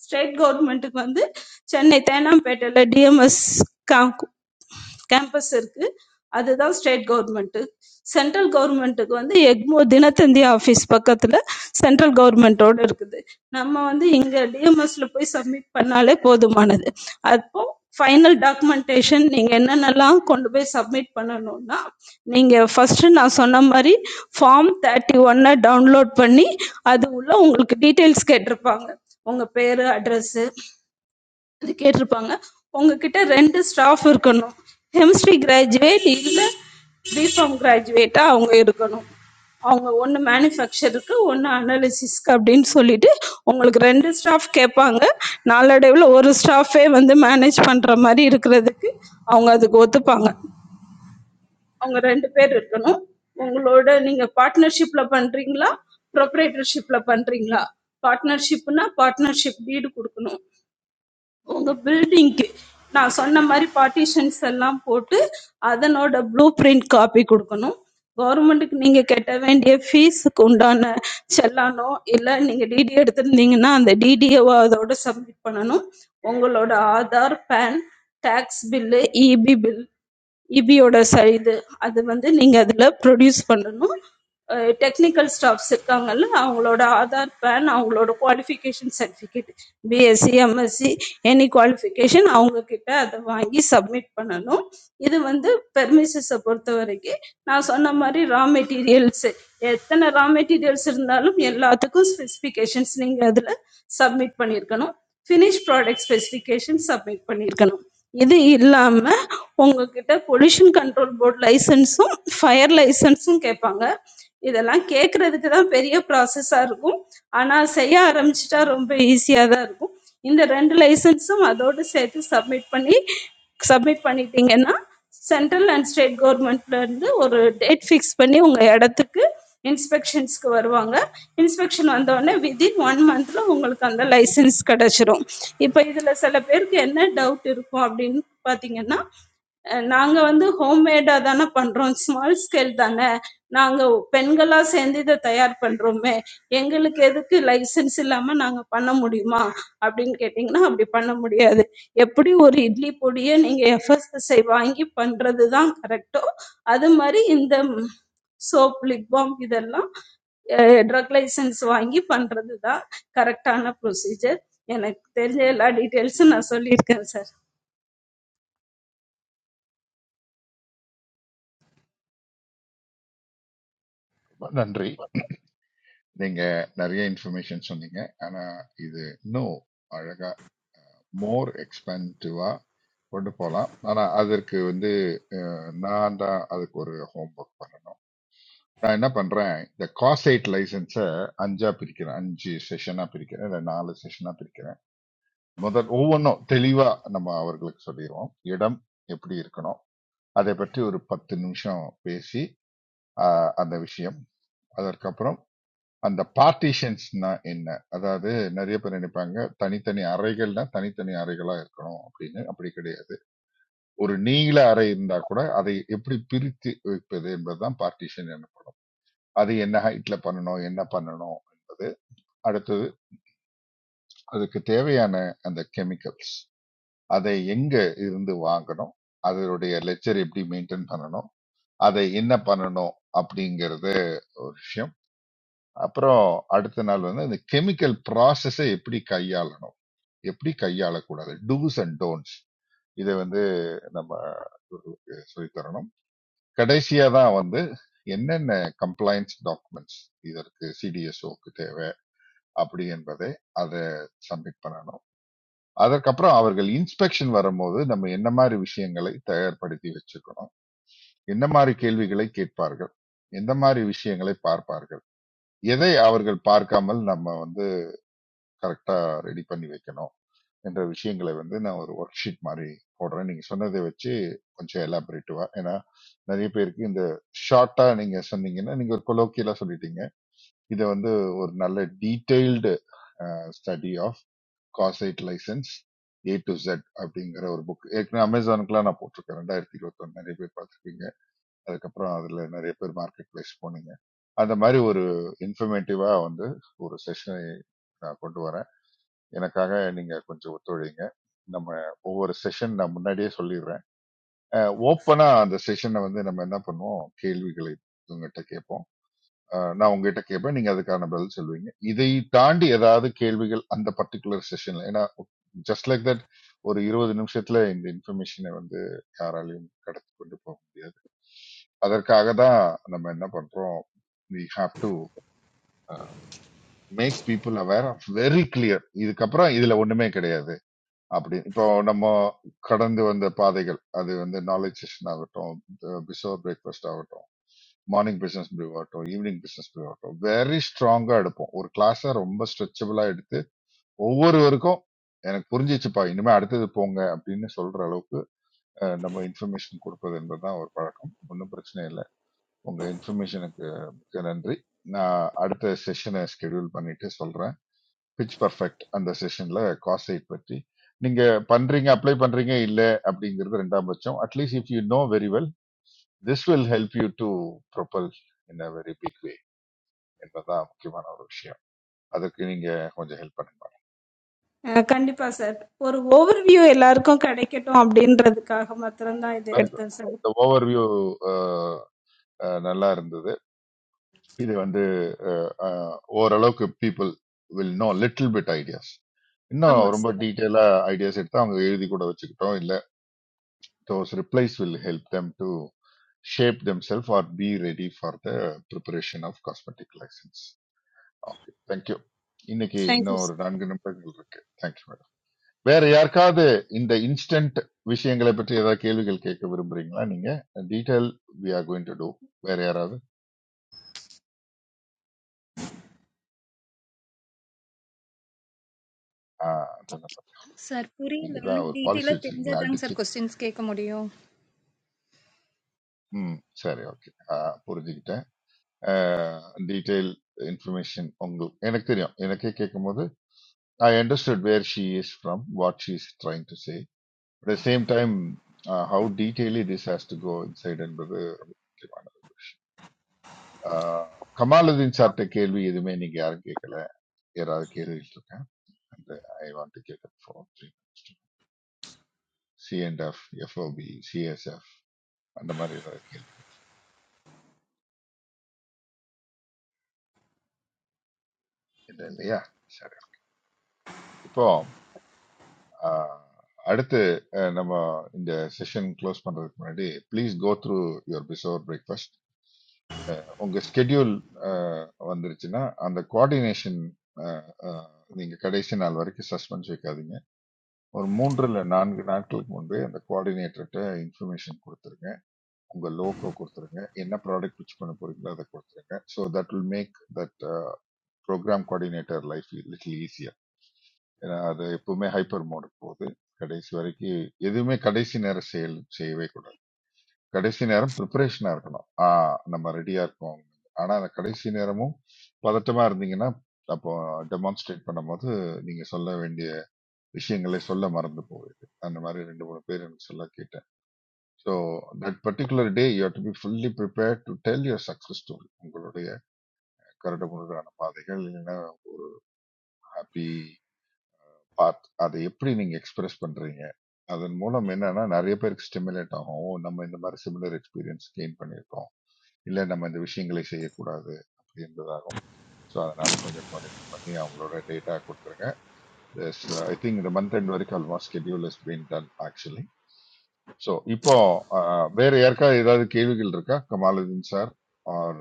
ஸ்டேட் கவர்மெண்ட்டுக்கு வந்து சென்னை தேனாம்பேட்டையில டிஎம்எஸ் கேம்பஸ் இருக்கு அதுதான் ஸ்டேட் கவர்மெண்ட் சென்ட்ரல் கவர்மெண்ட்டுக்கு வந்து எக்மோ தினத்தந்தி ஆஃபீஸ் பக்கத்துல சென்ட்ரல் கவர்மெண்ட்டோட இருக்குது நம்ம வந்து இங்க டிஎம்எஸ்ல போய் சப்மிட் பண்ணாலே போதுமானது அப்போ ஃபைனல் டாக்குமெண்டேஷன் நீங்க என்னென்னலாம் கொண்டு போய் சப்மிட் பண்ணணும்னா நீங்க ஃபர்ஸ்ட் நான் சொன்ன மாதிரி ஃபார்ம் தேர்ட்டி ஒன்னை டவுன்லோட் பண்ணி அது உள்ள உங்களுக்கு டீட்டெயில்ஸ் கேட்டிருப்பாங்க உங்கள் பேர் அட்ரஸ்ஸு அது கேட்டிருப்பாங்க உங்ககிட்ட ரெண்டு ஸ்டாஃப் இருக்கணும் ஹெமிஸ்ட்ரி கிராஜுவேட் இல்லை பிஃபார்ம் கிராஜுவேட்டாக அவங்க இருக்கணும் அவங்க ஒன்று மேனுஃபேக்சருக்கு ஒன்று அனாலிசிஸ்க்கு அப்படின்னு சொல்லிட்டு உங்களுக்கு ரெண்டு ஸ்டாஃப் கேட்பாங்க நாளடைவில் ஒரு ஸ்டாஃபே வந்து மேனேஜ் பண்ணுற மாதிரி இருக்கிறதுக்கு அவங்க அதுக்கு ஒத்துப்பாங்க அவங்க ரெண்டு பேர் இருக்கணும் உங்களோட நீங்க பார்ட்னர்ஷிப்ல பண்றீங்களா ப்ரொப்ரேட்டர்ஷிப்ல பண்றீங்களா பார்ட்னர்ஷிப்னா பார்ட்னர்ஷிப் வீடு கொடுக்கணும் உங்க பில்டிங்க்கு நான் சொன்ன மாதிரி பார்ட்டிஷன்ஸ் எல்லாம் போட்டு அதனோட ப்ளூ பிரிண்ட் காப்பி கொடுக்கணும் கவர்மெண்ட்டுக்கு நீங்க கட்ட வேண்டிய ஃபீஸுக்கு உண்டான செல்லானோ இல்லை நீங்க டிடி எடுத்திருந்தீங்கன்னா அந்த டிடிஏவோ அதோட சப்மிட் பண்ணணும் உங்களோட Aadhaar PAN tax bill EB bill இபியோட ச- இது அது வந்து நீங்க அதுல ப்ரொடியூஸ் பண்ணணும் டெக்னிக்கல் ஸ்டாஃப்ஸ் இருக்காங்கல்ல அவங்களோட ஆதார் பேன் அவங்களோட qualification certificate BSc MSc any qualification அவங்க கிட்ட அதை வாங்கி சப்மிட் பண்ணணும் இது வந்து பெர்மிசஸை பொறுத்த வரைக்கும் நான் சொன்ன மாதிரி ரா மெட்டீரியல்ஸ் எத்தனை ரா மெட்டீரியல்ஸ் இருந்தாலும் எல்லாத்துக்கும் ஸ்பெசிஃபிகேஷன்ஸ் நீங்கள் அதில் சப்மிட் பண்ணியிருக்கணும் ஃபினிஷ் ப்ராடக்ட் ஸ்பெசிஃபிகேஷன் சப்மிட் பண்ணியிருக்கணும் இது இல்லாம உங்ககிட்ட பொல்யூஷன் கண்ட்ரோல் போர்டு லைசன்ஸும் ஃபயர் லைசன்ஸும் கேட்பாங்க இதெல்லாம் கேட்கறதுக்கு தான் பெரிய ப்ராசஸாக இருக்கும் ஆனால் செய்ய ஆரம்பிச்சிட்டா ரொம்ப ஈஸியாக தான் இருக்கும் இந்த ரெண்டு லைசன்ஸும் அதோடு சேர்த்து சப்மிட் பண்ணி சப்மிட் பண்ணிட்டீங்கன்னா சென்ட்ரல் அண்ட் ஸ்டேட் கவர்மெண்ட்லேருந்து ஒரு டேட் ஃபிக்ஸ் பண்ணி உங்கள் இடத்துக்கு இன்ஸ்பெக்ஷன்ஸ்க்கு வருவாங்க இன்ஸ்பெக்ஷன் வந்தோடனே வித்தின் ஒன் மந்த்தில் உங்களுக்கு அந்த லைசன்ஸ் கிடச்சிரும் இப்போ இதுல சில பேருக்கு என்ன டவுட் இருக்கும் அப்படின்னு பாத்தீங்கன்னா அஹ் நாங்க வந்து ஹோம்மேடா தானே பண்றோம் ஸ்மால் ஸ்கேல் தானே நாங்க பெண்களா சேர்ந்து இதை தயார் பண்றோமே எங்களுக்கு எதுக்கு லைசென்ஸ் இல்லாம நாங்க பண்ண முடியுமா அப்படின்னு கேட்டிங்கன்னா அப்படி பண்ண முடியாது எப்படி ஒரு இட்லி பொடியை நீங்க எஃப்எஸ்எஸ்ஐ வாங்கி பண்றது தான் கரெக்டோ அது மாதிரி இந்த சோப் லிப் பாம் இதெல்லாம் ட்ரக் லைசென்ஸ் வாங்கி பண்றது தான் கரெக்டான ப்ரொசீஜர் எனக்கு தெரிஞ்ச எல்லா டீட்டெயில்ஸும் நான் சொல்லியிருக்கேன் சார் ரொம்ப நன்றி நீங்க நிறைய இன்ஃபர்மேஷன் சொன்னீங்க ஆனா இது இன்னும் அழகா மோர் எக்ஸ்பென்சிவா கொண்டு போகலாம் ஆனா அதற்கு வந்து அஹ், நான் தான் அதுக்கு ஒரு ஹோம்ஒர்க் பண்ணணும் நான் என்ன பண்றேன் இந்த காசைட் லைசன்ஸை அஞ்சா பிரிக்கிறேன் அஞ்சு செஷனா பிரிக்கிறேன் இல்ல நாலு செஷனா பிரிக்கிறேன் முதல் ஒவ்வொன்றும் தெளிவா நம்ம அவர்களுக்கு சொல்லிடுவோம் இடம் எப்படி இருக்கணும் அதை பற்றி ஒரு பத்து நிமிஷம் பேசி ஆஹ், அந்த விஷயம் அதற்கப்புறம் அந்த பார்ட்டிஷன்ஸ்னா என்ன அதாவது நிறைய பேர் நினைப்பாங்க தனித்தனி அறைகள்னா தனித்தனி அறைகளா இருக்கணும் அப்படின்னு அப்படி கிடையாது ஒரு நீள அறை இருந்தா கூட அதை எப்படி பிரித்து வைப்பது என்பதுதான் பார்ட்டிஷன் எனப்படும் அது என்ன ஹைட்ல பண்ணணும் என்ன பண்ணணும் என்பது அடுத்தது அதுக்கு தேவையான அந்த கெமிக்கல்ஸ் அதை எங்க இருந்து வாங்கணும் அதனுடைய லெக்சர் எப்படி மெயின்டைன் பண்ணணும் அதை என்ன பண்ணணும் அப்படிங்கறது ஒரு விஷயம் அப்புறம் அடுத்த நாள் வந்து அந்த கெமிக்கல் ப்ராசஸை எப்படி கையாளணும் எப்படி கையாளக்கூடாது டூஸ் அண்ட் டோன்ட்ஸ் இதை வந்து நம்ம இவர்களுக்கு சொல்லித் தரணும் கடைசியா தான் வந்து என்னென்ன கம்ப்ளைண்ட்ஸ் டாக்குமெண்ட்ஸ் இதற்கு சிடிஎஸ்ஓக்கு தேவை அப்படி என்பதை அதை சப்மிட் பண்ணணும் அதற்கப்புறம் அவர்கள் இன்ஸ்பெக்ஷன் வரும்போது நம்ம என்ன மாதிரி விஷயங்களை தயார்படுத்தி வச்சுக்கணும் என்ன மாதிரி கேள்விகளை கேட்பார்கள் எந்த மாதிரி விஷயங்களை பார்ப்பார்கள் எதை அவர்கள் பார்க்காமல் நம்ம வந்து கரெக்டா ரெடி பண்ணி வைக்கணும் என்ற விஷயங்களை வந்து நான் ஒரு ஒர்க் ஷீட் மாதிரி போடுறேன் நீங்க சொன்னதை வச்சு கொஞ்சம் எலாபரேட்டிவா ஏன்னா நிறைய பேருக்கு இந்த ஷார்ட்டா நீங்க சொன்னீங்கன்னா நீங்க ஒரு கொலோக்கியலா சொல்லிட்டீங்க இதை வந்து ஒரு நல்ல டீடைல்டு ஸ்டடி ஆஃப் காசைட் லைசன்ஸ் ஏ டு Z அப்படிங்கிற ஒரு புக் ஏற்கனவே அமேசானுக்குலாம் நான் போட்டிருக்கேன் ரெண்டாயிரத்தி இருபத்தொன்னு நிறைய பேர் பார்த்துருப்பீங்க அதுக்கப்புறம் அதுல நிறைய பேர் மார்க்கெட் பிளேஸ் போனீங்க அந்த மாதிரி ஒரு இன்ஃபர்மேட்டிவா வந்து ஒரு செஷனை நான் கொண்டு வரேன் எனக்காக நீங்க கொஞ்சம் ஒத்துழைங்க நம்ம ஒவ்வொரு செஷன் நான் முன்னாடியே சொல்லிடுறேன் ஓப்பனா அந்த செஷனை வந்து நம்ம என்ன பண்ணுவோம் கேள்விகளை இவங்ககிட்ட கேட்போம் அஹ் நான் உங்ககிட்ட கேட்பேன் நீங்க அதுக்கான பதில் சொல்லுவீங்க இதை தாண்டி ஏதாவது கேள்விகள் அந்த பர்டிகுலர் செஷன்ல ஏன்னா ஜஸ்ட் லைக் தட் ஒரு இருபது நிமிஷத்துல இந்த இன்ஃபர்மேஷனை வந்து யாராலையும் கடத்தி கொண்டு போக முடியாது அதற்காக தான் நம்ம என்ன பண்றோம் we have to make people aware of very clear இதுக்கப்புறம் இதுல ஒண்ணுமே கிடையாது அப்படி இப்போ நம்ம கடந்து வந்த பாதைகள் அது வந்து நாலேஜ் செஷன் ஆகட்டும் பிசோர் பிரேக்ஃபாஸ்ட் ஆகட்டும் மார்னிங் பிசினஸ் ப்ரீவ் ஆகட்டும் ஈவினிங் பிசினஸ் ப்ரீவ் ஆகட்டும் வெரி ஸ்ட்ராங்கா எடுப்போம் ஒரு கிளாஸை ரொம்ப ஸ்ட்ரெச்சபிளா எடுத்து ஒவ்வொருவருக்கும் எனக்கு புரிஞ்சிச்சுப்பா இனிமே அடுத்தது போங்க அப்படின்னு சொல்ற அளவுக்கு அஹ், நம்ம இன்ஃபர்மேஷன் கொடுப்பது என்பதுதான் ஒரு பழக்கம் ஒன்றும் பிரச்சனை இல்லை உங்க இன்ஃபர்மேஷனுக்கு மிக்க நன்றி நான் அடுத்த செஷனை ஸ்கெடியூல் பண்ணிட்டு சொல்றேன் பிச் பர்ஃபெக்ட் அந்த செஷன்ல காஸ்ட் சைட் பற்றி நீங்க பண்றீங்க அப்ளை பண்றீங்க இல்ல அப்படிங்கிறது ரெண்டாம் பட்சம் at least if you know very well this will help you to propel in a very big way என்பதுதான் முக்கியமான ஒரு விஷயம் அதுக்கு நீங்க கொஞ்சம் ஹெல்ப் பண்ணுங்க அஹ் கண்டிப்பா சார் ஒரு ஓவர்வியூ எல்லாருக்கும் கிடைக்கட்டும் அப்படின்றதுக்காக மாத்திரம்தான் இதை வெரி குட் எடுத்தேன் சார் இந்த ஓவர்வியூ நல்லா இருந்தது இது வந்து அஹ், அஹ், ஓரளவுக்கு people will know little bit ideas இன்னும் ஆமா ரொம்ப சார் டீட்டெயிலா ஐடியாஸ் எடுத்து அவங்க எழுதி கூட வச்சுக்கிட்டோம் இல்ல those replies will help them to shape them self or be ready for the preparation of cosmetic license okay thank you இன்னைக்கு தேங்க்யூ இன்னும் ஒரு சார். நான்கு நிமிடங்கள் இருக்கு தேங்க்யூ வேற யாருக்காவது இந்த இன்ஸ்டன்ட் விஷயங்களை பற்றி ஏதாவது கேள்விகள் கேட்க விரும்புறீங்களா நீங்க detail we are going to do வேற யாராவது ஆ, அதான் அப்ப. Sir, puri, நீங்க தான் laman ஒரு di பாலிசி tila வச்சிருக்கீங்களா tinjaydang sir அடிச்சு questions kame muriyo. ம் சரி ஓகே புரிஞ்சுக்கிட்டேன் டீடைல் இன்ஃபர்மேஷன் உங்களுக்கு எனக்கு தெரியும் எனக்கே கேட்கும்போது I understood where she is from what she is trying to say at the same time how detaily this has to go inside என்பது ரொம்ப முக்கியமான ஒரு விஷயம் ஆஹ் கமாலுதீன் சார்ட்ட கேள்வி எதுவுமே நீங்க யாரும் கேட்கல யாராவது கேள்விகள் இருக்கா அந்த ஐ வாண்ட் டு கேட் for three C and F FOB CSF அந்த மாதிரி ஏதாவது கேள்வி இல்லை இல்லையா சரி இப்போ ஆஹ், அடுத்து அஹ், நம்ம இந்த செஷன் க்ளோஸ் பண்றதுக்கு முன்னாடி please go through your before breakfast உங்க ஸ்கெடியூல் வந்துருச்சுன்னா அந்த கோஆர்டினேஷன் நீங்க கடைசி நாள் வரைக்கும் சஸ்பென்ஸ் வைக்காதீங்க ஒரு மூன்று இல்லை நான்கு நாட்களுக்கு முன்பே அந்த கோஆர்டினேட்டர்கிட்ட இன்ஃபர்மேஷன் கொடுத்துருங்க உங்க லோகோ கொடுத்துருங்க என்ன ப்ராடக்ட் பிச் பண்ண போறீங்களோ அதை கொடுத்துருங்க so that will make that programme coordinator life little ஈஸியா ஏன்னா அது எப்பவுமே ஹைப்பர் மோடுக்கு போகுது கடைசி வரைக்கும் எதுவுமே கடைசி நேர செயல் செய்யவே கூடாது கடைசி நேரம் ப்ரிப்பரேஷனா இருக்கணும் ஆ நம்ம ரெடியா இருக்கோம் ஆனா அந்த கடைசி நேரமும் பதட்டமா இருந்தீங்கன்னா அப்போ டெமான்ஸ்ட்ரேட் பண்ணும்போது நீங்க சொல்ல வேண்டிய விஷயங்களை சொல்ல மறந்து போகுது அந்த மாதிரி ரெண்டு மூணு பேர் எனக்கு சொல்ல கேட்டேன் so that particular day you have to be fully prepare to tell your success story உங்களுடைய கரடுமுரடான பாதைகள் இல்லைன்னா ஒரு ஹாப்பி பாத் அதை எப்படி நீங்க எக்ஸ்பிரஸ் பண்றீங்க அதன் மூலம் என்னன்னா நிறைய பேருக்கு ஸ்டிமுலேட் ஆகும் ஓ, நம்ம இந்த மாதிரி சிமிலர் எக்ஸ்பீரியன்ஸ் கெயின் பண்ணியிருக்கோம் இல்லை நம்ம இந்த விஷயங்களை செய்யக்கூடாது அப்படின்றதாகும் ஸோ அதனால கொஞ்சம் கோஆர்டினேட் பண்ணி அவங்களோட டேட்டா கொடுத்துருங்க There's, uh, I think the month end வரைக்கும் almost schedule has been done actually. So இப்போ uh, வேற யாருக்கா ஏதாவது கேள்விகள் இருக்கா கமாலுதீன் சார் ஆர்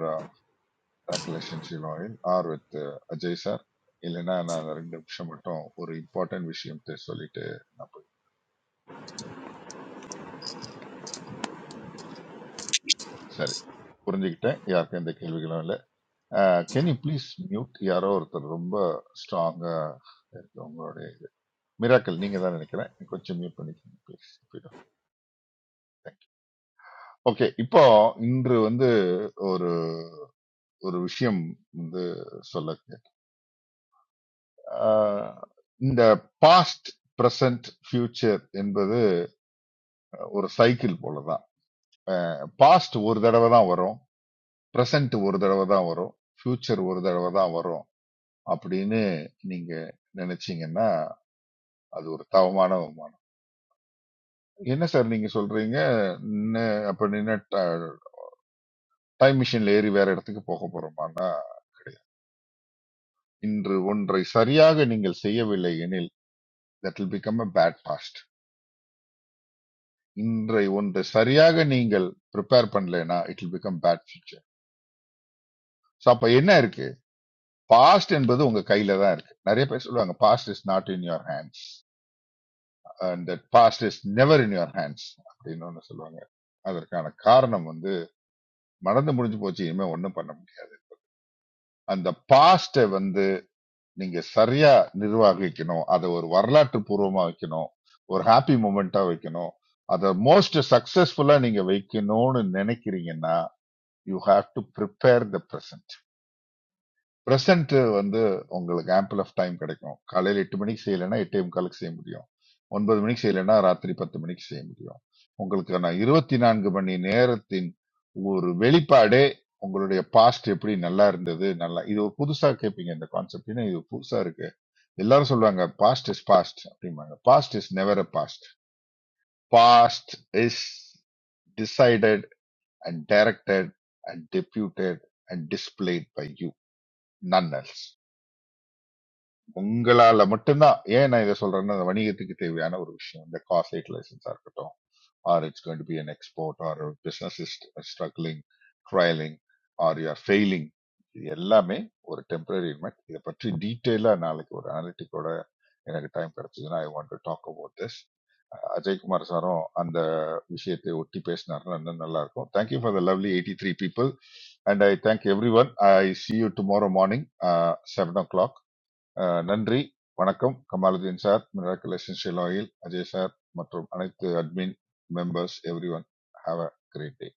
ரெக்கலேஷன் ஷீலோயில் ஆர் வித் அஜய் சார் இல்லைன்னா நான் ரெண்டு நிமிஷம் மட்டும் ஒரு இம்பார்ட்டன்ட் விஷயம் தெ- சொல்லிட்டு நான் போய் சரி புரிஞ்சுக்கிட்டேன் யாருக்கும் எந்த கேள்விகளும் இல்லை கேன் யூ ப்ளீஸ் மியூட் யாரோ ஒருத்தர் ரொம்ப ஸ்ட்ராங்கா இருக்கு உங்களுடைய மிராக்கள் நீங்க தான் நினைக்கிறேன் கொஞ்சம் மியூட் பண்ணிக்கோங்க ப்ளீஸ் ஓகே இப்போ இன்று வந்து ஒரு ஒரு விஷயம் வந்து சொல்ல கேட்க- ஆஹ் இந்த பாஸ்ட் பிரசன்ட் ஃபியூச்சர் என்பது ஒரு சைக்கிள் போலதான் பாஸ்ட் ஒரு தடவை தான் வரும் பிரசன்ட் ஒரு தடவை தான் வரும் ஃபியூச்சர் ஒரு தடவை தான் வரும் அப்படின்னு நீங்க நினைச்சீங்கன்னா அது ஒரு தவமான வருமானம் என்ன சார் நீங்க சொல்றீங்க நின்னு- அப்ப நின்று டைம் மிஷின்ல ஏறி வேற இடத்துக்கு போக போறோமான்னா இன்று ஒன்றை சரியாக நீங்கள் செய்யவில்லை எனில் that will become a bad past இன்றை ஒன்றை சரியாக நீங்கள் ப்ரிப்பேர் பண்ணலைன்னா it will become bad future so அப்ப என்ன இருக்கு பாஸ்ட் என்பது உங்க கையில தான் இருக்கு நிறைய பேர் சொல்லுவாங்க past is not in your hands and that past is never in your hands அப்படின்னு ஒன்று சொல்லுவாங்க அதற்கான காரணம் வந்து மறந்து முடிஞ்சு போச்சு இனிமே ஒன்றும் பண்ண முடியாது அந்த பாஸ்ட வந்து நீங்க சரியா நிர்வகிக்கணும் அதை ஒரு வரலாற்று பூர்வமா வைக்கணும் ஒரு ஹாப்பி மூமெண்டா வைக்கணும் அதை மோஸ்ட் சக்சஸ்ஃபுல்லா நீங்க வைக்கணும்னு நினைக்கிறீங்கன்னா you have to prepare the present present வந்து உங்களுக்கு ஆம்பிள் ஆஃப் டைம் கிடைக்கும் காலையில் எட்டு மணிக்கு செய்யலைன்னா எட்டே முக்காலுக்கு செய்ய முடியும் ஒன்பது மணிக்கு செய்யலைன்னா ராத்திரி பத்து மணிக்கு செய்ய முடியும் உங்களுக்கான இருபத்தி நான்கு மணி நேரத்தின் ஒரு வெளிப்பாடே உங்களுடைய பாஸ்ட் எப்படி நல்லா இருந்தது நல்லா இது ஒரு புதுசா கேட்பீங்க இந்த கான்செப்ட் ஏன்னா இது புதுசா இருக்கு எல்லாரும் சொல்லுவாங்க பாஸ்ட் இஸ் பாஸ்ட் அப்படிம்பாங்க past is never a past past is decided and directed and deputed and displayed by you none else உங்களால மட்டும்தான் ஏன் நான் இதை சொல்றேன்னா அந்த வணிகத்துக்கு தேவையான ஒரு விஷயம் இந்த காஸ்ட் லைசன்ஸா இருக்கட்டும் or it's going to be an export or business is struggling trailing or you're failing இது எல்லாமே ஒரு டெம்பரரி இன்மெண்ட் இதை பற்றி டீட்டெயிலா நாளைக்கு ஒரு அனலிட்டிக்கோட எனக்கு டைம் கிடைச்சதுன்னா I want to talk about this Ajaykumar சாரும் அந்த விஷயத்தை ஒட்டி பேசினாருன்னா இன்னும் நல்லா இருக்கும் thank you for the lovely eighty three people and I thank everyone I see you tomorrow morning seven o'clock. Ah நன்றி வணக்கம் Kamaluddin sir miracle essential oil Ajay sir மற்றும் அனைத்து admin members everyone have a great day